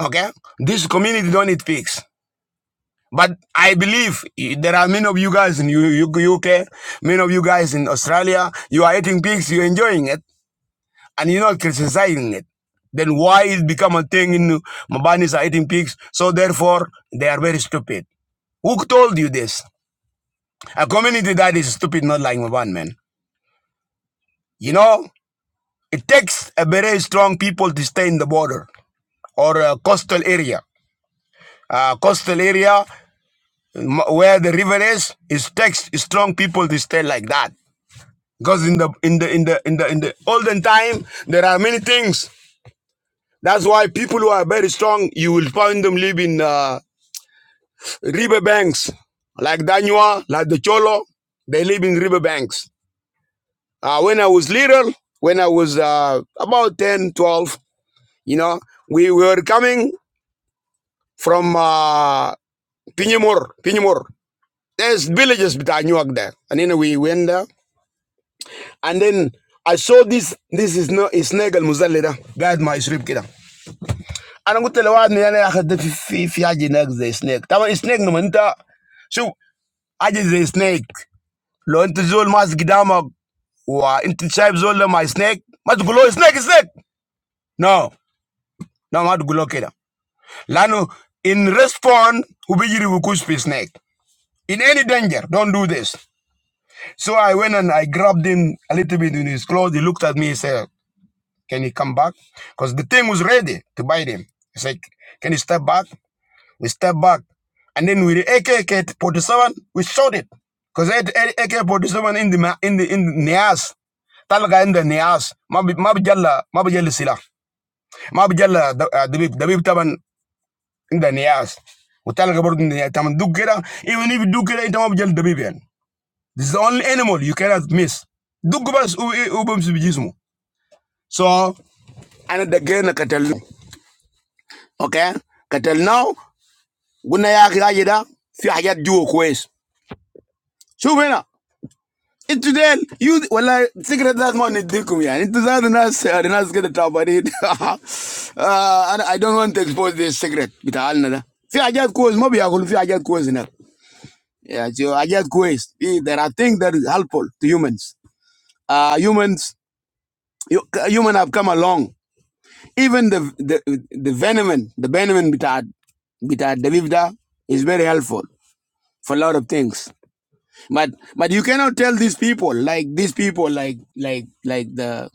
[SPEAKER 2] Okay? This community don't eat pigs. But I believe eh, there are many of you guys in UK, many of you guys in Australia, you are eating pigs, you're enjoying it, and you're not criticizing it. Then why it become a thing in Mabanis are eating pigs? So therefore, they are very stupid. Who told you this? A community that is stupid, not like Maban, man. You know, it takes a very strong people to stay in the border or a coastal area. A coastal area where the river is, it takes strong people to stay like that. Because in the in the in the in the in the olden time, there are many things. That's why people who are very strong, you will find them live in uh, river banks, like Danua, like the Cholo. They live in river banks. Uh, when I was little, when I was uh, about 10, 12, you know, we were coming from uh, Pinimur, Pinimur. There's villages Bitanuak there, and then we went there, and then I saw this. This is not is Negal Muzalida. Guide my shrip kida. ana ngutele wa ni yana ya khad fi fi fi haje nak zai snake tama snake no manta shu haje zai snake lo int zol mas gidama wa int shaib zol la my snake ma tgulo snake snake no no ma tgulo kida lanu in response ubijiri wukush fi snake in any danger don't do this so i went and i grabbed him a little bit in his clothes he looked at me he said can you come back because the thing was ready to bite him he said can you step back We stepped back. And then with the AK-47, we shot it. Because AK-47 in the, in the, in the Nias, talaga in the Nias, mabi mabi jalla, mabi jalla sila. Mabi jalla da- ah, dabib, dabib taban in the Nias. Utalaga bordo in the Nias. Taman dug kira, even if you dug kira, ita mabi jalla dabib yan. This is the only animal you cannot miss. Dug bas u- u- ubum sibijismo. So, and the gena katal. Okay? Katal now, guna ya kira jida, fi hajat juo kwez. Shubena. انتوا ديل يو والله سكرت ذات ما نديكم يعني انتوا ذات ناس ناس كده تعبانين آه، انا I don't want to expose this secret بتاعنا ده في حاجات كويس ما بياكلوا في حاجات كويس هناك يعني شو حاجات كويس في- there are things that are helpful to humans uh, humans human have come along even the the the venom the venom بتاع بتاع الدبيب ده is very helpful for a lot of things. But but you cannot tell these people like these people like like like the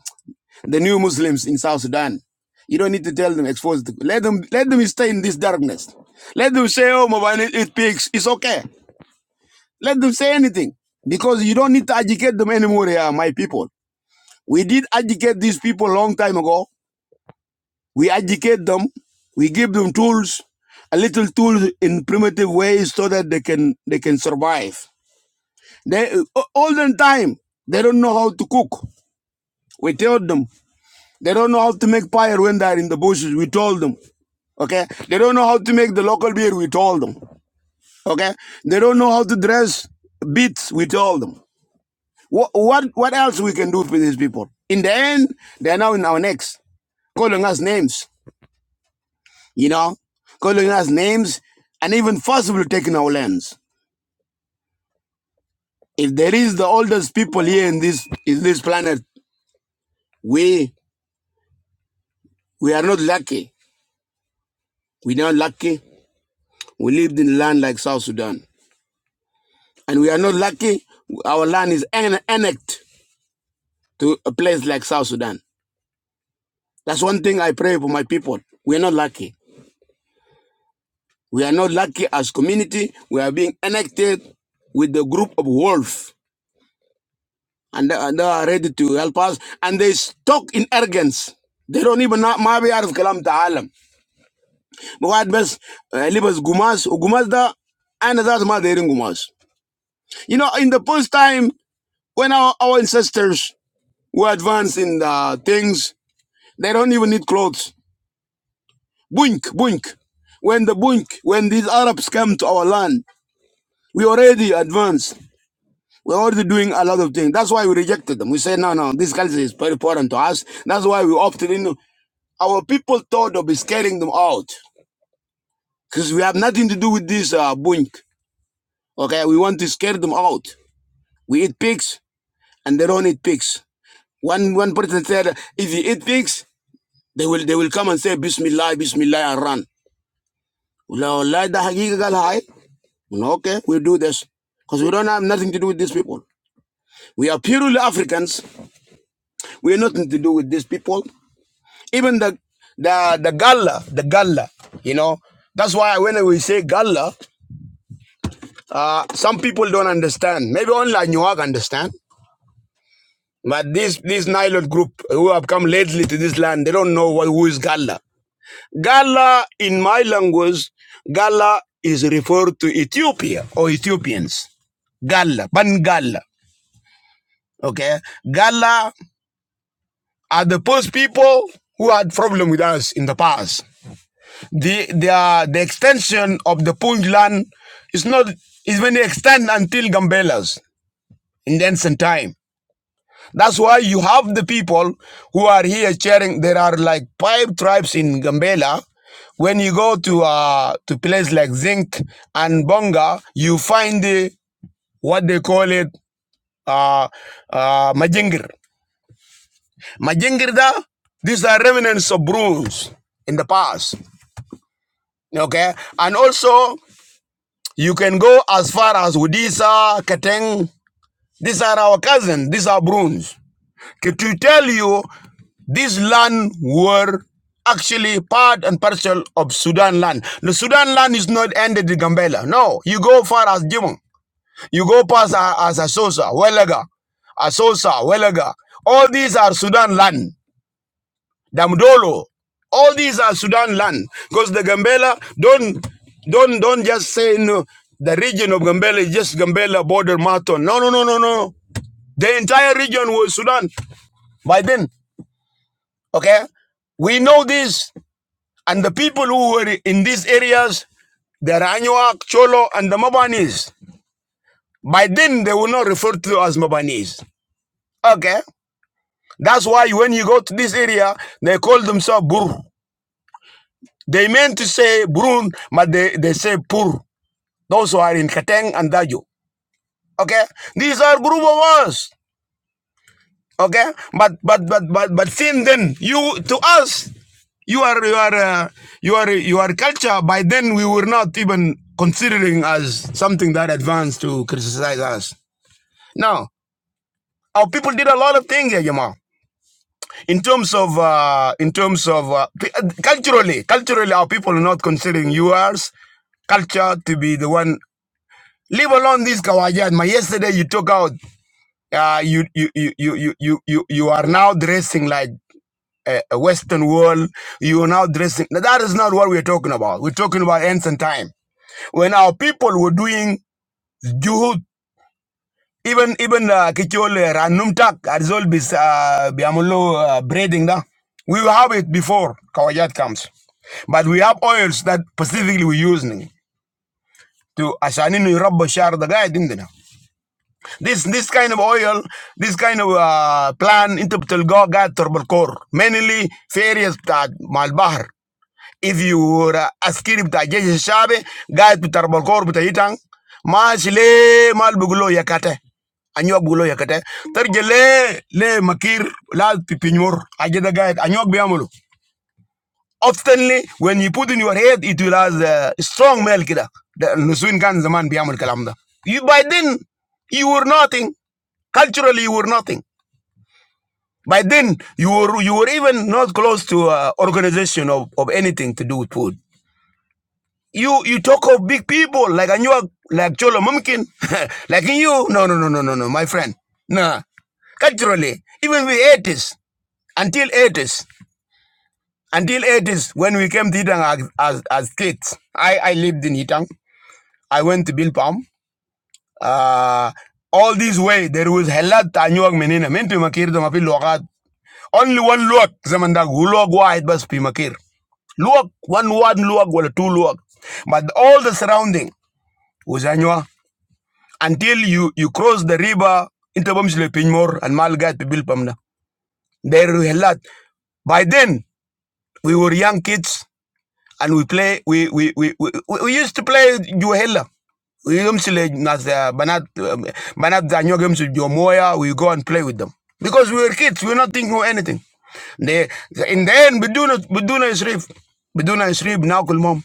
[SPEAKER 2] the new Muslims in South Sudan. You don't need to tell them, expose them. Let them let them stay in this darkness. Let them say, oh Mobile it, it peaks. It's okay. Let them say anything. Because you don't need to educate them anymore here, my people. We did educate these people a long time ago. We educate them. We give them tools, a little tools in primitive ways so that they can they can survive. They all the time they don't know how to cook. We tell them They don't know how to make fire when they're in the bushes. We told them. Okay. They don't know how to make the local beer. We told them. Okay. They don't know how to dress beats. We told them. What, what, what else we can do for these people? In the end, they're now in our necks, calling us names, you know, calling us names and even forcibly taking our lands. If there is the oldest people here in this, in this planet, we, we are not lucky. We're not lucky. We lived in land like South Sudan. And we are not lucky. Our land is an- annexed to a place like South Sudan. That's one thing I pray for my people. We are not lucky. We are not lucky as community. We are being annexed with the group of wolves. And they are ready to help us. And they talk in arrogance. They don't even know ما بيعرف كلام تعالى. بقعد بس آه، لبس قماش وقماش ده أنا ذات ما دايرين قماش. You know, in the first time when our, our ancestors were advanced in the things They don't even need clothes. Bunk, bunk. When the bunk, when these Arabs come to our land, we already advanced. We're already doing a lot of things. That's why we rejected them. We said, no, no, this culture is very important to us. That's why we opted in. Our people thought of scaring them out because we have nothing to do with this uh, bunk. Okay, we want to scare them out. We eat pigs and they don't eat pigs. One one person said, if you eat pigs, they will they will come and say Bismillah, Bismillah and run. Well, okay, we'll do this. Because we don't have nothing to do with these people. We are purely Africans. We have nothing to do with these people. Even the the the Galla, the Galla, you know. That's why when we say Galla, uh, some people don't understand. Maybe only Anuag understand. But this this Nylon group who have come lately to this land, they don't know what, who is Galla. Galla in my language, Galla is referred to Ethiopia or Ethiopians. Galla, Bangala. Okay, Gala are the first people who had problem with us in the past. The the uh, the extension of the Puntland is not is when they extend until Gambelas in the ancient time. That's why you have the people who are here sharing. There are like five tribes in Gambela. When you go to uh to place like Zinc and Bonga, you find the what they call it uh uh Majingir. Majingirda, these are remnants of brooms in the past. Okay? And also, you can go as far as Udisa, Kateng. These are our cousins. These are brooms. To tell you, these land were actually part and parcel of Sudan land. The Sudan land is not ended in Gambela. No, you go far as Jimon. You go past uh, as Asosa, Welaga, Asosa, Welaga. All these are Sudan land. Damdolo. All these are Sudan land because the Gambela don't don't don't just say no. The region of Gambela is just Gambela border Marathon. No, no, no, no, no. The entire region was Sudan by then. Okay, we know this, and the people who were in these areas, the Anuak, Cholo, and the Mabanis. By then, they were not referred to as Mabanis. Okay, that's why when you go to this area, they call themselves Bur. They meant to say Burun, but they, they say Pur. Those who are in Kateng and Daju. Okay? These are group of us. Okay? But but but but but since then, you to us, you are you are uh, you are you are culture. By then we were not even considering as something that advanced to criticize us. Now our people did a lot of things, yeah, Jamal. In terms of uh, in terms of uh, culturally, culturally, our people are not considering yours culture to be the one Leave alone this Kawajat. Yesterday you took out. Uh, you, you you you you you you you are now dressing like a, a Western world. You are now dressing. Now, That is not what we're talking about. We're talking about ancient time when our people were doing juhud. Even even kichol ranumtak arzol bis uh, biamulo uh, braiding da. We will have it before Kawajat comes. But we have oils that specifically we're using to Ashaninu Rabba Shar the guy didn't they? This this kind of oil, this kind of uh, plan into Telgoga Torbokor, mainly various that Malbahar. If you were askiri bta jeshi shabe, guide bta Torbokor bta Yitang, mashile malbugulo yakate. anyok bulo yakate tar jele le makir la pipinyor ajeda gayet anyok biamulu Oftenly, when you put in your head, it will have the strong male kida. The Nusuin kan zaman biyamal kalam da. You by then you were nothing culturally you were nothing. By then you were you were even not close to uh, organization of, of anything to do with food. You you talk of big people like Anuak, like Cholo Mumkin, like you. No no no no no no, my friend. Nah, culturally even we 80s until 80s. Until 80s, when we came to Itang as, as, as kids, I, I lived in Itang. I went to Bilpam. Uh, all this way, there was Hellat Tanyuag Menina, Mintu Makir, Mapi Lokat. Only one Luak, Zamanda, Gulog Wide Bas Pimakir. Luak, one one Luak, well, two Luak. But all the surrounding was Anywa until you, you cross the river into Bamsle Pinmore and Malgat to Bilpam. na. There we Hellat. By then, we were young kids and we play we we we we, we used to play juhela we usually nas uh, banat um, banat ganyo games with Jomoya. We go and play with them because we were kids. We were not thinking of anything. They in the end beduna beduna isrib beduna isrib now kulmom.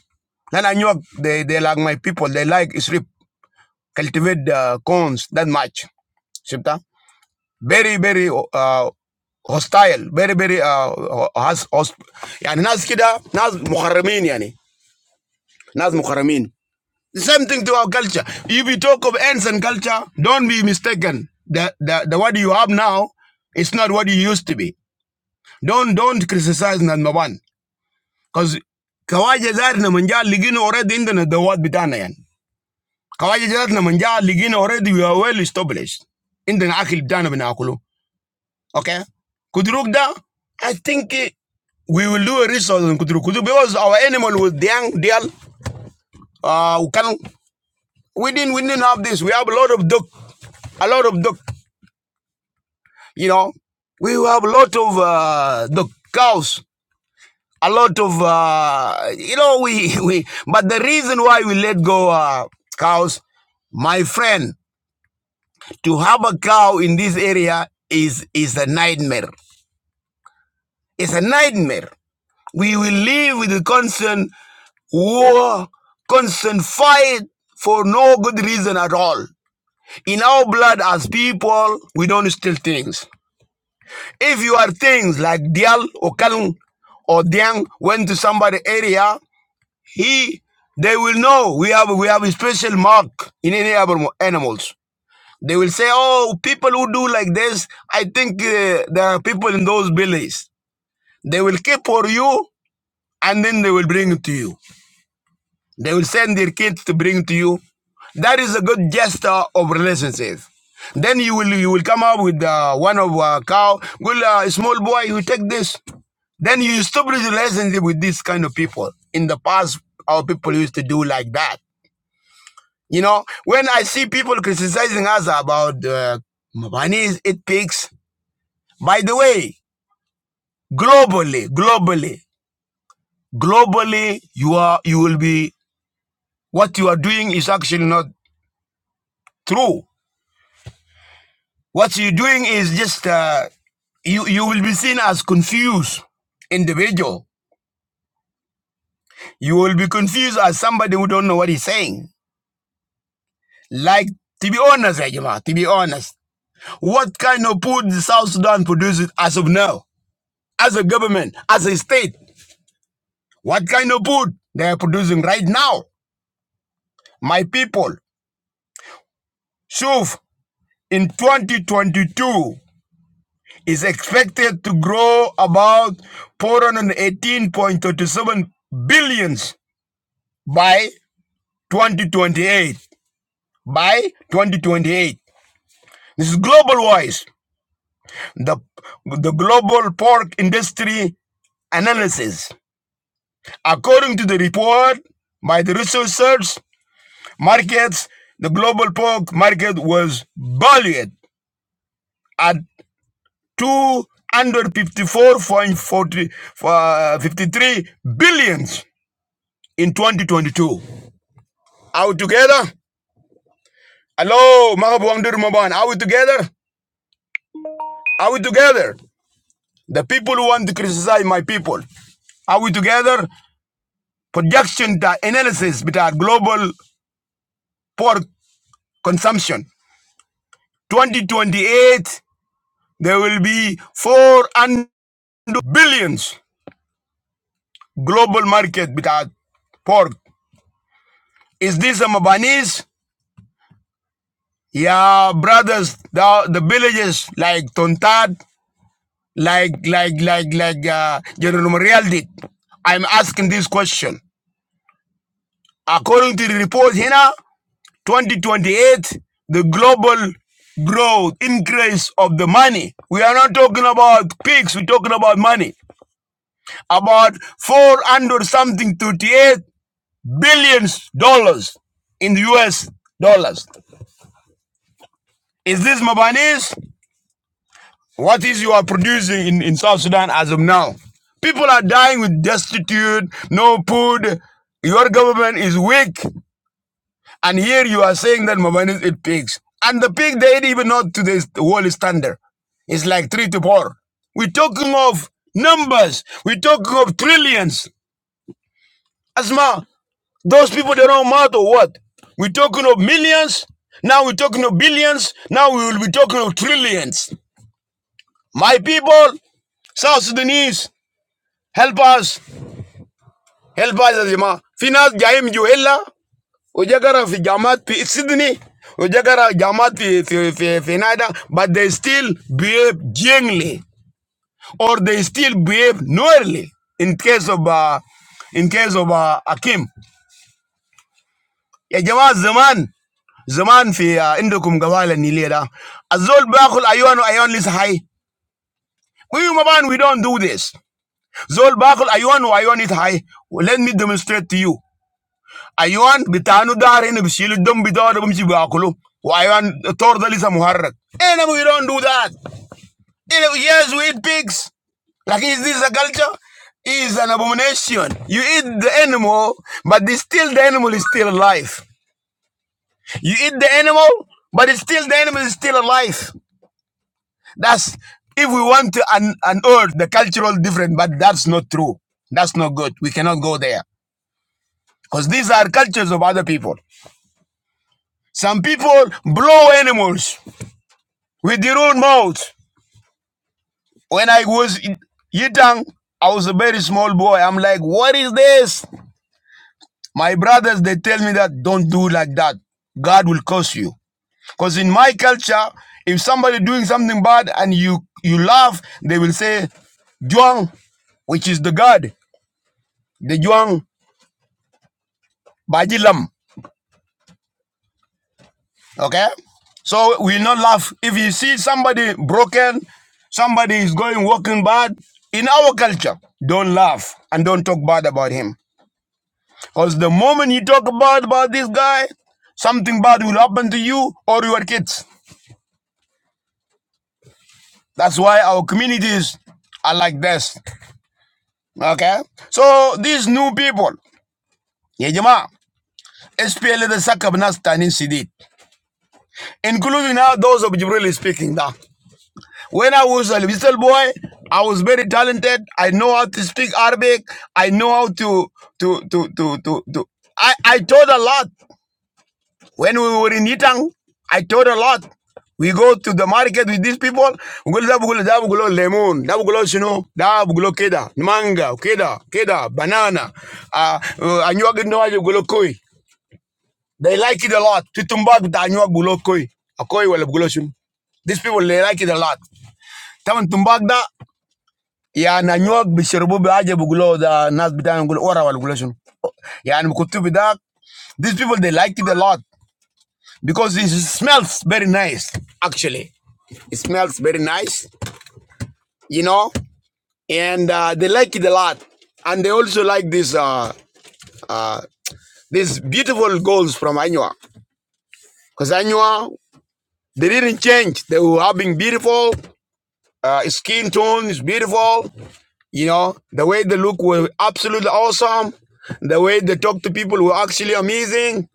[SPEAKER 2] Then I knew they they like my people. They like isrib cultivate the corns that much. Shibta very very uh, hostile very very uh, has host. يعني nas كده ناس محرمين يعني. Nas Mukharamin. The same thing to our culture. If you talk of ends and culture, don't be mistaken. The, the, the what you have now is not what you used to be. Don't don't criticize number one. Because Kawaja Zar Namanja Ligino already in the the word Bitanayan. Kawaja Zar Namanja Ligino already we are well established. In the Akil Bitana Binakulu. Okay? Kudrukda, I think eh, we will do a research on Kudru because our animal was Diang, Dial, uh, We didn't we didn't have this. We have a lot of duck, a lot of duck. You know, we have a lot of uh, duck cows, a lot of uh, you know we we. But the reason why we let go uh, cows, my friend, to have a cow in this area is is a nightmare. It's a nightmare. We will live with a constant war, constant fight for no good reason at all. In our blood as people, we don't steal things. If you are things like Dial or Kalung or Diang went to somebody area, he they will know we have we have a special mark in any other animals. They will say, "Oh, people who do like this, I think uh, there are people in those villages. They will keep for you, and then they will bring it to you. They will send their kids to bring it to you. That is a good gesture of relationship." Then you will you will come up with uh, one of a cow. Will uh, small boy, you take this. Then you establish a relationship with this kind of people. In the past, our people used to do like that. You know, when I see people criticizing us about uh, Mabanis, it picks. By the way, globally, globally, globally, you are you will be what you are doing is actually not true. What you're doing is just uh, you you will be seen as confused individual. You will be confused as somebody who don't know what he's saying. Like, to be honest, eh, Jama, to be honest, what kind of food the South Sudan produces as of now, as a government, as a state? What kind of food they are producing right now? My people, Shuf, in 2022 is expected to grow about 418.37 billions by 2028. By 2028. This is global wise. The, the global pork industry analysis. According to the report by the researchers, markets, the global pork market was valued at 254.53 billions in 2022. Are we together? Hello, Mahabwangdir Maban. Are we together? Are we together? The people who want to criticize my people. Are we together? Projection ta- analysis with our global pork consumption. 2028 there will be 400 billions global market بتاع pork is this a Mabanese yeah brothers the, the villages like Tontat like like like like uh, General Mariel did I'm asking this question according to the report here 2028 the global growth increase of the money we are not talking about pigs we're talking about money about 400 something 38 billions dollars in the US dollars. Is this Mabanis? What is you are producing in, in South Sudan as of now? People are dying with destitute, no food. Your government is weak. And here you are saying that Mabanis eat pigs. And the pig they eat even not to the world standard. It's like three to four. We're talking of numbers. We're talking of trillions. Asma, Those people, they don't matter what. We're talking of millions. Now we're talking of billions. Now we will be talking of trillions. My people, South Sudanese, help us. Help us, Azima. Finance Jaim Juhela, Ujagara fi Jamat fi Sydney, Ujagara Jamat fi, but they still behave gently, or they still behave noirly in case of, uh, in case of uh, Akim. Ya Jamaat Zaman, زمان في آه، عندكم قبائل النيلية ده الزول باكل أيوان وأيوان لسه حي We Maban, we don't do this. Zol bakul ayuan wa ayuan it high. Let me demonstrate to you. Ayuan bitanu darin bishil dum bidar bumchi bakulu. Wa ayuan tordal is a muharrak. And we don't do that. Eh, Yes, we eat pigs. Like is this a culture? Is an abomination. You eat the animal, but still the animal is still alive. You eat the animal, but it's still the animal is still alive. That's if we want to un- unearth the cultural difference, but that's not true. That's not good. We cannot go there because these are cultures of other people. Some people blow animals with their own mouths. When I was in young, I was a very small boy. I'm like, what is this? My brothers, they tell me that don't do like that. God will curse you. Because in my culture, if somebody doing something bad and you you laugh, they will say, Juang, which is the God. the Juang Baji Okay? So we not laugh. If you see somebody broken, somebody is going walking bad, in our culture, don't laugh and don't talk bad about him. Because the moment you talk bad about this guy, something bad will happen to you or your kids. That's why our communities are like this. Okay? So these new people, yeah, Jama, SPL the Sakab Nastanin Sidit, including now those of Jibril speaking now. When I was a little boy, I was very talented. I know how to speak Arabic. I know how to to to to to. to. I I taught a lot when we were in Yitang. I taught a lot. We go to the market with these people. Bugulo da bugulo da bugulo lemon da bugulo shino da bugulo keda manga keda keda banana. Ah, uh, anyuwa gino aje bugulo koi. They like it a lot. Tutumbag da anyuwa bugulo koi. Akoi wala bugulo shino. These people they like it a lot. Taman tumbag da يعني نيوك بيشربوه بحاجه بيقولوا ده الناس بتاعنا يقول ورا ولا يقولوا شنو يعني بكتب بتاعك these people they liked it a lot because it smells very nice actually it smells very nice you know and uh, they like it a lot and they also like this uh, uh, these beautiful goals from Anua because Anua they didn't change they were having beautiful uh, skin tone is beautiful You know, the way they look were absolutely awesome. The way they talk to people were actually amazing.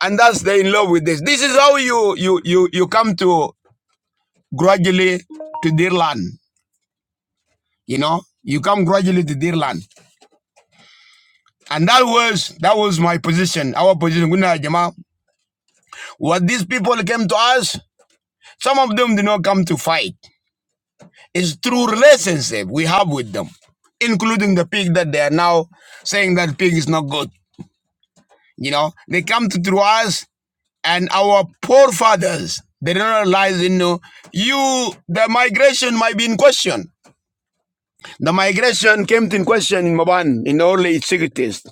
[SPEAKER 2] And that's they are in love with this. This is how you you you you come to gradually to their land. You know? You come gradually to their land. And that was that was my position, our position. Good Jama. What these people came to us, some of them did not come to fight. It's through relationship we have with them including the pig that they are now saying that pig is not good. You know, they come to through us and our poor fathers they don't realize you know you the migration might be in question the migration came to in question in Maban in the early 60s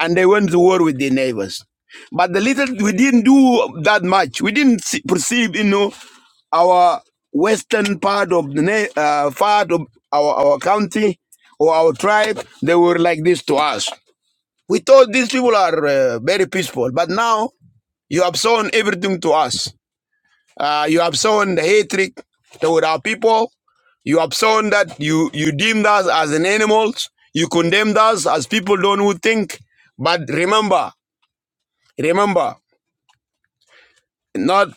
[SPEAKER 2] and they went to war with their neighbors but the little we didn't do that much we didn't see, perceive you know our western part of the na- uh, part of our, our county or our tribe they were like this to us we thought these people are uh, very peaceful but now you have shown everything to us uh, you have sown the hatred toward our people. You have sown that you, you deemed us as an animals. You condemned us as people don't who think. But remember, remember, not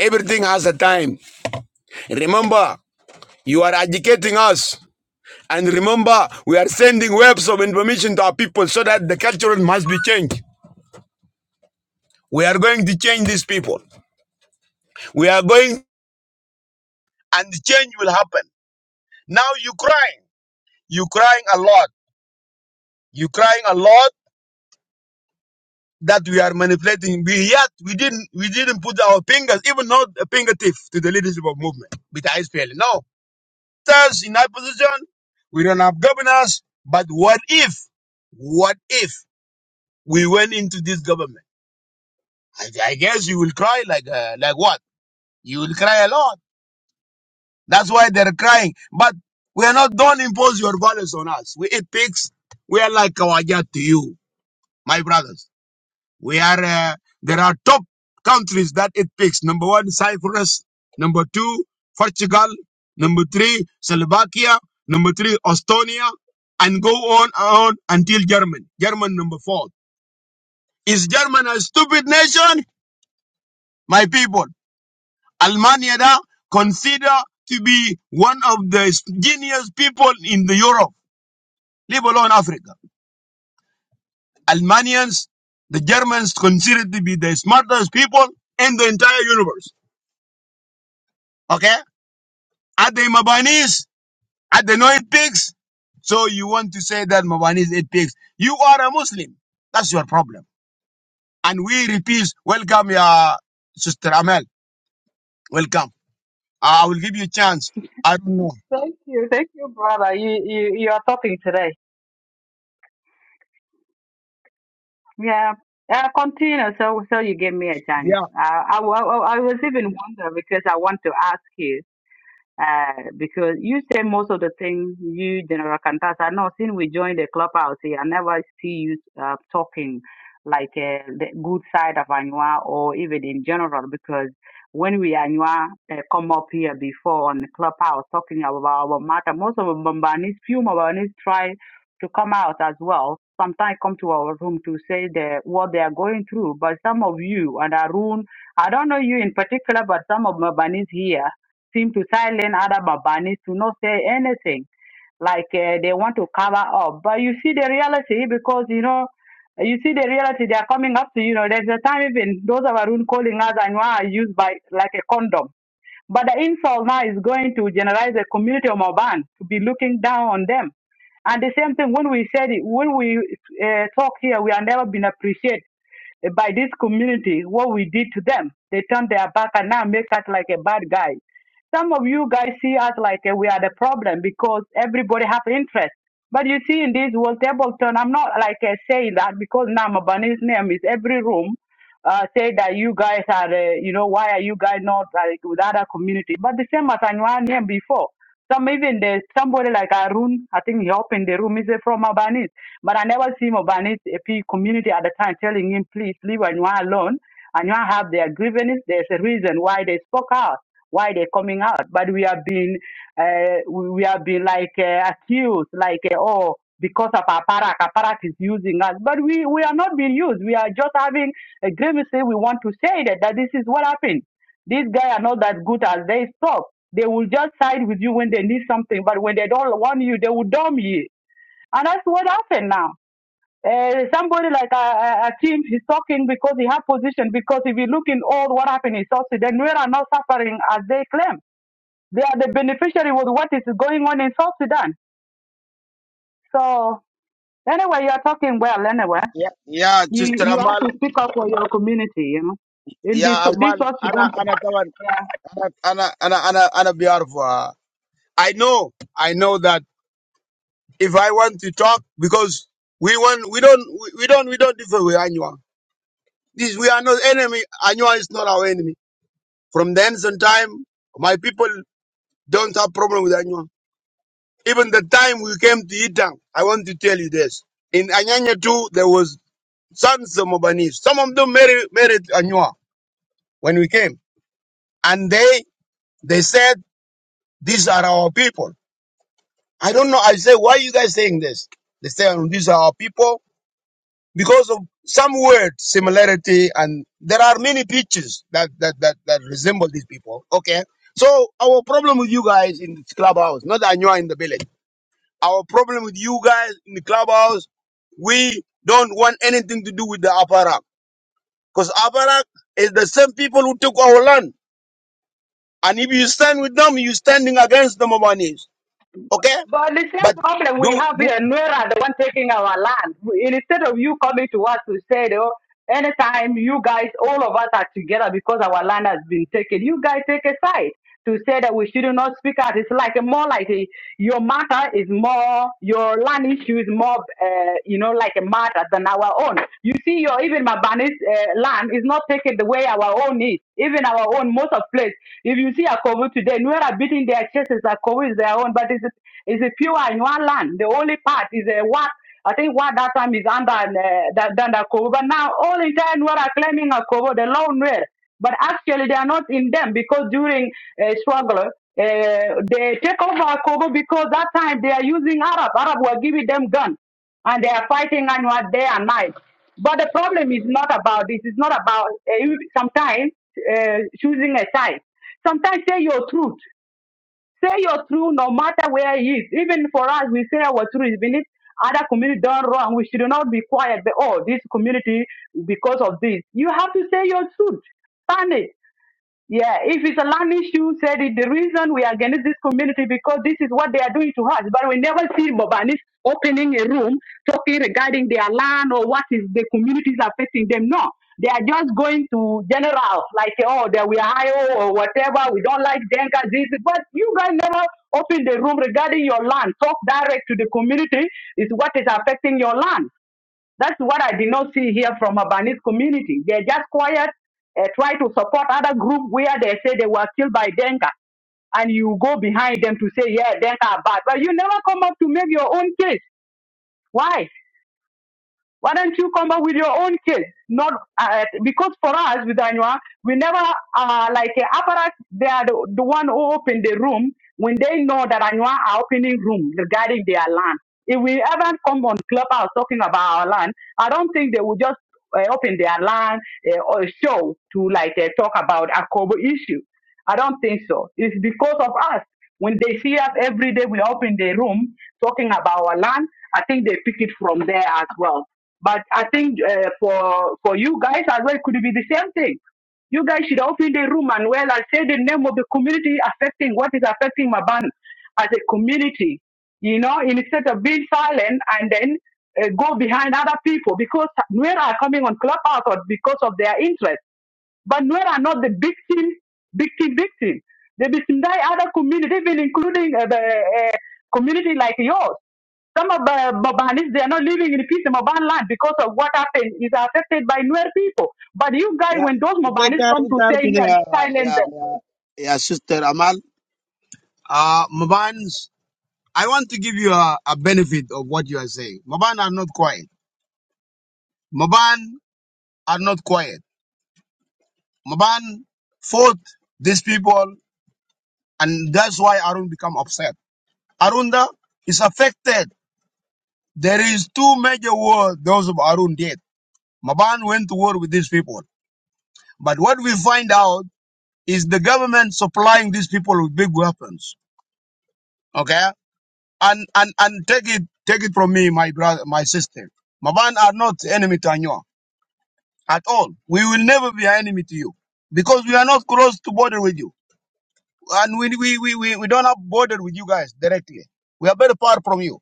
[SPEAKER 2] everything has a time. Remember, you are educating us. And remember, we are sending webs of information to our people so that the culture must be changed. We are going to change these people. We are going, and the change will happen. Now you crying. You crying a lot. You crying a lot that we are manipulating. We yet we didn't we didn't put our fingers, even not a fingertip, to the leadership of movement with ISPL. No, us in that position, we don't have governors. But what if, what if we went into this government? I, I guess you will cry like uh, like what? You will cry a lot. That's why they're crying. But we are not. Don't impose your values on us. We eat pigs. We are like kawajat to you, my brothers. We are, uh, there are top countries that it picks. Number one, Cyprus. Number two, Portugal. Number three, Slovakia. Number three, Estonia. And go on and on until German. German number four. Is German a stupid nation? My people, Almania da consider to be one of the genius people in the Europe, leave alone Africa. Almanians, the Germans considered to be the smartest people in the entire universe. Okay? Are they Mabanis? Are they not pigs? So you want to say that Mabanis eat pigs. You are a Muslim. That's your problem. And we repeat, welcome, ya Sister Amel. Welcome. I will give you a chance. I don't know.
[SPEAKER 3] Thank you, thank you, brother. You you you are talking today. Yeah, uh, continue. So so you gave me a chance.
[SPEAKER 2] Yeah,
[SPEAKER 3] Uh, I, wa- I I was even wondering because I want to ask you. Uh, because you say most of the things you, General Kantasa, no, since we joined the clubhouse here, I never see you uh, talking like uh, the good side of Anua or even in general because when we Anua uh, come up here before on the clubhouse talking about our matter, most of Mbambanis, few Mbambanis try to come out as well. Sometimes come to our room to say the, what they are going through, but some of you and Arun, I don't know you in particular, but some of Mbanis here seem to silence other Babanis to not say anything, like uh, they want to cover up. But you see the reality because, you know, you see the reality they are coming up to, you know, there's a time even those of our own calling us and are used by like a condom. But the insult now is going to generalize the community of Moban to be looking down on them. And the same thing when we said it, when we uh, talk here, we are never been appreciated uh, by this community, what we did to them. They turned their back and now make us like a bad guy. Some of you guys see us like uh, we are the problem because everybody have interest. But you see, in this world, Tableton, I'm not like uh, saying that because now Mabani's name is every room. Uh, say that you guys are, uh, you know, why are you guys not like with other community? But the same as Anwar name before. Some even there's somebody like Arun, I think he up in the room, he's from Albanese. But I never see Albanese AP community at the time telling him, please leave Anua alone. Anua have their grievances. There's a reason why they spoke out, why they're coming out. But we have been, uh, we we have been like uh, accused, like, uh, oh, because of Aparak, Aparak is using us. But we, we are not being used. We are just having a grievance. We want to say that, that this is what happened these guys are not that good as they talk. They will just side with you when they need something, but when they don't want you, they will dump you. And that's what happened now. Uh, somebody like a, a, a team is talking because he has position. Because if you look in all what happened in South Sudan, we are not suffering as they claim. They are the beneficiary with what is going on in South Sudan. So anyway, you are talking well. Anyway,
[SPEAKER 2] yeah, yeah,
[SPEAKER 3] you
[SPEAKER 2] Sister
[SPEAKER 3] you have
[SPEAKER 2] Amal.
[SPEAKER 3] to speak up for your community. You know, in this
[SPEAKER 2] Yeah,
[SPEAKER 3] this
[SPEAKER 2] Amal.
[SPEAKER 3] South
[SPEAKER 2] Ana,
[SPEAKER 3] Sudan.
[SPEAKER 2] ana, tawan. Ana, ana, ana, ana, ana behalf, uh, I know, I know that if I want to talk, because we want, we don't, we, we don't, we don't differ with anyone. This, we are not enemy. Anyone is not our enemy. From the ancient time, my people don't have problem with anyone. Even the time we came to Itang, I want to tell you this. In Anyanya too, there was sons of Mobanese. Some of them married, married Anywa when we came. And they, they said, these are our people. I don't know. I say, why are you guys saying this? They say, these are our people. because of some word similarity and there are many pictures that that that, that resemble these people okay so our problem with you guys in the clubhouse not that you are in the village our problem with you guys in the clubhouse we don't want anything to do with the aparak because aparak is the same people who took our land and if you stand with them you're standing against the Momanis. okay
[SPEAKER 3] But the same
[SPEAKER 2] but
[SPEAKER 3] problem we
[SPEAKER 2] do,
[SPEAKER 3] have
[SPEAKER 2] do
[SPEAKER 3] here, Nuera, the one taking our land. We- Instead of you coming to us to say, oh, anytime you guys, all of us are together because our land has been taken, you guys take a side to say that we should not speak out. It's like more like a, your matter is more, your land issue is more, uh, you know, like a matter than our own. You see, your even Mabani's uh, land is not taken the way our own is. Even our own, most of place. If you see Akobo today, Nuera beating their chests, people who is their own, but it's, a, it's a pure in one land. The only part is a what I think what that time is under uh, that under Kobo. But now all entire turn are claiming a Kobo, the lone were. But actually they are not in them because during uh, struggle uh, they take over Kobo because that time they are using Arab. Arab were giving them gun and they are fighting Anwar day and night. But the problem is not about this. It's not about uh, sometimes uh, choosing a side. Sometimes say your truth. Say your truth no matter where it is. Even for us, we say our truth. Even if other community done wrong, we should not be quiet. But, oh, this community, because of this. You have to say your truth. Stand it. Yeah, if it's a land issue, said it, the reason we are against this community because this is what they are doing to us. But we never see Bobanis opening a room talking regarding their land or what is the communities affecting them. No, they are just going to general like oh that we are IO or whatever. We don't like Denka this, but you guys never open the room regarding your land. Talk direct to the community is what is affecting your land. That's what I did not see here from Abanese community. They're just quiet, uh, try to support other group where they say they were killed by Denka. And you go behind them to say, yeah, Denka are bad. But you never come up to make your own case. Why? Why don't you come up with your own case? Not uh, because for us with Anua, we never uh, like uh, apparatus. They are the, the one who open the room when they know that Anua are opening room regarding their land. If we ever come on clubhouse talking about our land, I don't think they will just uh, open their land uh, or show to like uh, talk about a Kobo issue. I don't think so. It's because of us. When they see us every day, we open the room talking about our land. I think they pick it from there as well. But I think uh, for for you guys as well, could be the same thing. You guys should open the room and well, and say the name of the community affecting what is affecting Maban as a community. You know, instead of being silent and then uh, go behind other people because where are coming on Clubhouse or because of their interest. But Nuer are not the victim, victim, victim. They victimize other community, even including uh, the uh, community like yours. Some of the Mabanis, they are not living in peace in Maban land because of what happened is affected by Nuer people. But you guys,
[SPEAKER 2] yeah
[SPEAKER 3] when those
[SPEAKER 2] it- it-
[SPEAKER 3] Mabanis
[SPEAKER 2] it-
[SPEAKER 3] come to
[SPEAKER 2] it-
[SPEAKER 3] say
[SPEAKER 2] it-
[SPEAKER 3] here, you
[SPEAKER 2] yeah,
[SPEAKER 3] silence
[SPEAKER 2] yeah,
[SPEAKER 3] them.
[SPEAKER 2] yeah, sister Amal. Uh, Mabans, I want to give you a, a benefit of what you are saying. Maban are not quiet. Maban are not quiet. Maban fought these people, and that's why Arun become upset. Arunda is affected. There is two major wars those of Arun did. Maban went to war with these people. But what we find out is the government supplying these people with big weapons. Okay? And and and take it take it from me, my brother my sister. Maban are not enemy to Anyuak. at all. We will never be an enemy to you because we are not close to border with you. And we, we, we, we, we don't have border with you guys directly. We are very far from you.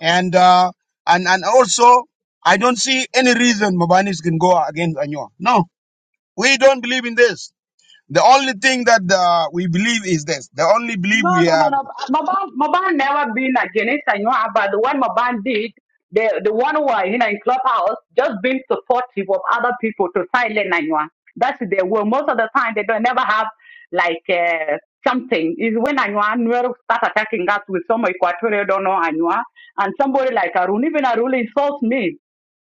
[SPEAKER 2] And, uh, and, and also, I don't see any reason Mabanis can go against Anywa. No, we don't believe in this. The only thing that uh, we believe is this. The only belief
[SPEAKER 3] No,
[SPEAKER 2] we
[SPEAKER 3] no, no,
[SPEAKER 2] have.
[SPEAKER 3] no. Maban, Maban never been against Anywa, but the one Maban did, the the one who are you know in clubhouse, just being supportive of other people to silence Anywa. That's their will. Most of the time, they don't never have like uh, something. Is when Anywa Nuero start attacking us with some Equatorial don't know Anywa, and somebody like Arun, even Arun insults me.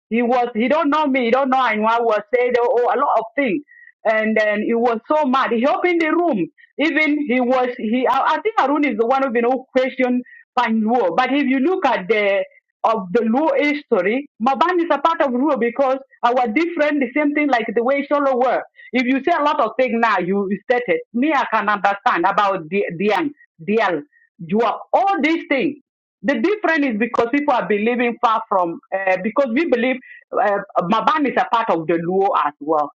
[SPEAKER 3] He was, he don't know me, he don't know anyone. was said oh, oh, a lot of things. And then he was so mad. He opened the room. Even he was, he, I, I think Arun is the one who, you know, questioned Pan Luo. But if you look at the, of the Luo history, Maban is a part of Luo because our different, the same thing like the way Sholo were. If you say a lot of things now, you stated, me, I can understand about the Diang, Dial, Juak, all these things. The difference is because people are believing far from, uh, because we believe uh, Maban is a part of the Luo as well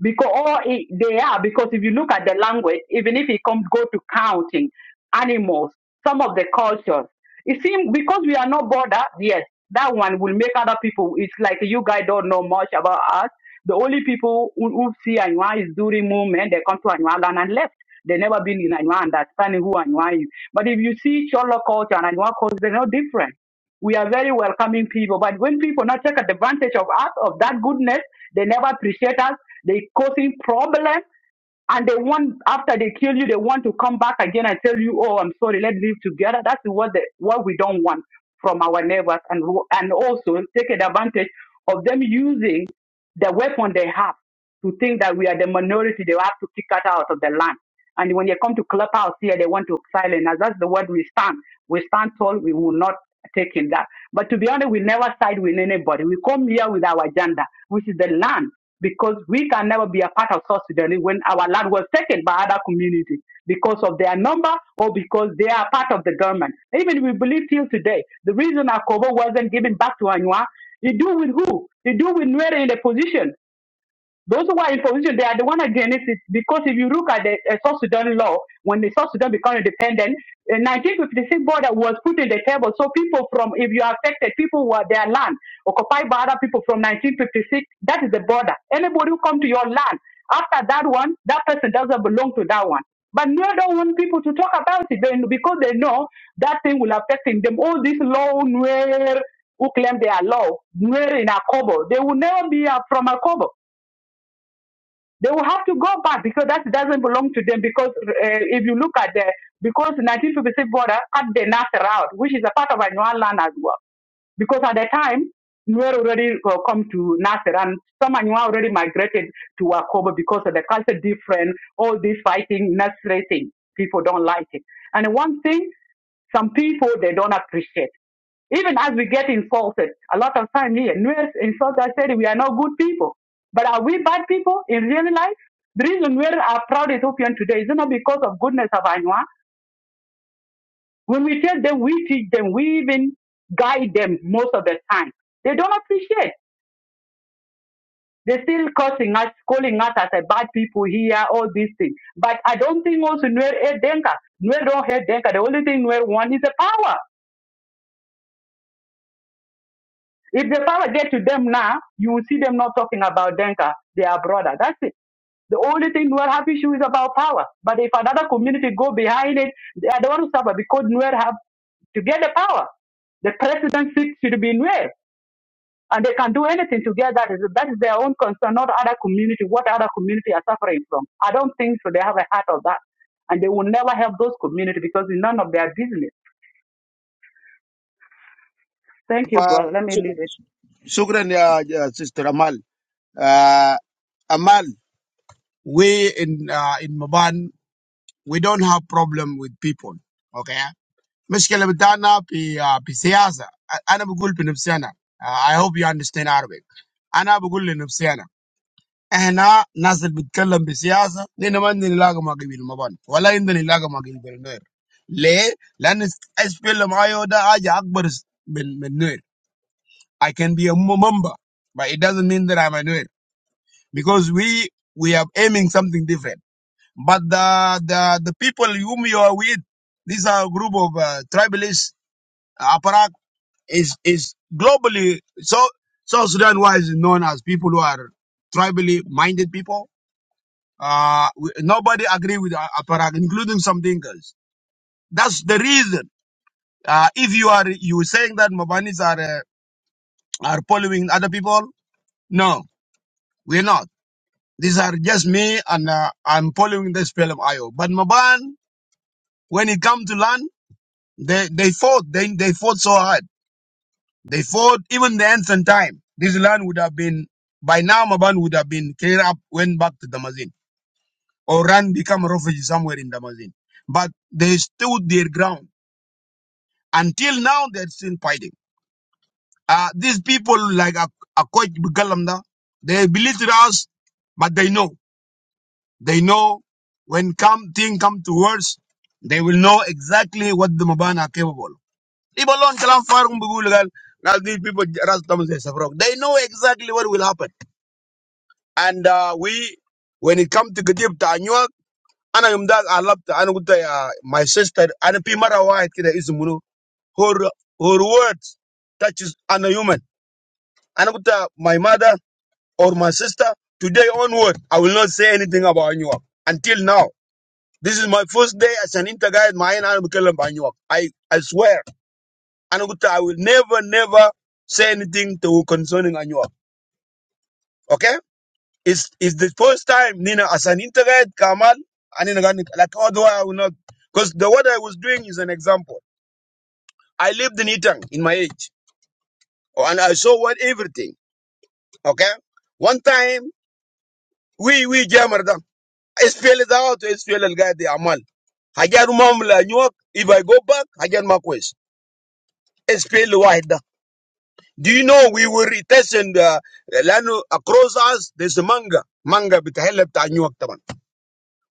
[SPEAKER 3] because or it, they are because if you look at the language, even if it comes go to counting animals, some of the cultures, it seems because we are not bothered. Yes, that one will make other people. It's like you guys don't know much about us. The only people who, who see Anwa is during movement, they come to Anwa land and left. They never been in Anwa understanding who Anwa is. But if you see Cholo culture and Anwa culture, they're no different we are very welcoming people. But when people not take advantage of us, of that goodness, they never appreciate us. They causing problems, and they want after they kill you, they want to come back again and tell you, "Oh, I'm sorry, let's live together." That's what the what we don't want from our neighbors, and who- and also take advantage of them using the weapon they have to think that we are the minority. They have to kick us out of the land. And when you come to clubhouse here, they want to silence us. That's the word we stand. We stand tall. We will not take in that. But to be honest, we never side with anybody. We come here with our agenda, which is the land because we can never be a part of South Sudan when our land was taken by other communities because of their number or because they are part of the government. Even we believe till today, the reason Akobo wasn't given back to Anua, it do with who? It do with Nuer in the position. Those who are in position, they are the one against it. Because if you look at the uh, South Sudan law, when the South Sudan became independent, the 1956 border was put in the table. So people from, if you are affected, people were their land occupied by other people from 1956, that is the border. Anybody who come to your land after that one, that person doesn't belong to that one. But no, don't want people to talk about it then because they know that thing will affect them. All these law where who claim they are law, where in Akobo, they will never be uh, from Akobo they will have to go back because that doesn't belong to them. Because uh, if you look at the because 1956 border cut the Nasser out, which is a part of Anual land as well. Because at the time, Nuer already uh, come to Nasser and some Anual already migrated to Wakobo because of the culture different, all this fighting, Nasser thing. People don't like it. And one thing, some people, they don't appreciate. Even as we get insulted, a lot of time here, Nuer insult us saying we are not good people. But are we bad people in real life? The reason we are proud Ethiopian today is not because of goodness of Anwa. When we tell them, we teach them, we even guide them most of the time. They don't appreciate. They're still cursing us, calling us as a bad people here, all these things. But I don't think also Nuer hate Denka. Nuer don't hate Denka. The only thing Nuer want is the power. If the power get to them now, you will see them not talking about Denka, their brother. That's it. The only thing Nuer have issue is about power. But if another community go behind it, they are the one who suffer because Nuer have to get the power. The presidency should be Nuer. And they can do anything together. That is That is their own concern, not other community, what other community are suffering from. I don't think so. They have a heart of that. And they will never help those community because it's none of their business. Thank you,
[SPEAKER 2] Uh,
[SPEAKER 3] brother. Let me leave
[SPEAKER 2] Shukran,
[SPEAKER 3] it.
[SPEAKER 2] Shukran, uh, uh, Sister Amal. Uh, Amal, we in uh, in Maban We don't have problem with people, okay? Miss Kaleb Dana, be be politics. I'm not good in Nigeria. I hope you understand Arabic. I'm not good in Nigeria. Here, Nigerians be talking politics. We don't want to be Lagos Magi people, nor we don't want to be Lagos Magi people. Why? Because I feel my order is bigger than Nigeria. I can be a member, but it doesn't mean that I'm a Nigerian because we we are aiming something different. But the, the, the people whom you are with, these are a group of uh, tribalists. Aparak is, is globally, so, South Sudan wise is known as people who are tribally minded people. Uh, we- nobody agree with uh, Aparak, including some Dinkas. That's the reason. Uh, if you are, you saying that Mabanis are, uh, are following other people, no, we're not. These are just me and uh, I'm following this film IO. But Maban, when it comes to land. They they fought. They they fought so hard. They fought even the ancient time. This land would have been by now Maban would have been cleared up, went back to Damascene, or ran become a refugee somewhere in Damascene. But they stood their ground. Until now they're still fighting. Uh these people like a Akoch Bugalamda, they belittle us, but they know. They know when come thing come to worse, they will know exactly what the Maban are capable. of. People alone kalam farung bugulgal. Now these people ras tamu say frog. They know exactly what will happen. And uh, we, when it comes to Gadib Tanyuak, ana yumdag alab ta ana gutta ya my sister ana pi mara wahid kida ismunu her her words touches ana human ana gutta my mother or my sister today onward I will not say anything about Anyuak until now. This is my first day as an interguide. My I I swear. and I will never, never say anything to concerning Anyua. Okay? It's it's the first time Nina as an integrate Kamal and Nina Gani- like otherwise I will not because the what I was doing is an example. I lived in Itang in my age. oh, And I saw what everything. Okay? One time we we jammer them. SPL is out, SPL guy the Amal. Hajar Mamla Anyua, if I go back, Hajar Makwes. SPL wide. Do you know we were testing uh, لأنه across us there's a manga manga بتهلا بتاع نيويورك طبعا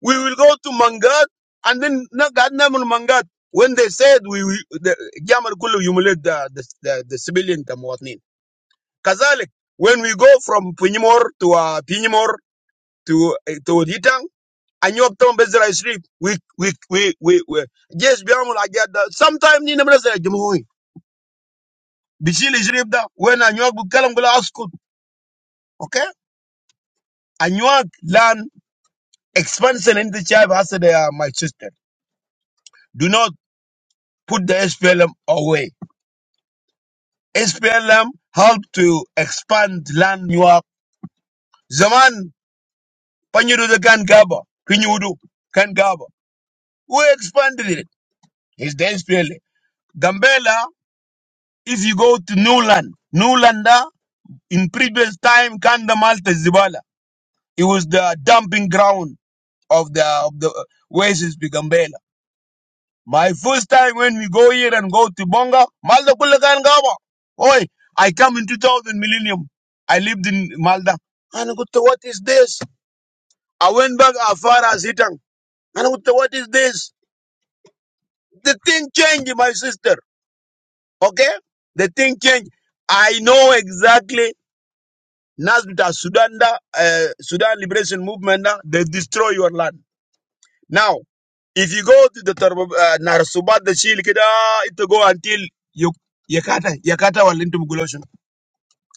[SPEAKER 2] we will go to mangat and then na- قعدنا نعمل mangat when they said we we- the جامل كله humiliate the, the, the, the civilian كمواطنين كذلك when we go from Pinimor to uh, Pinimor to uh, to Ditang نيويورك طبعا بزرع street we we we we, we جيش بيعمل حاجات ده sometimes نينا بنزرع الجمهوري بيشيل يشرب ده وين نيويورك بيتكلم بلا Okay. Anuag land expansion in the tribe as they are my sister. Do not put the SPLM away. SPLM help to expand land Anuag. Zaman Panyudu can gaba. Pinyudu can gaba. Who expanded it? It's the SPLM. Gambela, if you go to Newland, Newlanda in previous time Kanda Malta Zibala. It was the dumping ground of the of the Oasis to Gambela My first time when we go here and go to Bonga, Malda Kulakan Gaba. Oi, I come in 2000 millennium. I lived in Malda. And I go to what is this? I went back as far as Hitang. And I go to what is this? The thing changed, my sister. Okay? The thing changed. I know exactly Nasbita Sudan, da, uh, Sudan Liberation Movement, da, they destroy your land. Now, If you go to the Tarba, uh, Narsubat, the Shil Kida, it will go until you, Yakata, Yakata, or Lintum Guloshan.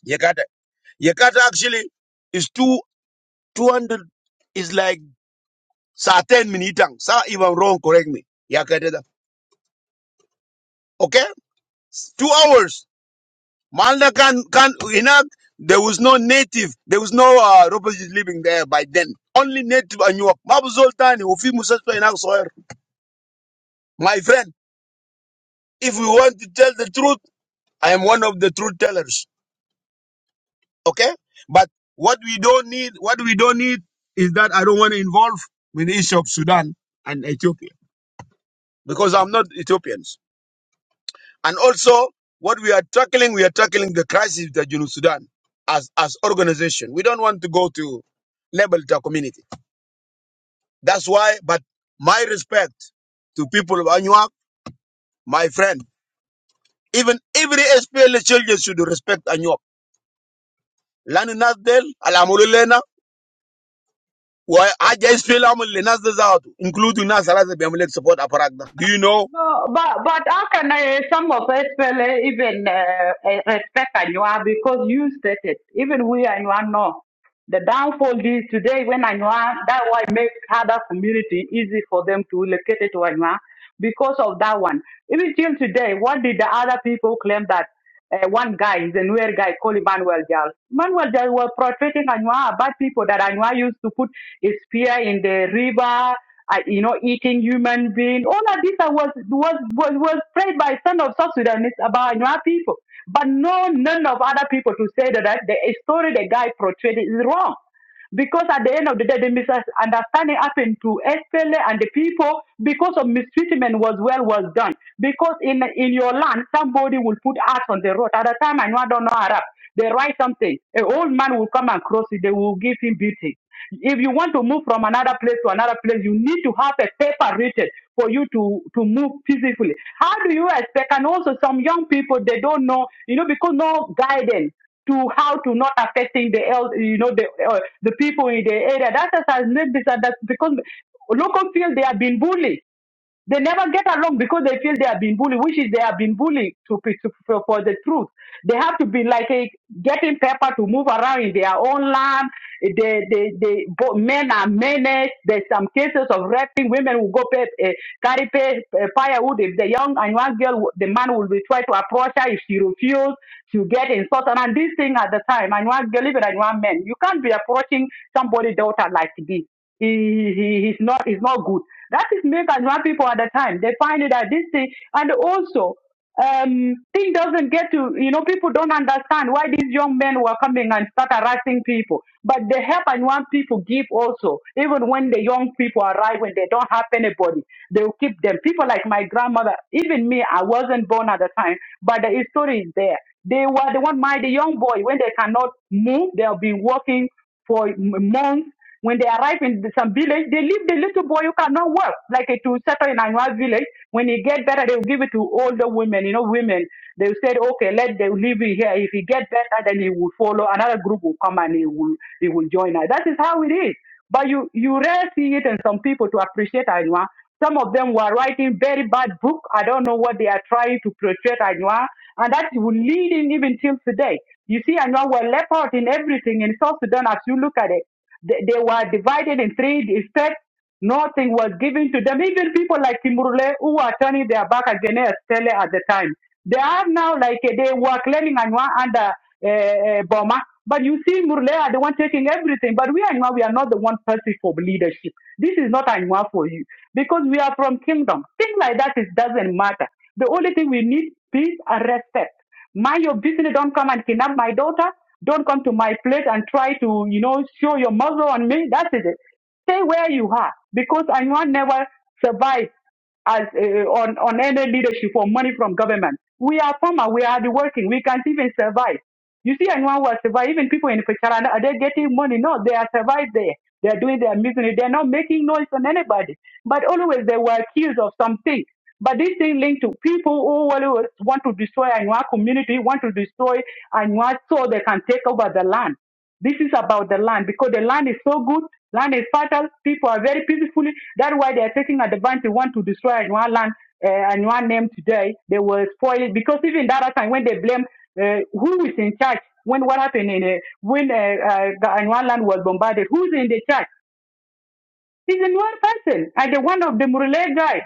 [SPEAKER 2] Yakata. Yakata actually is two, 200, is like Saturn minitang. Sa, if I'm wrong, correct me. Yakata. da. Okay? Two hours. Malda can, can, Inak, there was no native, there was no uh, refugees living there by then. Only native and York. Mabu Zoltani, Ufi Musaspa Inak Soyer. My friend, if we want to tell the truth, I am one of the truth tellers. Okay? But what we don't need, what we don't need is that I don't want to involve with the issue of Sudan and Ethiopia because I'm not Ethiopians. And also, what we are tackling, we are tackling the crisis that you know Sudan as as organization. We don't want to go to level to our community. That's why. But my respect to people of Anuak, my friend, even every SPL children should respect Anuak. Lani Nasdel, Alamulilena, وحاجة اسفل اعمل لناس ده ذاته including ناس ثلاثة بيعمل لك support أبراك ده do you know
[SPEAKER 3] No, but but how can uh, some of us really even uh, uh, respect Anua because you stated even we Anua know the downfall is today when Anua that why make other community easy for them to locate it to Anua because of that one. Even till today, what did the other people claim that? uh, one guy, he's a newer guy called Emmanuel Jal. Emmanuel Jal was portraying Anua bad people that Anua used to put his spear in the river, uh, you know, eating human being. All of this uh, was, was, was, was prayed by son of South Sudanese about Anua people. But no, none of other people to say that, that the story the guy portrayed is wrong. Because at the end of the day, the misunderstanding happened to SPLA and the people because of mistreatment was well was done. Because in in your land, somebody will put axe on the road. At the time, I know I don't know Arab. They write something. An old man will come and cross it. They will give him beating. If you want to move from another place to another place, you need to have a paper written for you to to move peacefully. How do you expect? And also, some young people they don't know, you know, because no guidance to how to not affecting the el you know, the uh, the people in the area. That has has made this that because local field they have been bullied they never get along because they feel they have been bullied, which is they have been bullied to, pe- to for, for the truth. They have to be like a, getting paper to move around in their own land. They, they, they, bo- men are menaced. There's some cases of raping. Women will go pay, uh, carry pay, uh, firewood. If the young and one girl, the man will be try to approach her. If she refuses she'll get insulted. And this thing at the time, and one girl, even and one man, you can't be approaching somebody daughter like this he, he he's not he's not good. That is make Anwa people at the time. They find it that this thing and also um thing doesn't get to you know people don't understand why these young men were coming and start harassing people. But the help Anwa people give also, even when the young people arrive when they don't have anybody, they'll keep them. People like my grandmother, even me, I wasn't born at the time, but the story is there. They were the one my the young boy when they cannot move, they'll be working for m- months when they arrive in some village, they leave the little boy who cannot work, like uh, to settle in another village. When he get better, they will give it to older women, you know, women. They will say, okay, let them leave him here. If he get better, then he will follow. Another group will come and he will, he will join us. That is how it is. But you, you rarely see it in some people to appreciate Anua. Some of them were writing very bad book. I don't know what they are trying to portray Anua. And that will lead in even till today. You see, Anua were left out in everything in South Sudan as you look at it. They, they were divided in three states. Nothing was given to them. Even people like Kimurule who were turning their back against Estelle at the time. They are now like eh, they were claiming Anwa under uh, uh, Boma. But you see, Murle are the one taking everything. But we Anwa, we are not the one person for leadership. This is not Anwa for you because we are from kingdom. Things like that it doesn't matter. The only thing we need peace and respect. Mind your business. Don't come and kidnap my daughter. Don't come to my place and try to, you know, show your muzzle on me. That is it. Stay where you are because Anyuan never survived as uh, on on any leadership or money from government. We are farmer. We are the working. We can't even survive. You see, anyone will survive. even people in Picharana, are they getting money? No, they are survived there. They are doing their misery. They are not making noise on anybody. But always they were accused of something. But this thing linked to people who always want to destroy Anua community, want to destroy Anua so they can take over the land. This is about the land because the land is so good, land is fertile, people are very peacefully. That's why they are taking advantage, they want to destroy Anua land, uh, Anua name today. They will spoil it because even that time when they blame uh, who is in charge, when what happened in uh, when uh, uh, the Anua land was bombarded, who's in the charge? It's a one person and the one of the Murle guy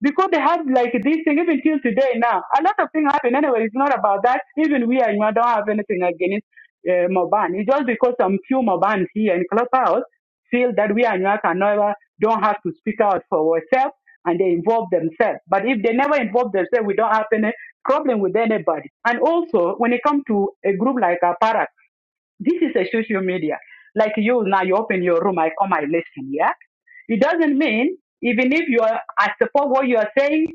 [SPEAKER 3] because they had like these things even till today now. A lot of things happen anyway. It's not about that. Even we and don't have anything against uh, Moban. It's just because some few Moban here in Clubhouse feel that we and can never don't have to speak out for ourselves and they involve themselves. But if they never involve themselves, we don't have any problem with anybody. And also, when it comes to a group like Aparak this is a social media. Like you now, you open your room, I come, I listen. Yeah, it doesn't mean even if you are I support what you are saying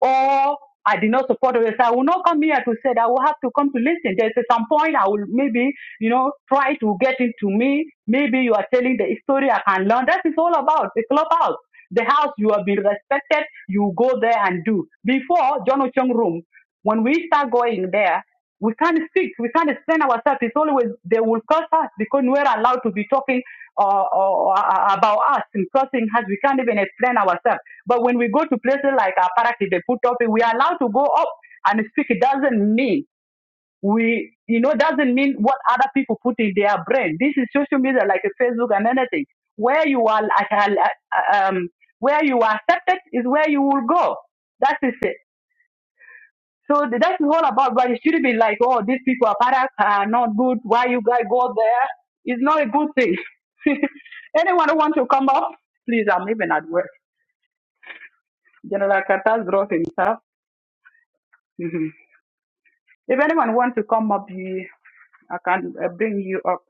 [SPEAKER 3] or I did not support it. I will not come here to say that I will have to come to listen. There's a- some point I will maybe, you know, try to get into me. Maybe you are telling the story I can learn. That is all about the clubhouse. The house you have been respected, you go there and do. Before John Ocheng room, when we start going there, we can't speak, we can't explain ourselves. It's always they will curse us because we're allowed to be talking uh, or, uh, about us and cursing us. We can't even explain ourselves. But when we go to places like Aparaki, they put topic, we are allowed to go up and speak. It doesn't mean we, you know, doesn't mean what other people put in their brain. This is social media like Facebook and anything. Where you are, like, uh, um, where you are accepted is where you will go. That is it. So that's all about, but it should be like, oh, these people are products are not good. Why you guys go there? It's not a good thing. Anyone who wants to come up, please, I'm even at work. General Carter's brought himself. Mhm. If anyone wants to come up, you, I can uh, bring you up.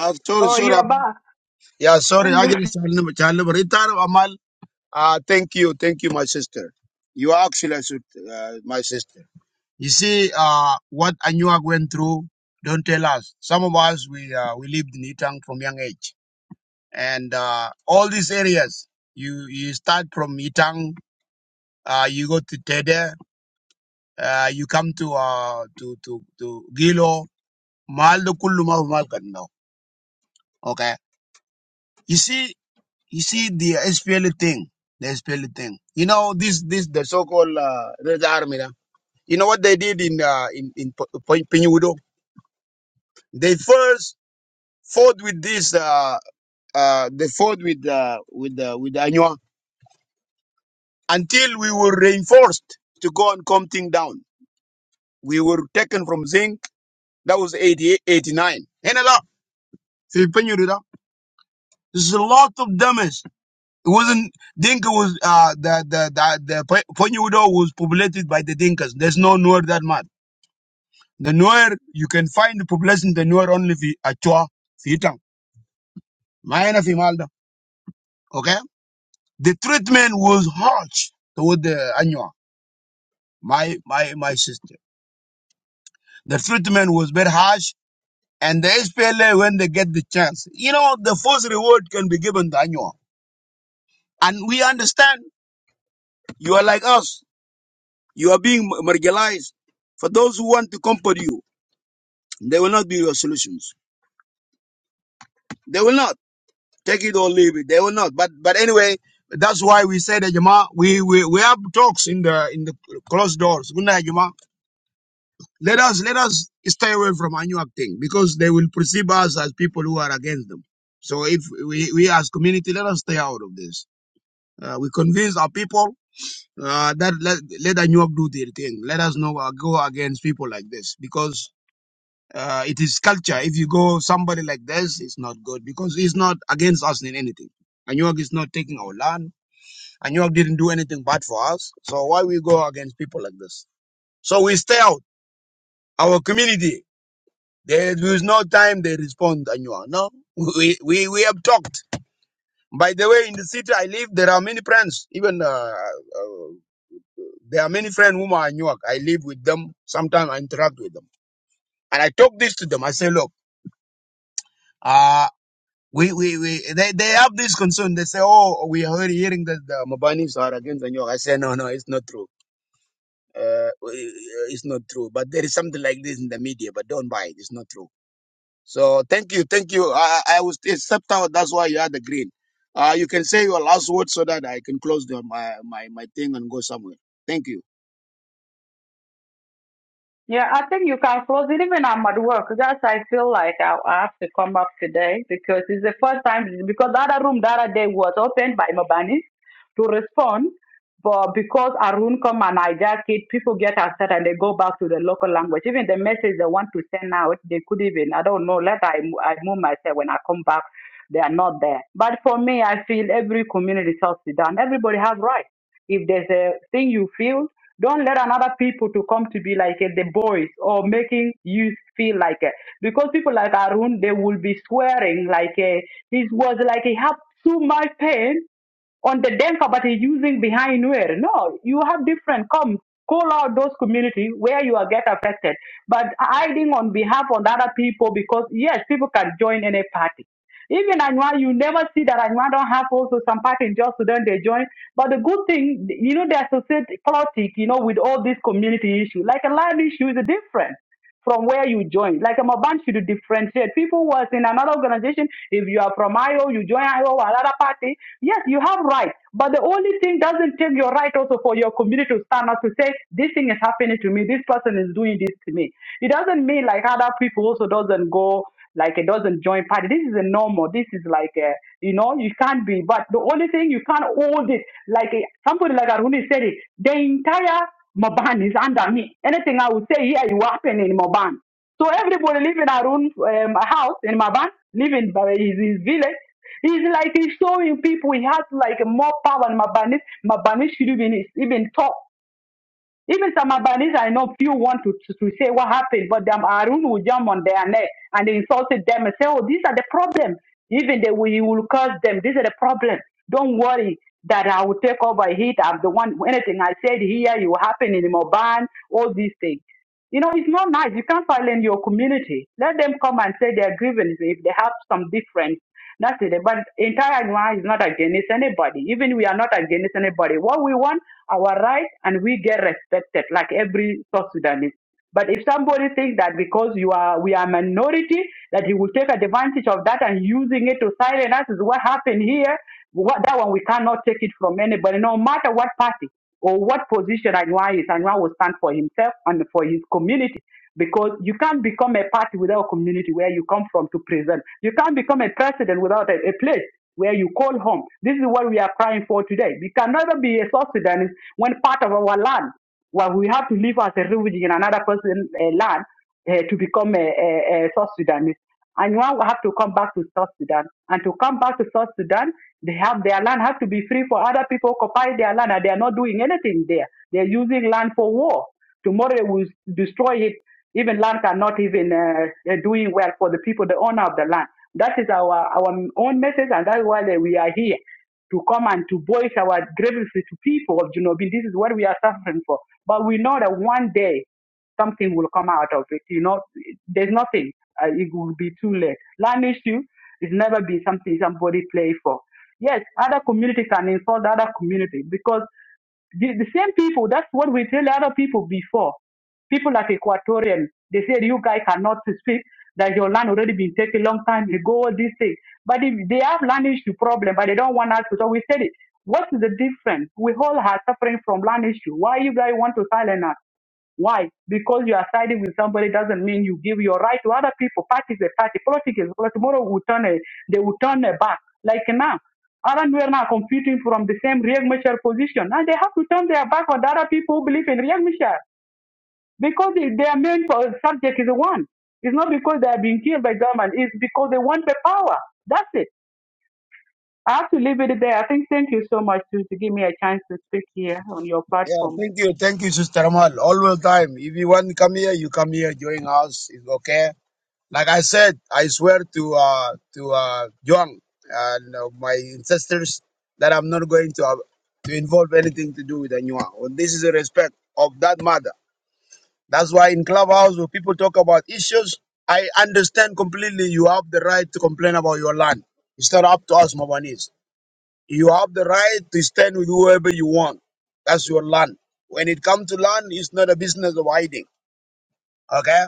[SPEAKER 2] uh, sorry
[SPEAKER 3] Oh,
[SPEAKER 2] sorry
[SPEAKER 3] you're back.
[SPEAKER 2] yeah sorry I just دي شغلنا شغلنا بري تعرف Amal. Ah, thank you thank you my sister you are actually a sweet, uh, my sister you see uh, what Anuak went through don't tell us some of us we uh, we lived in Itang from young age and uh, all these areas you you start from Itang uh, you go to Tede uh, you come to uh, to to to Gilo Mal de kullu ma mal kan now. Okay. You see, you see the SPL thing, the SPL thing. You know this, this the so-called uh, Red Army. da. You know what they did in uh, in in Pinyudo? They first fought with this. Uh, uh, they fought with uh, with uh, with Anywa until we were reinforced to go and calm thing down. We were taken from Zinc. That was 88, 89. Henela, Pinyudo. There's a lot of damage It wasn't Dinka was uh the the the, the Ponyudo was populated by the Dinkas. There's no Nuer that much. The Nuer you can find the population the Nuer only fi Achua, Fitang, Mayana Fimalda. Okay? The treatment was harsh toward the Anua, my my my sister. The treatment was very harsh and the SPLA when they get the chance. You know, the first reward can be given to Anua. And we understand you are like us. You are being marginalized. For those who want to comfort you. They will not be your solutions. They will not take it or leave it. They will not. But but anyway, that's why we say that Jama, we, we we have talks in the in the closed doors. Good night, Jama. Let us let us stay away from Anuak thing because they will perceive us as people who are against them. So if we we as community, let us stay out of this. Uh, we convince our people. Uh, that let let Anuak do their thing. Let us not uh, go against people like this because Uh, it is culture. If you go somebody like this, it's not good because he's not against us in anything. Anyuak is not taking our land. Anyuak didn't do anything bad for us. So why we go against people like this? So we stay out. Our community, there is no time they respond, Anyuak. No, we, we, we have talked. By the way, in the city I live, there are many friends. Even uh, uh, there are many friends whom are Anyuak. I live with them. Sometimes I interact with them. And I talk this to them. I say, look, uh, We, we, we, they, they have this concern. They say, oh, we are already hearing that the Mabanis are against the York. I say, no, no, it's not true. Uh, it's not true. But there is something like this in the media, but don't buy it. It's not true. So thank you. Thank you. I, I I was, it's stepped That's why you had the green. Uh, you can say your last word so that I can close the, my, my, my thing and go somewhere. Thank you.
[SPEAKER 3] Yeah, I think you can close it even I'm at work. That's I feel like I I have to come up today because it's the first time because the other room the other day was opened by Mabani to respond. But because Arun come and hijack it, people get upset and they go back to the local language. Even the message they want to send out, they could even, I don't know, let I, mo- I move myself when I come back, they are not there. But for me, I feel every community South Sudan, everybody has rights. If there's a thing you feel, don't let another people to come to be like uh, the boys or making you feel like it. Because people like Arun, they will be swearing like uh, he was like he had too much pain on the Denka, but he's using behind where. No, you have different. Come, call out those community where you are get affected. But hiding on behalf of other people because yes, people can join any party. Even Anwa, you never see that Anwa don't have also some party in South Sudan. They join. But the good thing, you know, they associate politics, you know, with all these community issues. Like a land issue is different from where you join. Like I'm about you to differentiate. People was in another organization. If you are from IO, you join IO or another party. Yes, you have rights, But the only thing doesn't take your right also for your community to stand up to say, this thing is happening to me. This person is doing this to me. It doesn't mean like other people also doesn't go like it doesn't join party. This is a normal. This is like a, you know, you can't be. But the only thing you can't hold it, like eh, somebody like Aruni said it, the entire Maban is under me. Anything I would say here, you happen in Maban. So everybody live in Arun um, house in Maban, living by his, his village. He's like he's showing people he has like more power than Mabanis. Mabanis should even even talk. Even some Albanese I know few want to, to, to say what happened, but them Arun will jump on their neck and they insulted them and say, Oh, these are the problem. Even they will, you will curse them. These are the problem. Don't worry that I will take over it. I'm the one anything I said here, it will happen in Moban, all these things. You know, it's not nice. You can't silence your community. Let them come and say their grievance if they have some difference. That's it. But entire Anua is not against anybody. Even we are not against anybody. What we want, our right, and we get respected like every South Sudanese. But if somebody thinks that because you are we are minority that he will take advantage of that and using it to silence us is what happened here. What, that one we cannot take it from anybody, no matter what party or what position Anwar is. Anwar will stand for himself and for his community because you can't become a party without a community where you come from to present. You can't become a president without a, a place where you call home. This is what we are crying for today. We can never be a South Sudanese when part of our land. Well, we have to live as a refugee in another person's uh, land uh, to become a, a, a South Sudanese. And one will have to come back to South Sudan. And to come back to South Sudan, they have their land has to be free for other people occupy their land, and they are not doing anything there. They're using land for war. Tomorrow they will destroy it. Even land are not even uh, uh, doing well for the people, the owner of the land. That is our our own message, and that is why we are here to come and to voice our grievances to people of Junobin. This is what we are suffering for. But we know that one day something will come out of it. You know, there's nothing. Uh, it will be too late. Land issue is never been something somebody play for. Yes, other community can insult the other community because the, the same people, that's what we tell other people before. People like Equatorian, they said you guys cannot speak that your land already been taken long time ago, all these things. But if they have land issue problem, but they don't want us to. So we said it. What is the difference? We all are suffering from land issue. Why you guys want to silence us? Why? Because you are siding with somebody doesn't mean you give your right to other people. Party is a party. Politics is politics. Tomorrow will turn a, they will turn a back. Like now, Alan we are now competing from the same Riek Machar position. and they have to turn their back on the other people who believe in Riek Machar because they, their main po- subject is the one. It's not because they are being killed by government. It's because they want the power. That's it. I have to leave it there. I think thank you so much to, to give me a chance to speak here on your
[SPEAKER 2] Yeah,
[SPEAKER 3] platform.
[SPEAKER 2] thank you. Thank you, Sister Amal. All the time. If you want to come here, you come here, join us. It's okay Like I said, I swear to uh, to uh, Yuan and uh, my ancestors that I'm not going to uh, to involve anything to do with Anyuang. And this is a respect of that matter. That's why in Clubhouse, when people talk about issues, I understand completely. You have the right to complain about your land. It's not up to us, Mabanese. You have the right to stand with whoever you want. That's your land. When it comes to land, it's not a business of hiding. Okay?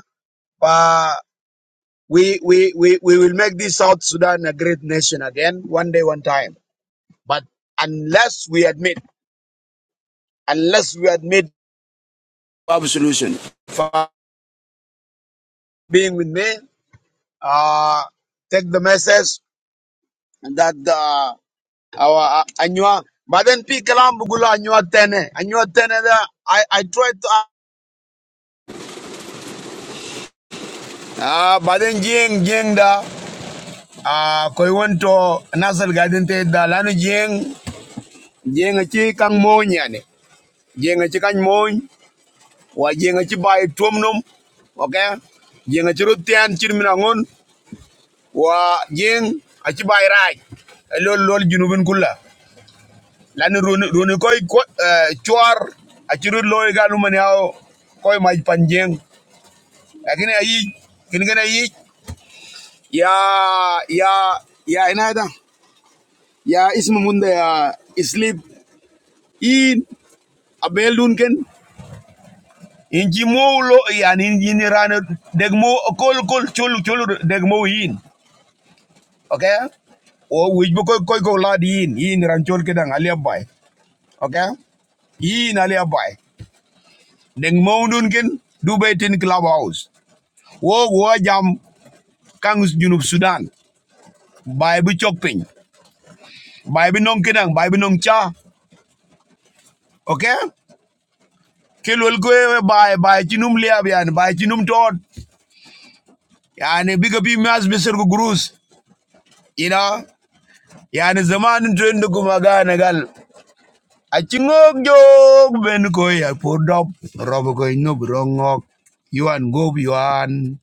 [SPEAKER 2] We, we, we, we will make this South Sudan a great nation again, one day, one time. But unless we admit, unless we admit our solution for being with me, uh, take the message that uh, our uh, Anywa, but then Pikalam Bugula Anywa Tene, Anywa Tene, da, I, I tried to. Ah, but then Jing, Jing da, ah, koi wanto nasal garden te da lanu Jing, Jing achi kang moyane yani, Jing achi kang moy. wa jenga ci bay tuom okay jenga ci rotian ci mina ngon wa jeng a ci bay raaj lol lol junubin Kula. lan roni roni koy ko chuar a ci rut loy galu man yaw koy maj pan lakini ayi kin gana yi ya ya ya ina da ya ismu munda ya islip in abel dun ken in ji mowlo yani in ni rana deg kol kol chol chol degmo mo yin okay o wij bu koy koy ko lad yin yin ran chol alia bay. okay yin alia bay. deng maundun ken du betin club house wo gua jam kangus junub sudan bay bu chok pin bay bu nong ke bay bu nong cha okay kelol ko e bay bay ci num liab yani bay ci num tot yani biga bi mas besir ko grus ina yani zaman trend ko magana gal acingok jok ben ko ya podop robo ko no brongok yuan go yuan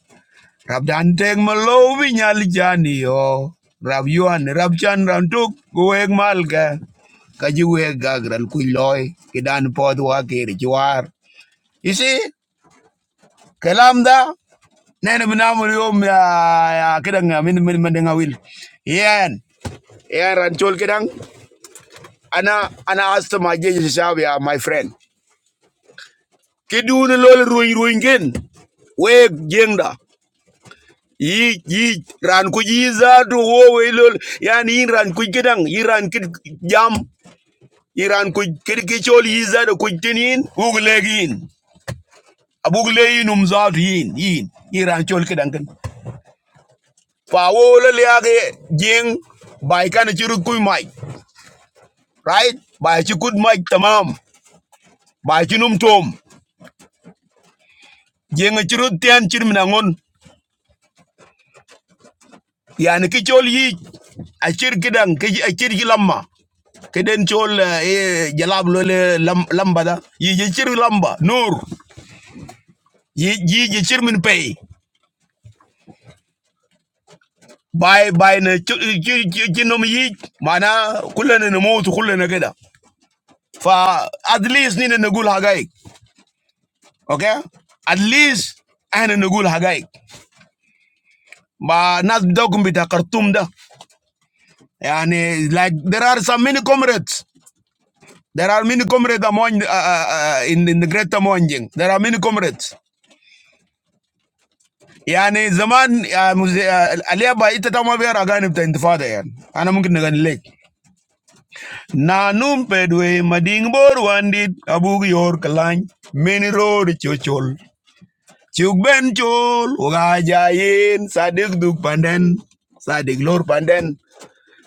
[SPEAKER 2] rab dan teng malo bi nyal jani yo rab yuan rab chan ran tuk go ek mal ka ka ji we gagral ku loy ki dan pod wa ke ri war isi kalam da nene binamul yom ya ya kedang ya, min min min ngawil yen yen ran chol kidang ana ana astma jeje shabia my friend kidu ni lol ruin ruin gen we jengda yi yi ran ku yi za to wo we lol yani yin ran ku gidan yi ran kid jam yi ran ku kid ki chol yi za da ku tinin buglegin abugleyin um za yin yin yi ran chol kedang kan fa wo lol ya ge jeng bai kan chiru ku mai right bai chi kud mai tamam bai chi num tom jeng chiru tian chir yani ki chol yi achir kidang ki achir ki lamba kiden chol eh jalab lo le lam, lamba da yi je chir lamba nur yi yi je chir min pay bay bay na chinom yi mana kullana na mautu kullana kida fa at least nina nagul hagaik okay at least احنا نقول حقائق ما ناس بدوكم بتاع خرطوم ده يعني like there are some many comrades There are many comrades among uh, uh, in in the Great Moanjeng. There are many comrades. Yanne, zaman aliyaba ite tamavira agani bta intufada yanne. Anamukid negani leg. Na num pedwe madingbor wandit abu yor kelang many road chol chuk ben chol uga jayin sadik dup panden sadik lor panden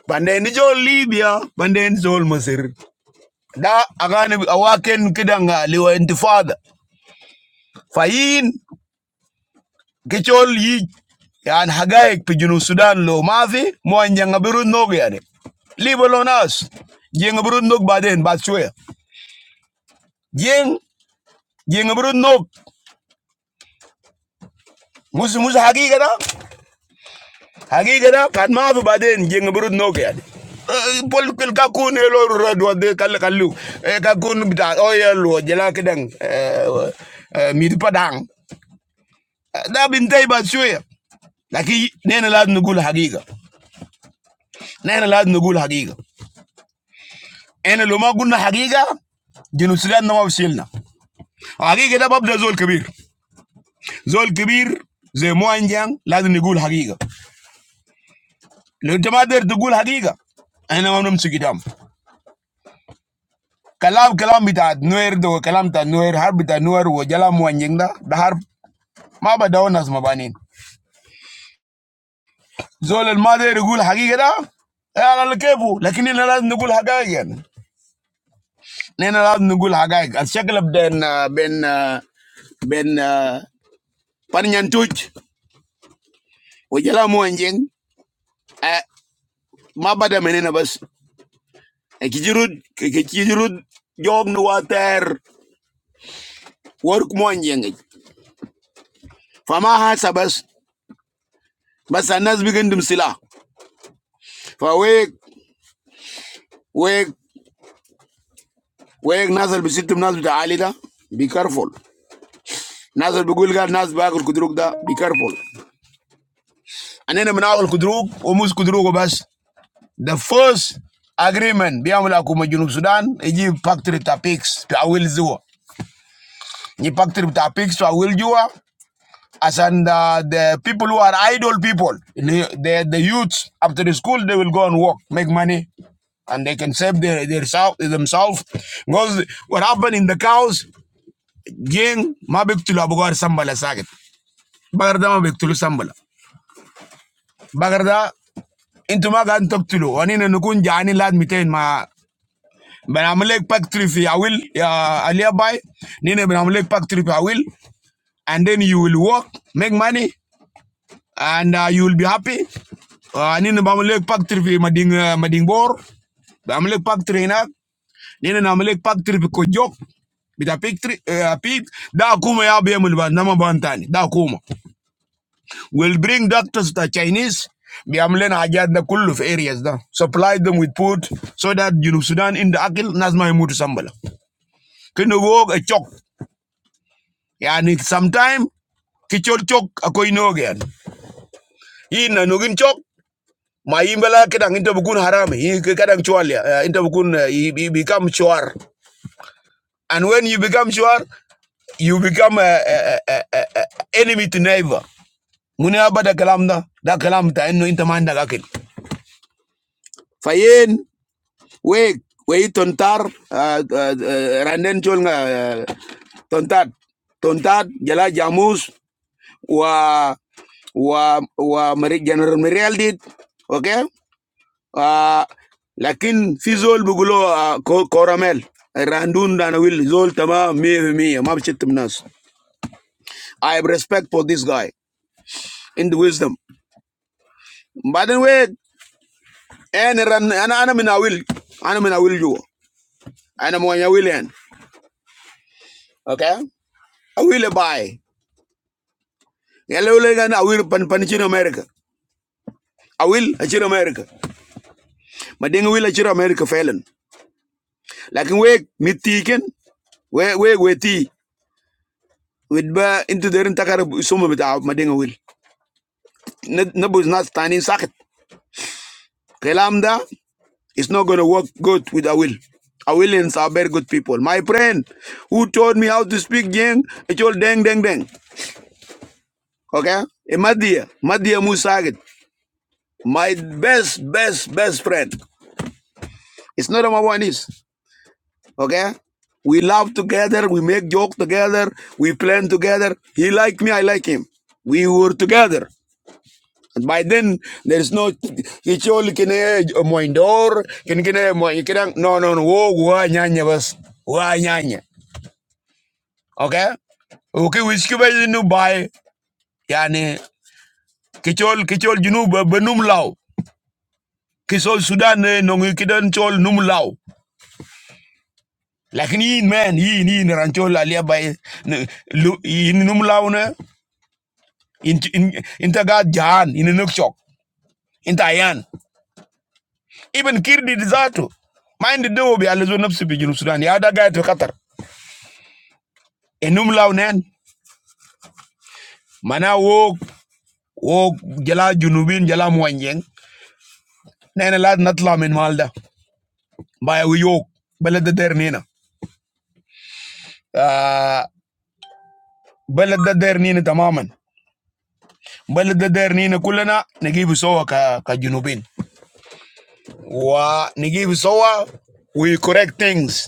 [SPEAKER 2] panden zol Libya panden zol Mosiri. Da agani awaken keda nga liwa intufada fayin. Gechol yi yani hagaik pi junu Sudan lo mavi mo nyanga birun nog yani. Libo lo nas. Jenga birun nog baden bat chwe. Jeng jenga birun nog. Mus mus hagi gada. Hagi gada kat mavi baden jenga birun nog yani. Eh, Pol kel kakun elo radwa de kal kalu. Kakun bita oya lo jela kedang. Mid padang. Da bintay bat chwe. Laki nena lad nugul hagiga. Nena lad nugul hagiga. Ana loma kunna hagiga, ginusila na mafishi na. Hagiga da bapda zol kibir, zol kibir zemo anje ng laza niguul hagiga. Lomama dare to gula hagiga, ana wanum sugidam. Kalam kalamita noer do, kalam ta noer harbita noeru, jalamu anje nga bahar ma ba daona zma banin. Zol mama dare gula hagiga da? Eh ala lkebo, lakini na laz niguul hagiga yen. Na na laz niguul hagiga. Alshakal benda ben ben paniantujo, ujalamu anje nga. eh, ma bada menena bas e kijirud ke kijirud job nu water work mon jenge fa ma hasa bas bas anas bigendum sila fa weg weg weg nasal bisitum nas bita alida be careful nasal bigul gal nas bagul kudruk da be careful anena min awal kudruk o mus kudruk bas the first agreement biamul akuma junub sudan eji factory ta pigs ta awil zuwa ni factory ta pigs awil juwa as and uh, the people who are idle people, the, the youths after the school they will go and work, make money, and they can save their, their self, themselves. Because what happened in the cows, gang ma biktulu abugar sambala saget. Bagarda ma biktulu sambala. Bagarda into ma gan taktulu. Ani na nukun jani lad miten ma. Ben pak trip fi awil ya aliya bay. Nina ben pak trip awil. And then you will work, make money. and uh, you will be happy. Uh, nini bamulek factory fi mading uh, mading bor, bamulek factory na, nini namulek factory fi kojok, bita pictri uh, pig, da kuma ya biya mulba nama bantani, da kuma. We'll bring doctors to the Chinese, biamlen hajat da kullu fi areas da. Supply them with food so that you know Sudan in the akil nazma mutu sambala. Can you walk a chok, yani sometime kichol chok akoy no again. Ina nugin chok ma imbela kedang into bukun haram. i kadang chual ya eh, into bukun eh, i i become chuar and when you become chuar you become a, a, a, a, a enemy to neighbor muni abada kalam da da kalam ta inno inta man da gakin fayen we we tontar ah, ah, ah, randen chol nga ah, tontat tontat jala jamus wa wa wa Mari- general Merialdit okay Ah, lakin fi zol bugulo ah, ko- koramel randun dan will zol tama me me mab chitim nas i have respect for this guy in the wisdom but anyway and ran ana ana mina will ana mina will you ana mo nya will en okay i will buy yellow legan i will pan pan chin america i will a chin america mading will a chin america felen lakin we mitiken we we we ti with ba into derin takar sumo bita mading will N- Nabu is not standing socket. Kalam da is not going to work good with Awil. Awil and are very good people. My friend who taught me how to speak Jing, it's all deng deng deng. Okay? A Madia, Madia Musagit. My best, best, best friend. It's not number one is. Okay? We laugh together, we make joke together, we plan together. He like me, I like him. We were together. By then, there is no. Kichol kine moindor, kine kine moin. Kine no no no. Wo gua nyanya bas, gua nyanya. Okay. Okay, which kuba nu buy. Yani kichol kichol junu benum lau. Kisol Sudan eh, nongi kidan chol num lau. Lakini in man, in in ranchol alia by in num lau ne. In in in jahan in nuk chok. In Even Kirdi Zato. Mind the dobe alizo nafsi bi Junub Sudan. The other guy to Qatar. Enum law nen. Mana wok wok jala junubin jala mwanjeng. Nene lad natla min malda. Baya we yok. Balad da der nina. Ah, Balad da der nina tamaman. Balad da der nina kulana. Nagibu sowa ka, ka junubin. Wa nagibu sowa. We correct things.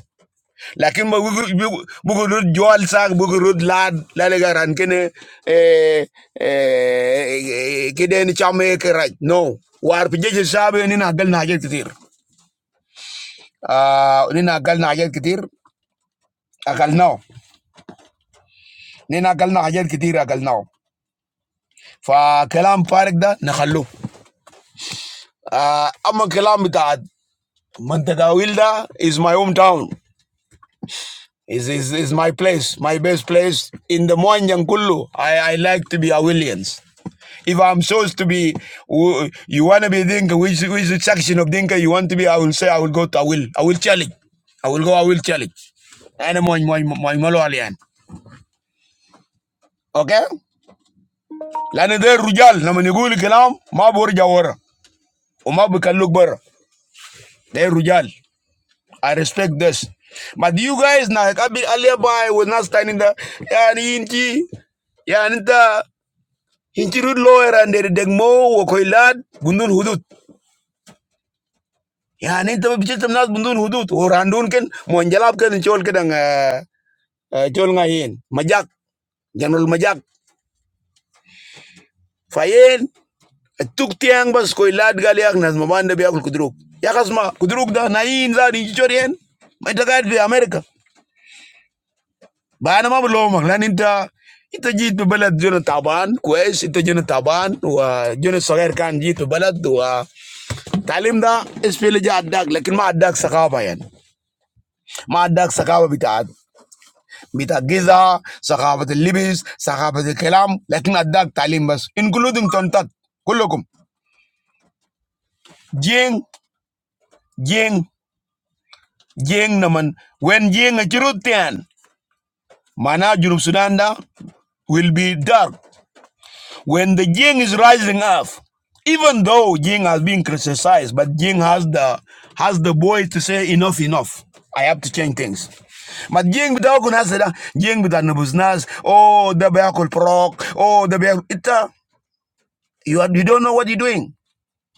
[SPEAKER 2] lakin ma bugu bugu bugu rut jol sak bugu rut lad la le garan kene eh eh kede ni chame ke raj no war pije je sabe ni na gal na hajar kitir ah ni na gal na hajar kitir akal naw ni na gal na hajar kitir akal naw fa kalam farik da na khallu ah amma kalam bita mantaga wilda is my hometown is is is my place my best place in the moanjang kullu i i like to be a williams If I'm supposed to be, wh- you want to be Dinka, which, which section of Dinka you want to be, I will say, I will go to, I will, I will challenge. I will go, I will challenge. أنا موي موي موي ملو عليان أوكي لأن ده الرجال لما نقول كلام ما برجع ورا وما بكلوك برا ده الرجال I respect this but you guys now I be earlier by was not standing there يعني انتي يعني انت انتي رود لوير and they deg mo وكويلاد بندون حدود yani inte bi chitam nas bundun hudut o randun ken mo njalab ken chol kedang chol ngayen majak janul majak fayen tuk tiang bas koy lad gal yak nas mabanda bi akul kudruk yakas ma kudruk da nayin za di chorien ma tagad bi america bana ma lo mak lan inta inta jit bi balad jona taban kwes inta jona taban wa jona soger kan jit bi balad wa talim da espele ja adak lakin ma adak sakawa yan ma adak sakawa بتاع ثقافة اللبس ثقافة الكلام لكن أداك تعليم بس including تنتات كلكم جين جين جين نمن when جين تيان معناها جنوب السودان ده will be dark when the jing is rising up even though jing has been criticized but jing has the has the voice to say enough enough I have to change things but jing بتاعكم ناس ده جين بتاع نبوز ناس oh the بياكل بروك oh the بياكل ita. You, are, you don't know what you're doing.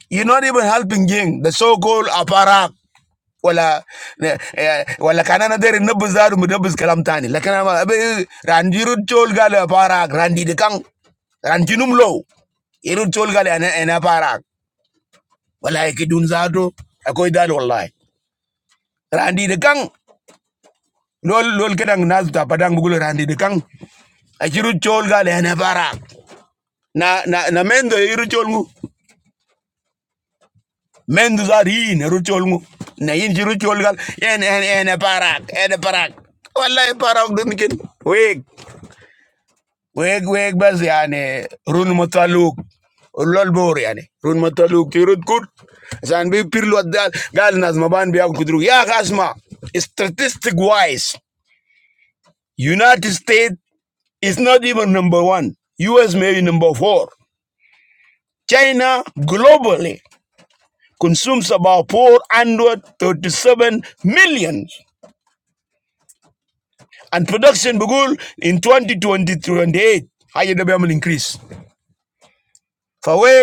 [SPEAKER 2] You're not even helping Jing, the so-called aparak. Wala wala kanana dere nabuzadu mudabuz kalam tani lakana randirud chol gale aparak randi de kang rantinum low irud chol gale ana ana aparak wala ikidun zado akoy dal wallahi randi de kang lol lol kedang nazuta padang bugul randi de kang ajirud chol gale ana aparak na na na mendo irud chol mu men du zar na yin ji ruchol gal en en en e parak en e parak wallahi parak dun kin weg weg weg bas yani run mataluk lol bor yani run mataluk ti rut kut san bi pirlo dal gal nas maban bi akudru ya gasma statistic wise united states is not even number 1 us may be number 4 china globally consumes about 437 million And production bugul in 2023, how you will be able increase? For we,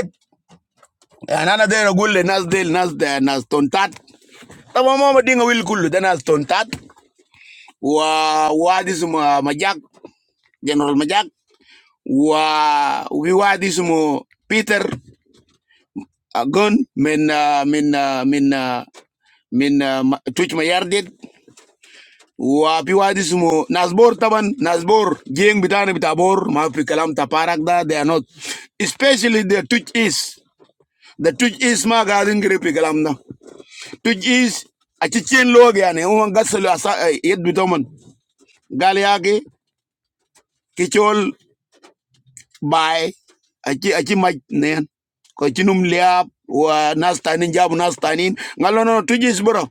[SPEAKER 2] and another bugul, and another, another, another stuntat. Taba mama dinga will bugul, then stuntat. Wah wah this mo Jack General Jack. Wah we wah this mo Peter Gun men men men men which mayardet. Who are people like this? Mo Nasbord, Taman Nasbord, Geng Bitaan Bita Bor, Ma Fikalam Tapa Rakda. They are not, especially the Tujuh Is. The Tujuh Is ma garden group Fikalam na Tujuh Is. A chain logo yanne. Omo gaselu asa. Eh, yed Bita Mon. Galiake, Kichol, Bay. Achi Achi ma nyan. Kachinum Leab. Who are Nas Taining Jabu Nas Taining? Ngalono Tujuh Is Boro.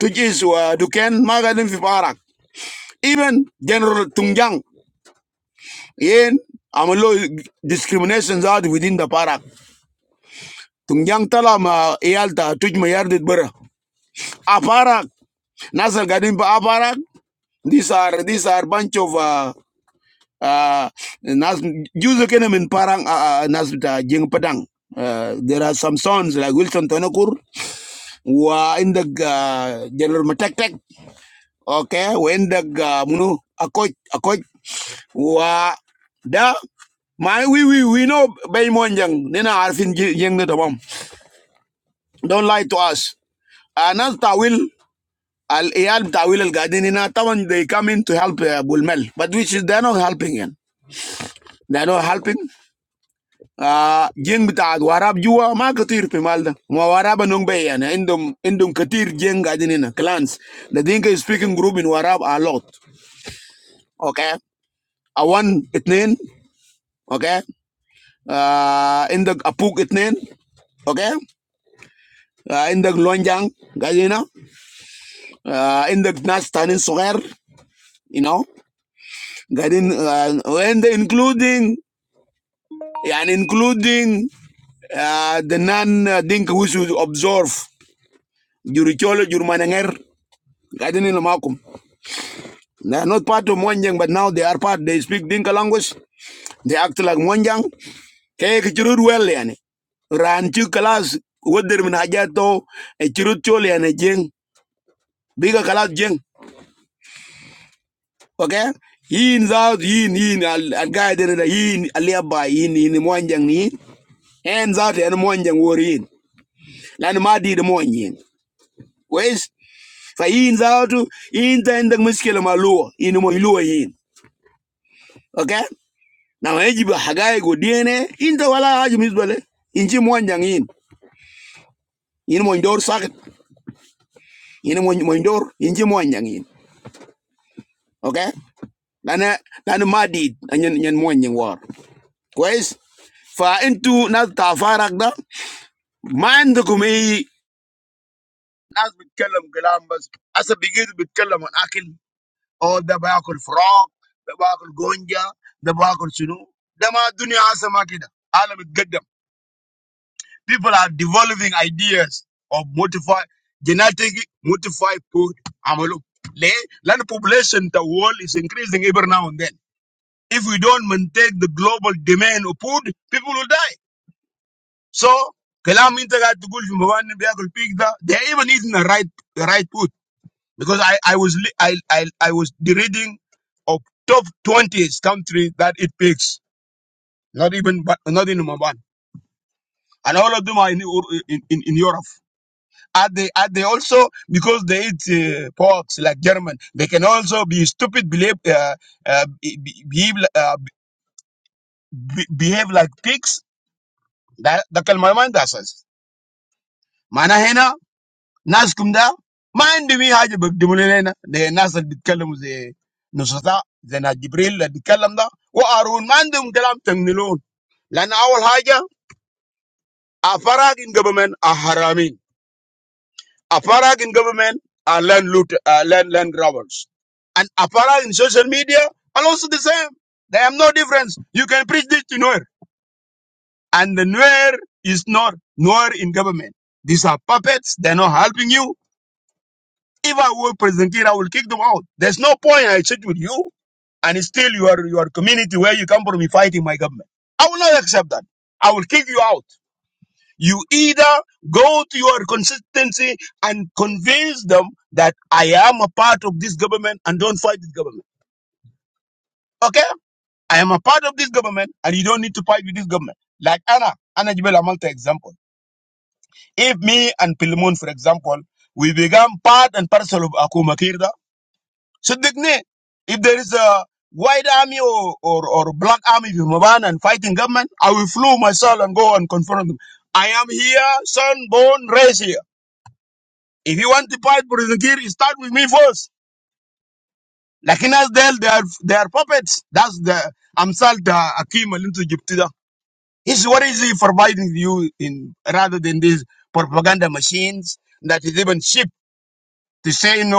[SPEAKER 2] Tujuh Is who are dukan ma garden Fikalam. Even General Tungjang. yen amalo discrimination zaad within the parak tungyang tala ma yalta tuj ma yardit bara a parak nasal gadin pa a parak these are these are bunch of uh, uh nas juzo kena min parang uh, uh, nas ta jeng padang uh, there are some sons like Wilson Tonakur wa indag uh, General Matek Tek okay wa indag uh, munu a coach, a coach, wa da my we we we know bay monjang nina arfin jeng na tamam don't lie to us anas tawil al iyal tawil al gadin nina taman they come in to help uh, bulmel but which is they're not helping yan they're not helping uh jeng bita warab juwa ma katir pe malda ma waraba nong bay yan indum indum katir jeng gadin nina clans the dinka is speaking group in warab a lot okay a one itnin okay uh, indag apug itnin, okay? Uh, indag lonjang, gadin na, uh, indag nas tanin suker, you know, gadin, uh, and including, and including uh, the non uh, dink we should observe, juricholo, jurmananger, gadin nila makum. They are not part of Mwanjang, but now they are part. They speak Dinka language. They act like Mwanjang. Kaya kichurud well, yani. Ranchu kalas, wadir min hajato, e churud chole, yani jeng. biga kalat jeng okay In zaat in in al al gaade na yin alia ba yin yin mwanjang ni yin. en zaat en mwanjang wor yin lan ma di de mon yin wes fa yin zaat yin ta indak muskil ma luo mo luo yin okay na ma yaji ba hagaye go dene yin ta wala haji misbale yin ji mwanjang yin yin mo ndor sakat yin mo mo ndor yin ji mwanjang yin okay lan eh, lan ma di nyen nyen mwanjang wor كويس فانتوا ناس بتاع فارق ده ما عندكم اي بيتكلم كلام بس هسه بقيتوا بيتكلموا عن اكل او ده باكل فراغ ده باكل جونجا ده باكل شنو ده ما الدنيا هسه ما كده عالم بتقدم people are developing ideas of modify genetically modified food عملوا ليه؟ لأن population the world every now and then if we don't maintain the global and uh, be, be, behave, uh, be, behave like pigs ده ده كلمه ما عندها اساس. معناها هنا ناسكم ده ما عندهم اي حاجه بيقدموا لنا هنا، ده الناس اللي بيتكلموا زي نصرة زي ناس جبريل اللي بيتكلم ده وارون ما عندهم كلام تمنلون. لان اول حاجه افراغ ان جفرمنت احرامين، افراغ ان جفرمنت land loot uh, land land grabbers, and apparel in social media are also the same. They have no difference. You can preach this to Nuer, and the Nuer is not Nuer in government. These are puppets. They're not helping you. If I were President Kiir, I will kick them out. There's no point I sit with you and still your your community where you come from you fighting my government. I will not accept that. I will kick you out. You either go to your consistency and convince them that I am a part of this government and don't fight this government. Okay? I am a part of this government and you don't need to fight with this government. Like Anna, Anna Jibel Amalta example. If me and Pilmun, for example, we become part and parcel of Akuma Kirda, So Digne, if there is a white army or, or, or black army in Mabana and fighting government, I will flew myself and go and confront them. I am here. here. Uh, I'm is perhaps that sheep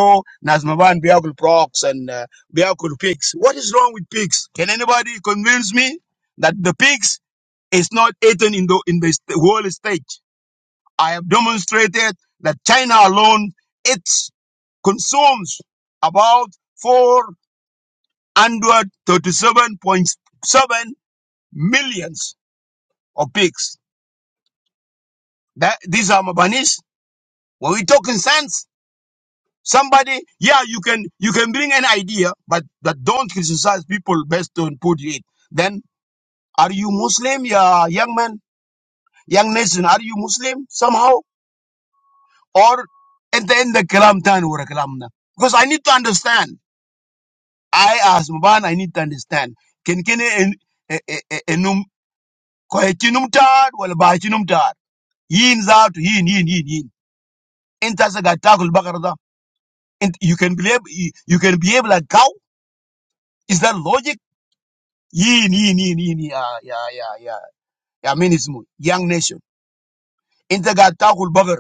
[SPEAKER 2] or that uh, they are- what can I that is not eaten in the in the st- world stage. I have demonstrated that China alone it consumes about 437.7 millions of pigs That these are Mabanis. When we talking sense, somebody, yeah, you can you can bring an idea, but but don't criticize people based on put it. Then are you Muslim, yeah, young man, young nation? Are you Muslim somehow? Or at the end the kalam tan or kalam na? Because I need to understand. I as Maban, I need to understand. Can can en eh, eh, eh, enum koyechinum tar wala bachinum tar. Yin zaatu yin yin yin yin. Inta sa gatakul bakar and you can be able, you can behave like cow. Is that logic? Yin, yin, yin, yin, yeah, yeah, yeah, yeah. Yeah, I mean, it's mo- young nation. Inta ga takul bagar,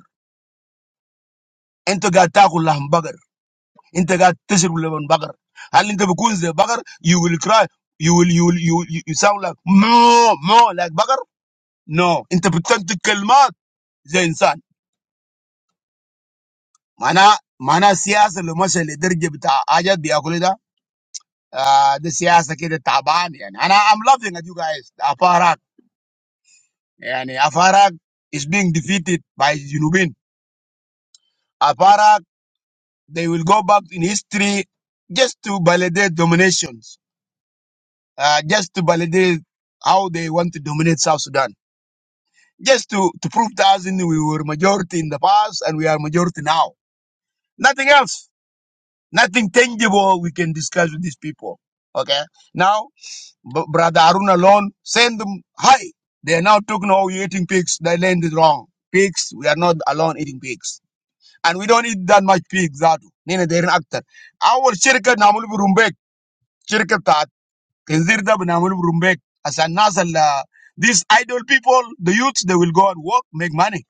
[SPEAKER 2] inta ga takul lahm bagar, inta ga tashir leban bagar. Hal inta bukun ze bagar, you will cry, you will, you will, you, will- you, you sound like no, no, like bagar. No, inta bitantik kalmat ze insan. Mana, mana siyasa lo masha le درجة بتاع حاجات بياكلوا ده. Ah, the siyasa kede taban. يعني. And I, I'm laughing at you guys. And Afarak is being defeated by Junubin. Afarak, they will go back in history just to validate dominations, uh, just to validate how they want to dominate South Sudan, just to, to prove to us in we were majority in the past and we are majority now. Nothing else, nothing tangible we can discuss with these people. Okay, now b- brother Arun alone send them high. They are now talking, oh, you're eating pigs. They land is wrong. Pigs, we are not alone eating pigs and we don't eat that much pig zato nina are aktar awal shirka namul burumbek shirka ta kinzir da namul burumbek asan nasal la these idle people the youths, they will go and work make money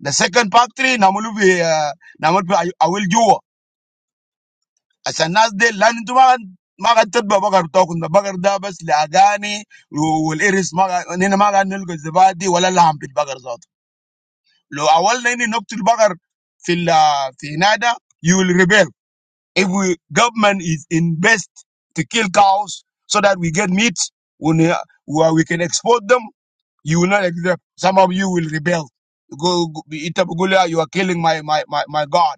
[SPEAKER 2] the second part three namul bi uh, namul bi awil juwa asan nas de lan tuma magan tadba bagar tokun da bagar da bas lagani wal iris maga nina maga nilgo zabadi wala laham bagar zato lo awal nini noktul bagar fil ah, fi nada you will rebel If we government is invest to kill cows so that we get meat, when uh, where we can export them, you will not accept. Some of you will rebel. Go, go Itabugulia, you are killing my, my, my, my God.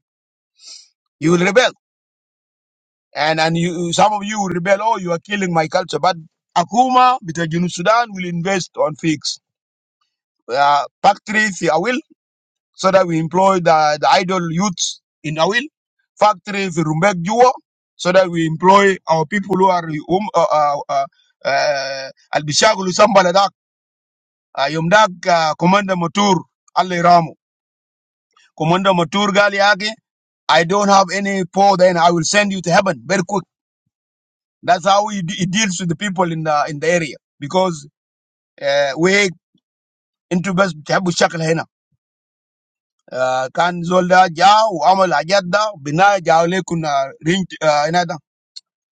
[SPEAKER 2] You will rebel. And and you some of you will rebel, oh, you are killing my culture. But Akuma, because Junub Sudan will invest on figs. Uh, factories, I will. so that we employ the, the idle youths in Awil, factory in Rumbek Juo, so that we employ our people who are um, uh, uh, uh, uh, Albishagulu Sambaladak, uh, Yumdak uh, Commander Matur, Ali Ramu. Commander Matur Galiagi, I don't have any poor then I will send you to heaven very quick. That's how he, de- he deals with the people in the in the area because uh, we into best Shakel آه، كان زول ده جاء وعمل حاجات ده بناء جاء لكم رينج آه هنا ده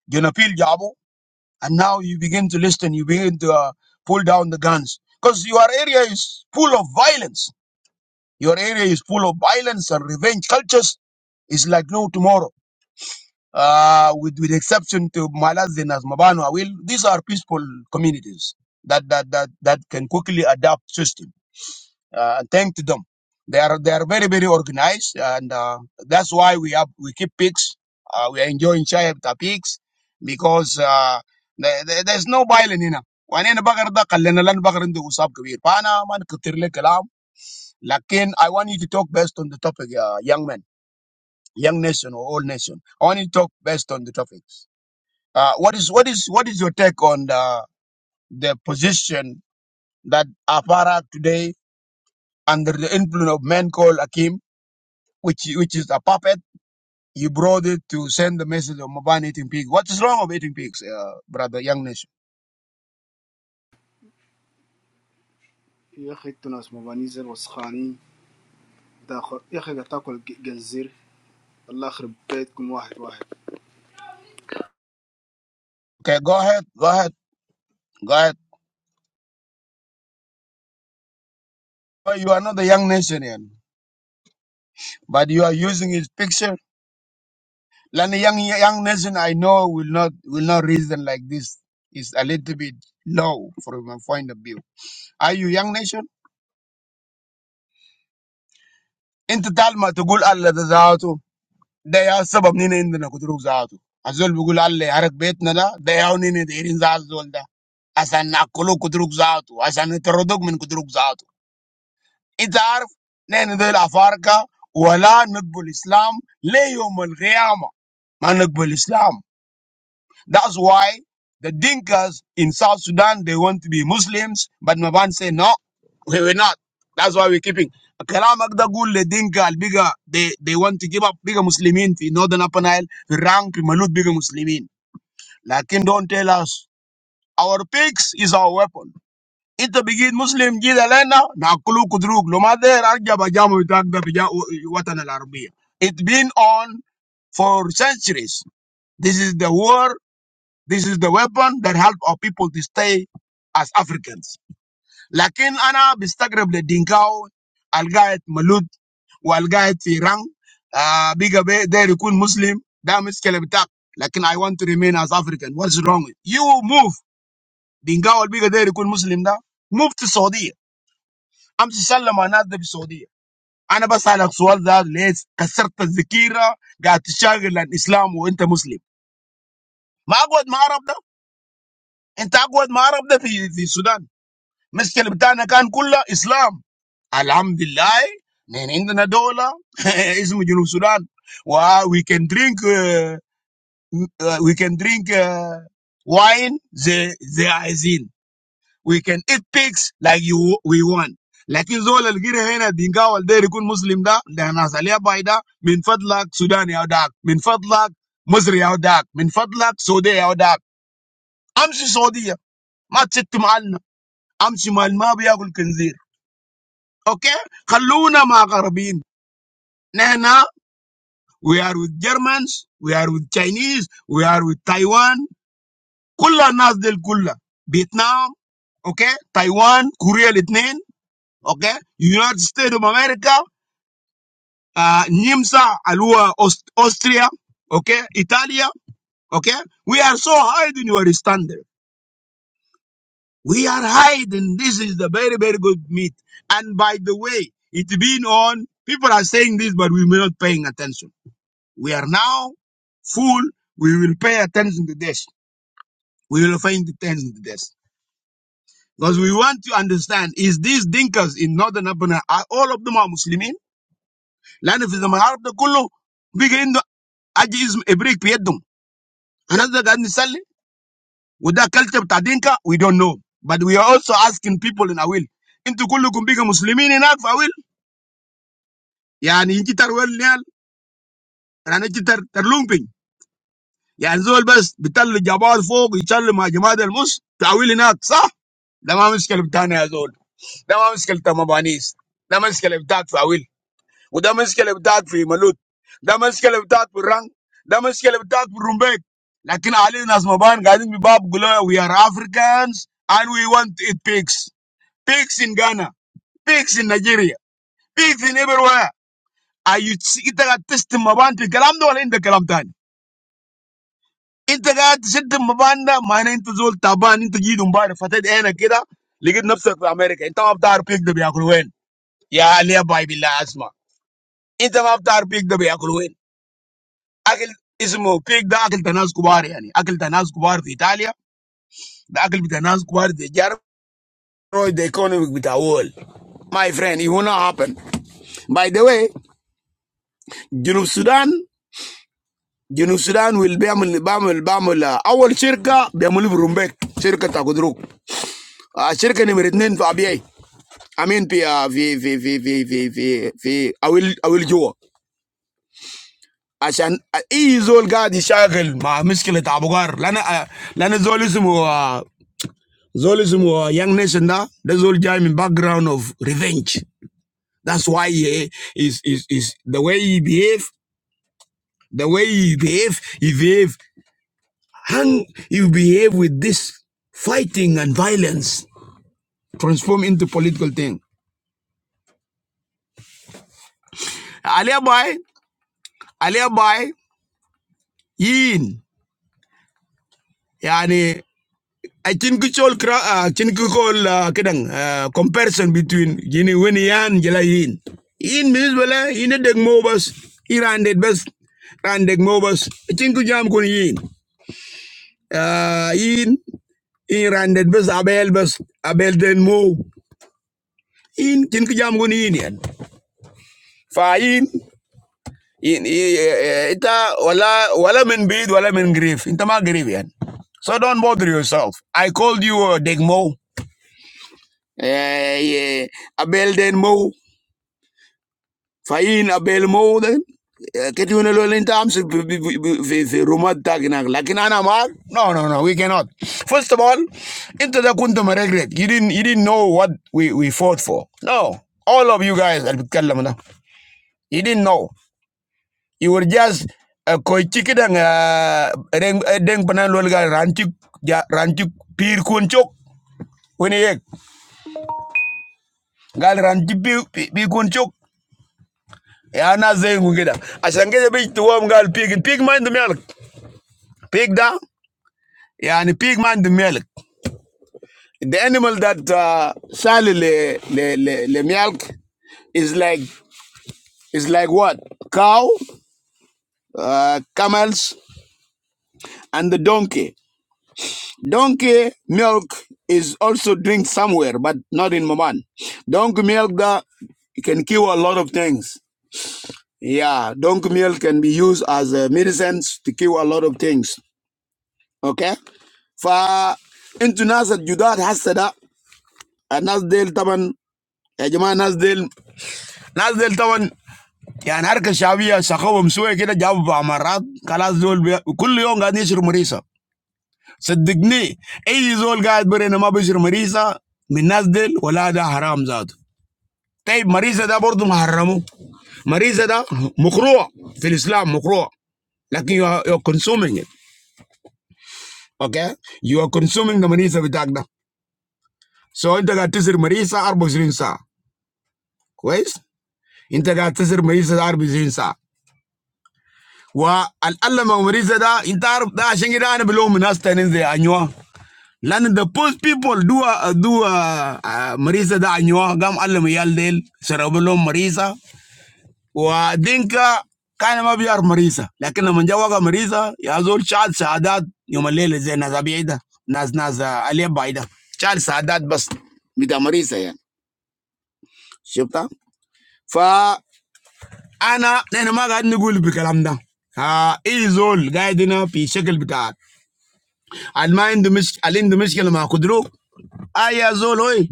[SPEAKER 2] جنابيل جابوا and now you begin to listen you begin to uh, pull down the guns because your area is full of violence your area is full of violence and revenge cultures is like no tomorrow uh, with with exception to Malazin as Mabano will these are peaceful communities that that that that can quickly adapt system Uh, and thank to them. They are they are very very organized, and uh, that's why we have we keep pigs. Uh, we are enjoying chai of the pigs because uh, there, there- there's no violence in them. وأنا بقر ده خلينا لنا بقر عنده وصاب كبير فأنا ما نكتر لك كلام لكن I want you to talk based on the topic uh, young men young nation or old nation I want you to talk based on the topics. uh, what is what is what is your take on the the position that Afara today under the influence of men called Akim which which is a puppet. You brought it to send the message of Maban eating pig. What is wrong of eating pigs, uh, brother, young nation?
[SPEAKER 4] يا اخي انتوا ناس مباني زر وسخانين داخل يا اخي قاعد تاكل ج- الله يخرب بيتكم واحد واحد
[SPEAKER 2] Okay, go ahead, go ahead, go ahead. But you are not a young nation, yet, but you are using his picture. Like a young young nation I know will not will not reason like this. It's a little bit low from my point of view. Are you young nation? انت تعلم تقول الله They are all stubbornly indignant about the injustice. As you say, all the people who live in the house are stubbornly indignant about the injustice. As they are stubbornly indignant about the injustice, as they are stubbornly indignant about the injustice. If you know the difference, Allah does not call Islam a religion of compromise. Man does not call Islam. That's why the Dinkas in South Sudan, they want to be Muslims, but Maban say, no, we will not. That's why we're keeping. Kalam Agda Gul, the Dinka, al bigger, they, they want to give up bigger Muslimin, fi Northern Upper Nile, fi Rang, fi Malut, bigger Muslimin. Lakin don't tell us, our pigs is our weapon. It begin Muslim jid nakulu na kulu kudruk, lomader arja bajamu itagda bija watan al It been on for centuries. This is the war this is the weapon that help our people to stay as Africans. Lakin ana بستغرب للدينكاو القاعد مولود والقاعد في رang uh, bigger be there يكون Muslim ده مشكلة بتاعك لكن I want to remain as African what's wrong you move دينكاو البيجا ده يكون Muslim ده move to Saudi أمس سلم على الناس ده في السعودية أنا بسألك سؤال ده ليه كسرت الذكيرة قاعد تشاغل الإسلام وأنت مسلم ما أقعد مع عرب ده أنت أقعد مع عرب ده في في السودان Miska lebtana kan kulla Islam. Alam Billai. Men enda na dola. Ismu Julo Sudan. Wah, we can drink. We can drink wine. The the isin. We can eat pigs like you. We want. Like isola le gira hena dinga waldey kun Muslim da. Dah nasaliya bida min fatlag Sudan yaodak. Min fatlag Musri yaodak. Min fatlag Saudi yaodak. Amshi Saudiya. Ma tset malna. Amshi malma biya gul kenzi. Okay? Kaluna Makarabin. Nana, we are with Germans, we are with Chinese, we are with Taiwan. Kulla nas del kulla. Vietnam, okay? Taiwan, Korea Litnin, okay? United States of America, uh, Nimsa, Alua, Aust- Austria, okay? Italia, okay? We are so high in your standard. We are high, and this is the very, very good meat. And by the way, it's been on, people are saying this, but we're not paying attention. We are now full, we will pay attention to this. We will pay attention to this. Because we want to understand, is these dinkers in northern Abuna, are all of them are Muslimin? لأن في زمن العرب ده كله بيجي عنده ageism ابريق في يدهم. هنفضل قاعدين نسلي وده culture بتاع دينكا we don't know. But we are also asking people in Awil. into Kulu, بيجي مسلمين هناك في Awil. يعني انت تروي النيال يعني انت Ya Zul best be tell Jabal Fug he tell Maajid Al Mus taawil inak sah. Damaniskele btaane ya Zul. Damaniskele bmaanis. Damaniskele btaaf taawil. Udamaniskele btaaf fi malut. Damaniskele btaaf burang. Damaniskele btaaf burumbek. لكن علينا اسم مبان. قادم بباب غلوي. We are Africans and we want to eat pigs. Pigs in Ghana. Pigs in Nigeria. Pigs in everywhere. Are you eager to test the maban to get them done or in the keram tani? Into that shit, my band, my name into all Taliban into give them bar. What they ain't like that. Look at nothing of America. Into that are pigged to be a cruel one. Yeah, I buy Bill Asma. Into that are pigged to be a cruel one. Akl ismo pigged. Akl ta nasqubar. Yeah, Akl ta nasqubar. Italy. Akl ta nasqubar. Destroy the economy with the wall. My friend, it will not happen. By the way, Juno Sudan. Juno Sudan will be aml, aml, aml. Aml circle. Be aml ibrumbe. Circle takudruk. A circle ni meritnin fabi. I mean, be, uh, vi, vi, vi, vi, vi, vi, vi, I will, I will جوا عشان اي زول قاعد يشاغل مع مشكله ابو غار لان آه، لان زول اسمه آه، زول اسمه young nation. ده ده زول جاي من باك جراوند اوف ريفنج That's why he is is is the way he behave, the way he behave, he behave And he behave with this fighting and violence transform into political thing. Aliabai, aliabai, yin. يعني I think it's all uh think all uh, kadang uh, comparison between gini weni yan jela yin. In means bala in a deg mobus Iran did best ran deg mobus. I think you jam kun yin. Uh in in ran did best abel best abel den mo. In think jam kun yin Fa in in i- eh, eh, ita wala wala men bid wala men grief. Inta grief yan. So don't bother yourself. I called you a degmo. eh ye abel den mo fain abel mo den ketuna lo in terms of the rumat tagnak lakin ana mar no no no we cannot first of all into the kuntum regret you didn't you didn't know what we we fought for no all of you guys that بتكلموا ده, you didn't know you were just a koichiki dang deng panan lo gal ranchik ja, ranchik pir kunchok when ye gal ranchik pir kunchok يا زيهم كده عشان كده بيجي توام pig, pig البيج ما milk, pig بيج ده يعني بيج ما عنده ملك the animal that uh, سال ل ل ل لملك is like is like what cow uh, camels and the donkey donkey milk is also drink somewhere but not in Maman donkey milk ده it can kill a lot of things yeah donkey milk can be used as a medicines to kill a lot of things Okay, fa intu nasat judat hasda nasdel taban ejma nasdel nasdel taban ya narka shabiya shakaw mswa keda jawba amarat kala zool kulu yon ganie chir mrisa seddini ezi zool ganie bere nama be chir mrisa min nasdel walada haram zado tey mrisa da bor duh haramu mrisa da mukroa fil Islam mukroa. But you are you are consuming it. Okay, you are consuming the mrisa bidagna. So inta ganie chir mrisa ar be chirin sa. Guys, integrate sir Maria Darbiza. Wah, al Allah Maria Darbiza integrate da shingida ane below minas teninze anywa. Lada post people doa doa Maria Darbiza gama alamial del se rabelo Maria. Wah, denka kana ma biar Maria. Lekan amanjawa gama Maria ya zol char sa adat yomalele zena zabiida naz naz aliyabaida char sa adat bas mita Maria. Shabta fa. انا انا ما قاعد نقول بكلام ده آه زول قاعد هنا في شكل بتاع اللي ما عنده مش اللي عنده مشكله مع قدرو اه يا زول اوي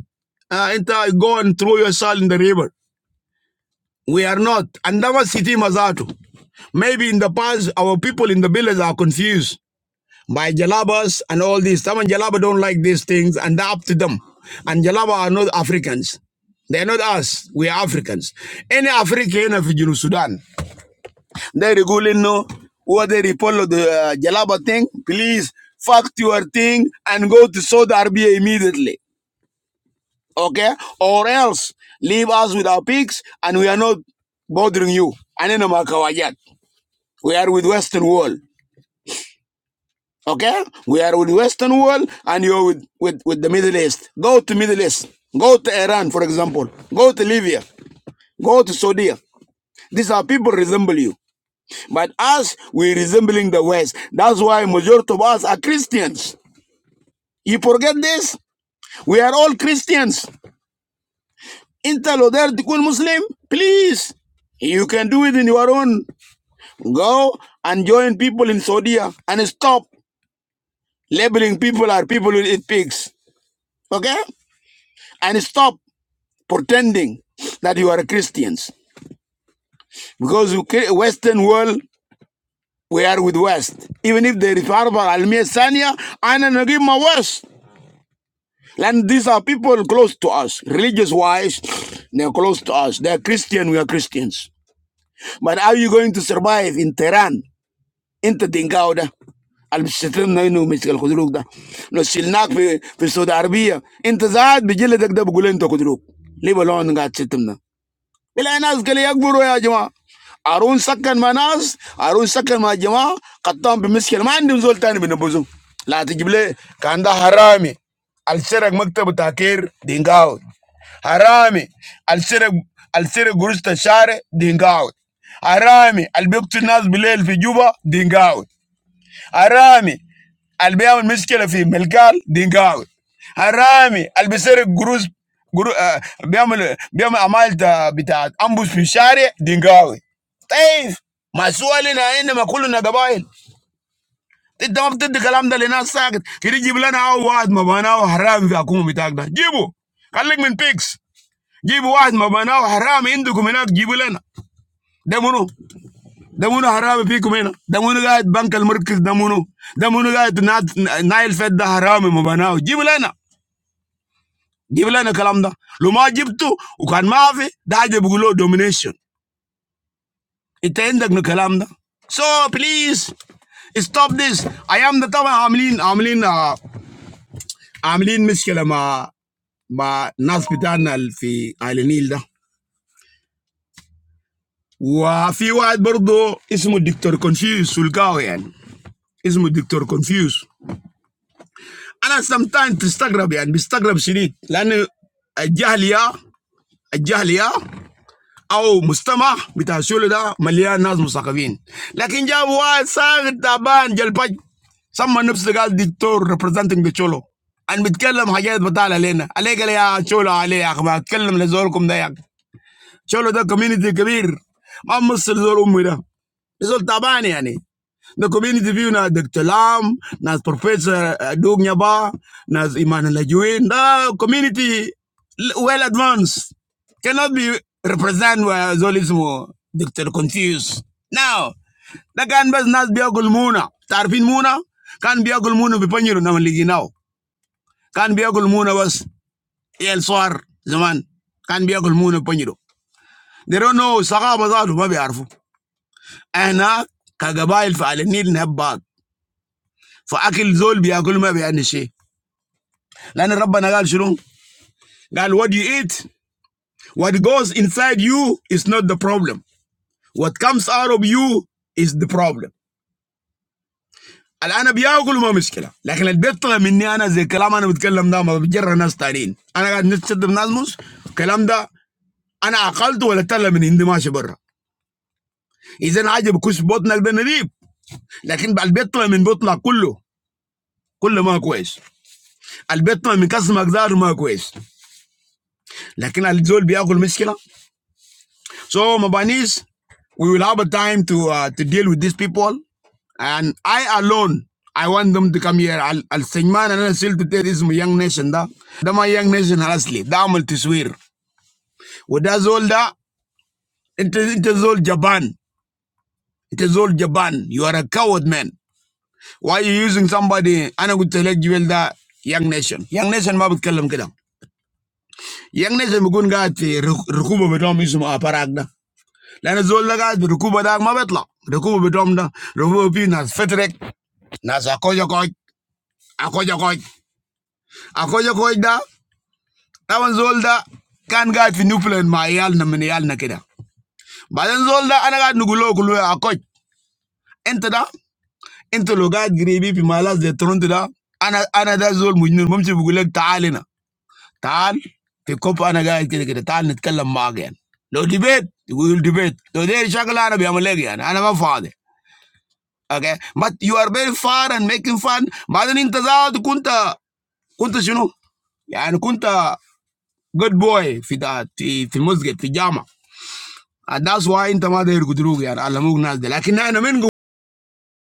[SPEAKER 2] آه انت go and throw yourself in the river we are not and that was city mazato maybe in the past our people in the village are confused by jalabas and all this some jalaba don't like these things and they're up to them and jalaba are not africans they're not us we are africans any african in Sudan They really know what they report of the uh, Jalaba thing. Please fuck your thing and go to Saudi Arabia immediately. Okay? Or else leave us with our pigs and we are not bothering you. Anena makawajat. We are with Western world. Okay? We are with Western world and you're with, with, with the Middle East. Go to Middle East. Go to Iran, for example. Go to Libya. Go to Saudi. These are people resemble you. But us, we're resembling the West. That's why majority of us are Christians. You forget this? We are all Christians. انت لو داير تكون Muslim, please. You can do it in your own. Go and join people in Saudi and stop labeling people are people who eat pigs. Okay? And stop pretending that you are Christians. Because you ca- Western world, we are with West. Even if they refer to Al-Miyasaniya, i don't give my worst. And these are people close to us, religious wise, they're close to us. They're Christian, we are Christians. But how are you going to survive in Tehran? انت تنقاوده اللي بتشتمنا انه مش الخدروق ده لو شلناك في في السعوديه العربيه انت زاد بجلدك ده بقول انت خدروق ليه بلون قاعد تشتمنا Bilay nas bilay akburoyajima arun sakkan manaz arun sakkan majima qattam bilmiskil man dim zoltani bilne buzum lati bilay kanda harami alserag maktub taqir dingaou harami alser alser guru stashare dingaou harami albeqtunaz bilay el video dingaou harami. Albiyam miskilafi melkal dingaawi Haram al-bi sere guru guru biyam biyam amal ta bita ambus fi sharere dingaawi. Hey, ma soalina end ma kuluna gabahe. Tidama tete dikalam dalina saqt kiri giblan awat mabanao Haram wa akumu bitaagna. Gibu kalig min pigs. Gibu awat mabanao Haram endu kumina giblan demu. Demuno hara me pi kume na. Demuno ga bankal murkis demuno. Demuno ga to na naifedda hara me mo banau. Gibla na. Gibla na kalamda. Luma gibtu ukan maave dahe bugulo domination. Ite enda gnukalamda. So please stop this. I am the tawa amlin amlin a amlin mischela ma ma naspetanal fi ailenilda. Wa fi waat bordo ismo doctor confused sulka oyan ismo doctor confused. I sometimes Instagram, yah, in Instagram, see it. Like the jahlia, the jahlia, or mustafa with his old da million nazi musa kavin. But now he's trying to ban the page. Some man of the god dictator representing the cholo, and with all them hajjat, but they're not allowed. All they're going to do is cholo, all they're going to do is kill them. So that community can be, a Muslim of all umrah. So Tabani, I mean, the community view na Doctor Lam, na Professor Doumbia, na Immanuel Juvin. The community well advanced cannot be represented by Zolezmo. Doctor confused. Now, the guys na biagul mo na tarfin mo na kan biagul mo na biponiro na maligi nao. Kan biagul mo na was el soir zaman. Kan biagul mo na poniro. They don't know. Saghah bazaar, they don't know. I am a capable person. Need the bag for eating. Zulbi, I don't know anything. Because God has told us, God, what you eat, what goes inside you is not the problem. What comes out of you is the problem. And I don't know anything. But when I talk to them, I don't know what I'm talking about. I'm just a historian. I'm going to study the Muslims. I'm talking about. I've been told that they're not going to be able to do it. So today we're going to be very close. But when I talk to them, I talk to them. كله ما كويس البيت ما مكسمك ذاته ما كويس لكن الزول بياكل مشكله so مبانيز we will have a time to uh, to deal with these people and I alone I want them to come here I'll I'll send man and I'll still to tell this my young nation da Da my young nation honestly ده عمل تسوير وده زول ده انت انت زول جبان انت زول جبان you are a coward man why you using somebody انا قلت لك جبال ده young nation young nation ما بتكلم كده Yang nezem bukun gaat fi ruk- rukuba betom ismu aparag da. Lana zol da gaat fi rukuba da ma betla. Rukuba betom da. Rukuba pi nas fetrek. Nas akoja koj. Akoja koj. Akoja koj da. Tawan zol da kan gaat fi nuplen ma yal na min yal na kida. Baden zol da ana gaat nugulo kulo akoj. Ente da. Ente lo gaat gribi pi malas de tronte da. Ana ana da zol mujnun mumsi bugulek taalina. Tan, fi kopa na guys kiti kiti tan nitekalamba again. No debate, no debate. So there is a girl I am with again. I am a father. Okay, but you are very far and making fun. But in the end, you are the kunta, kunta shuno. I am the kunta good boy. Fi that, fi fi mosque, fi Jama. And that's why in the matter you go through here. I am not going to like. But now I am in go.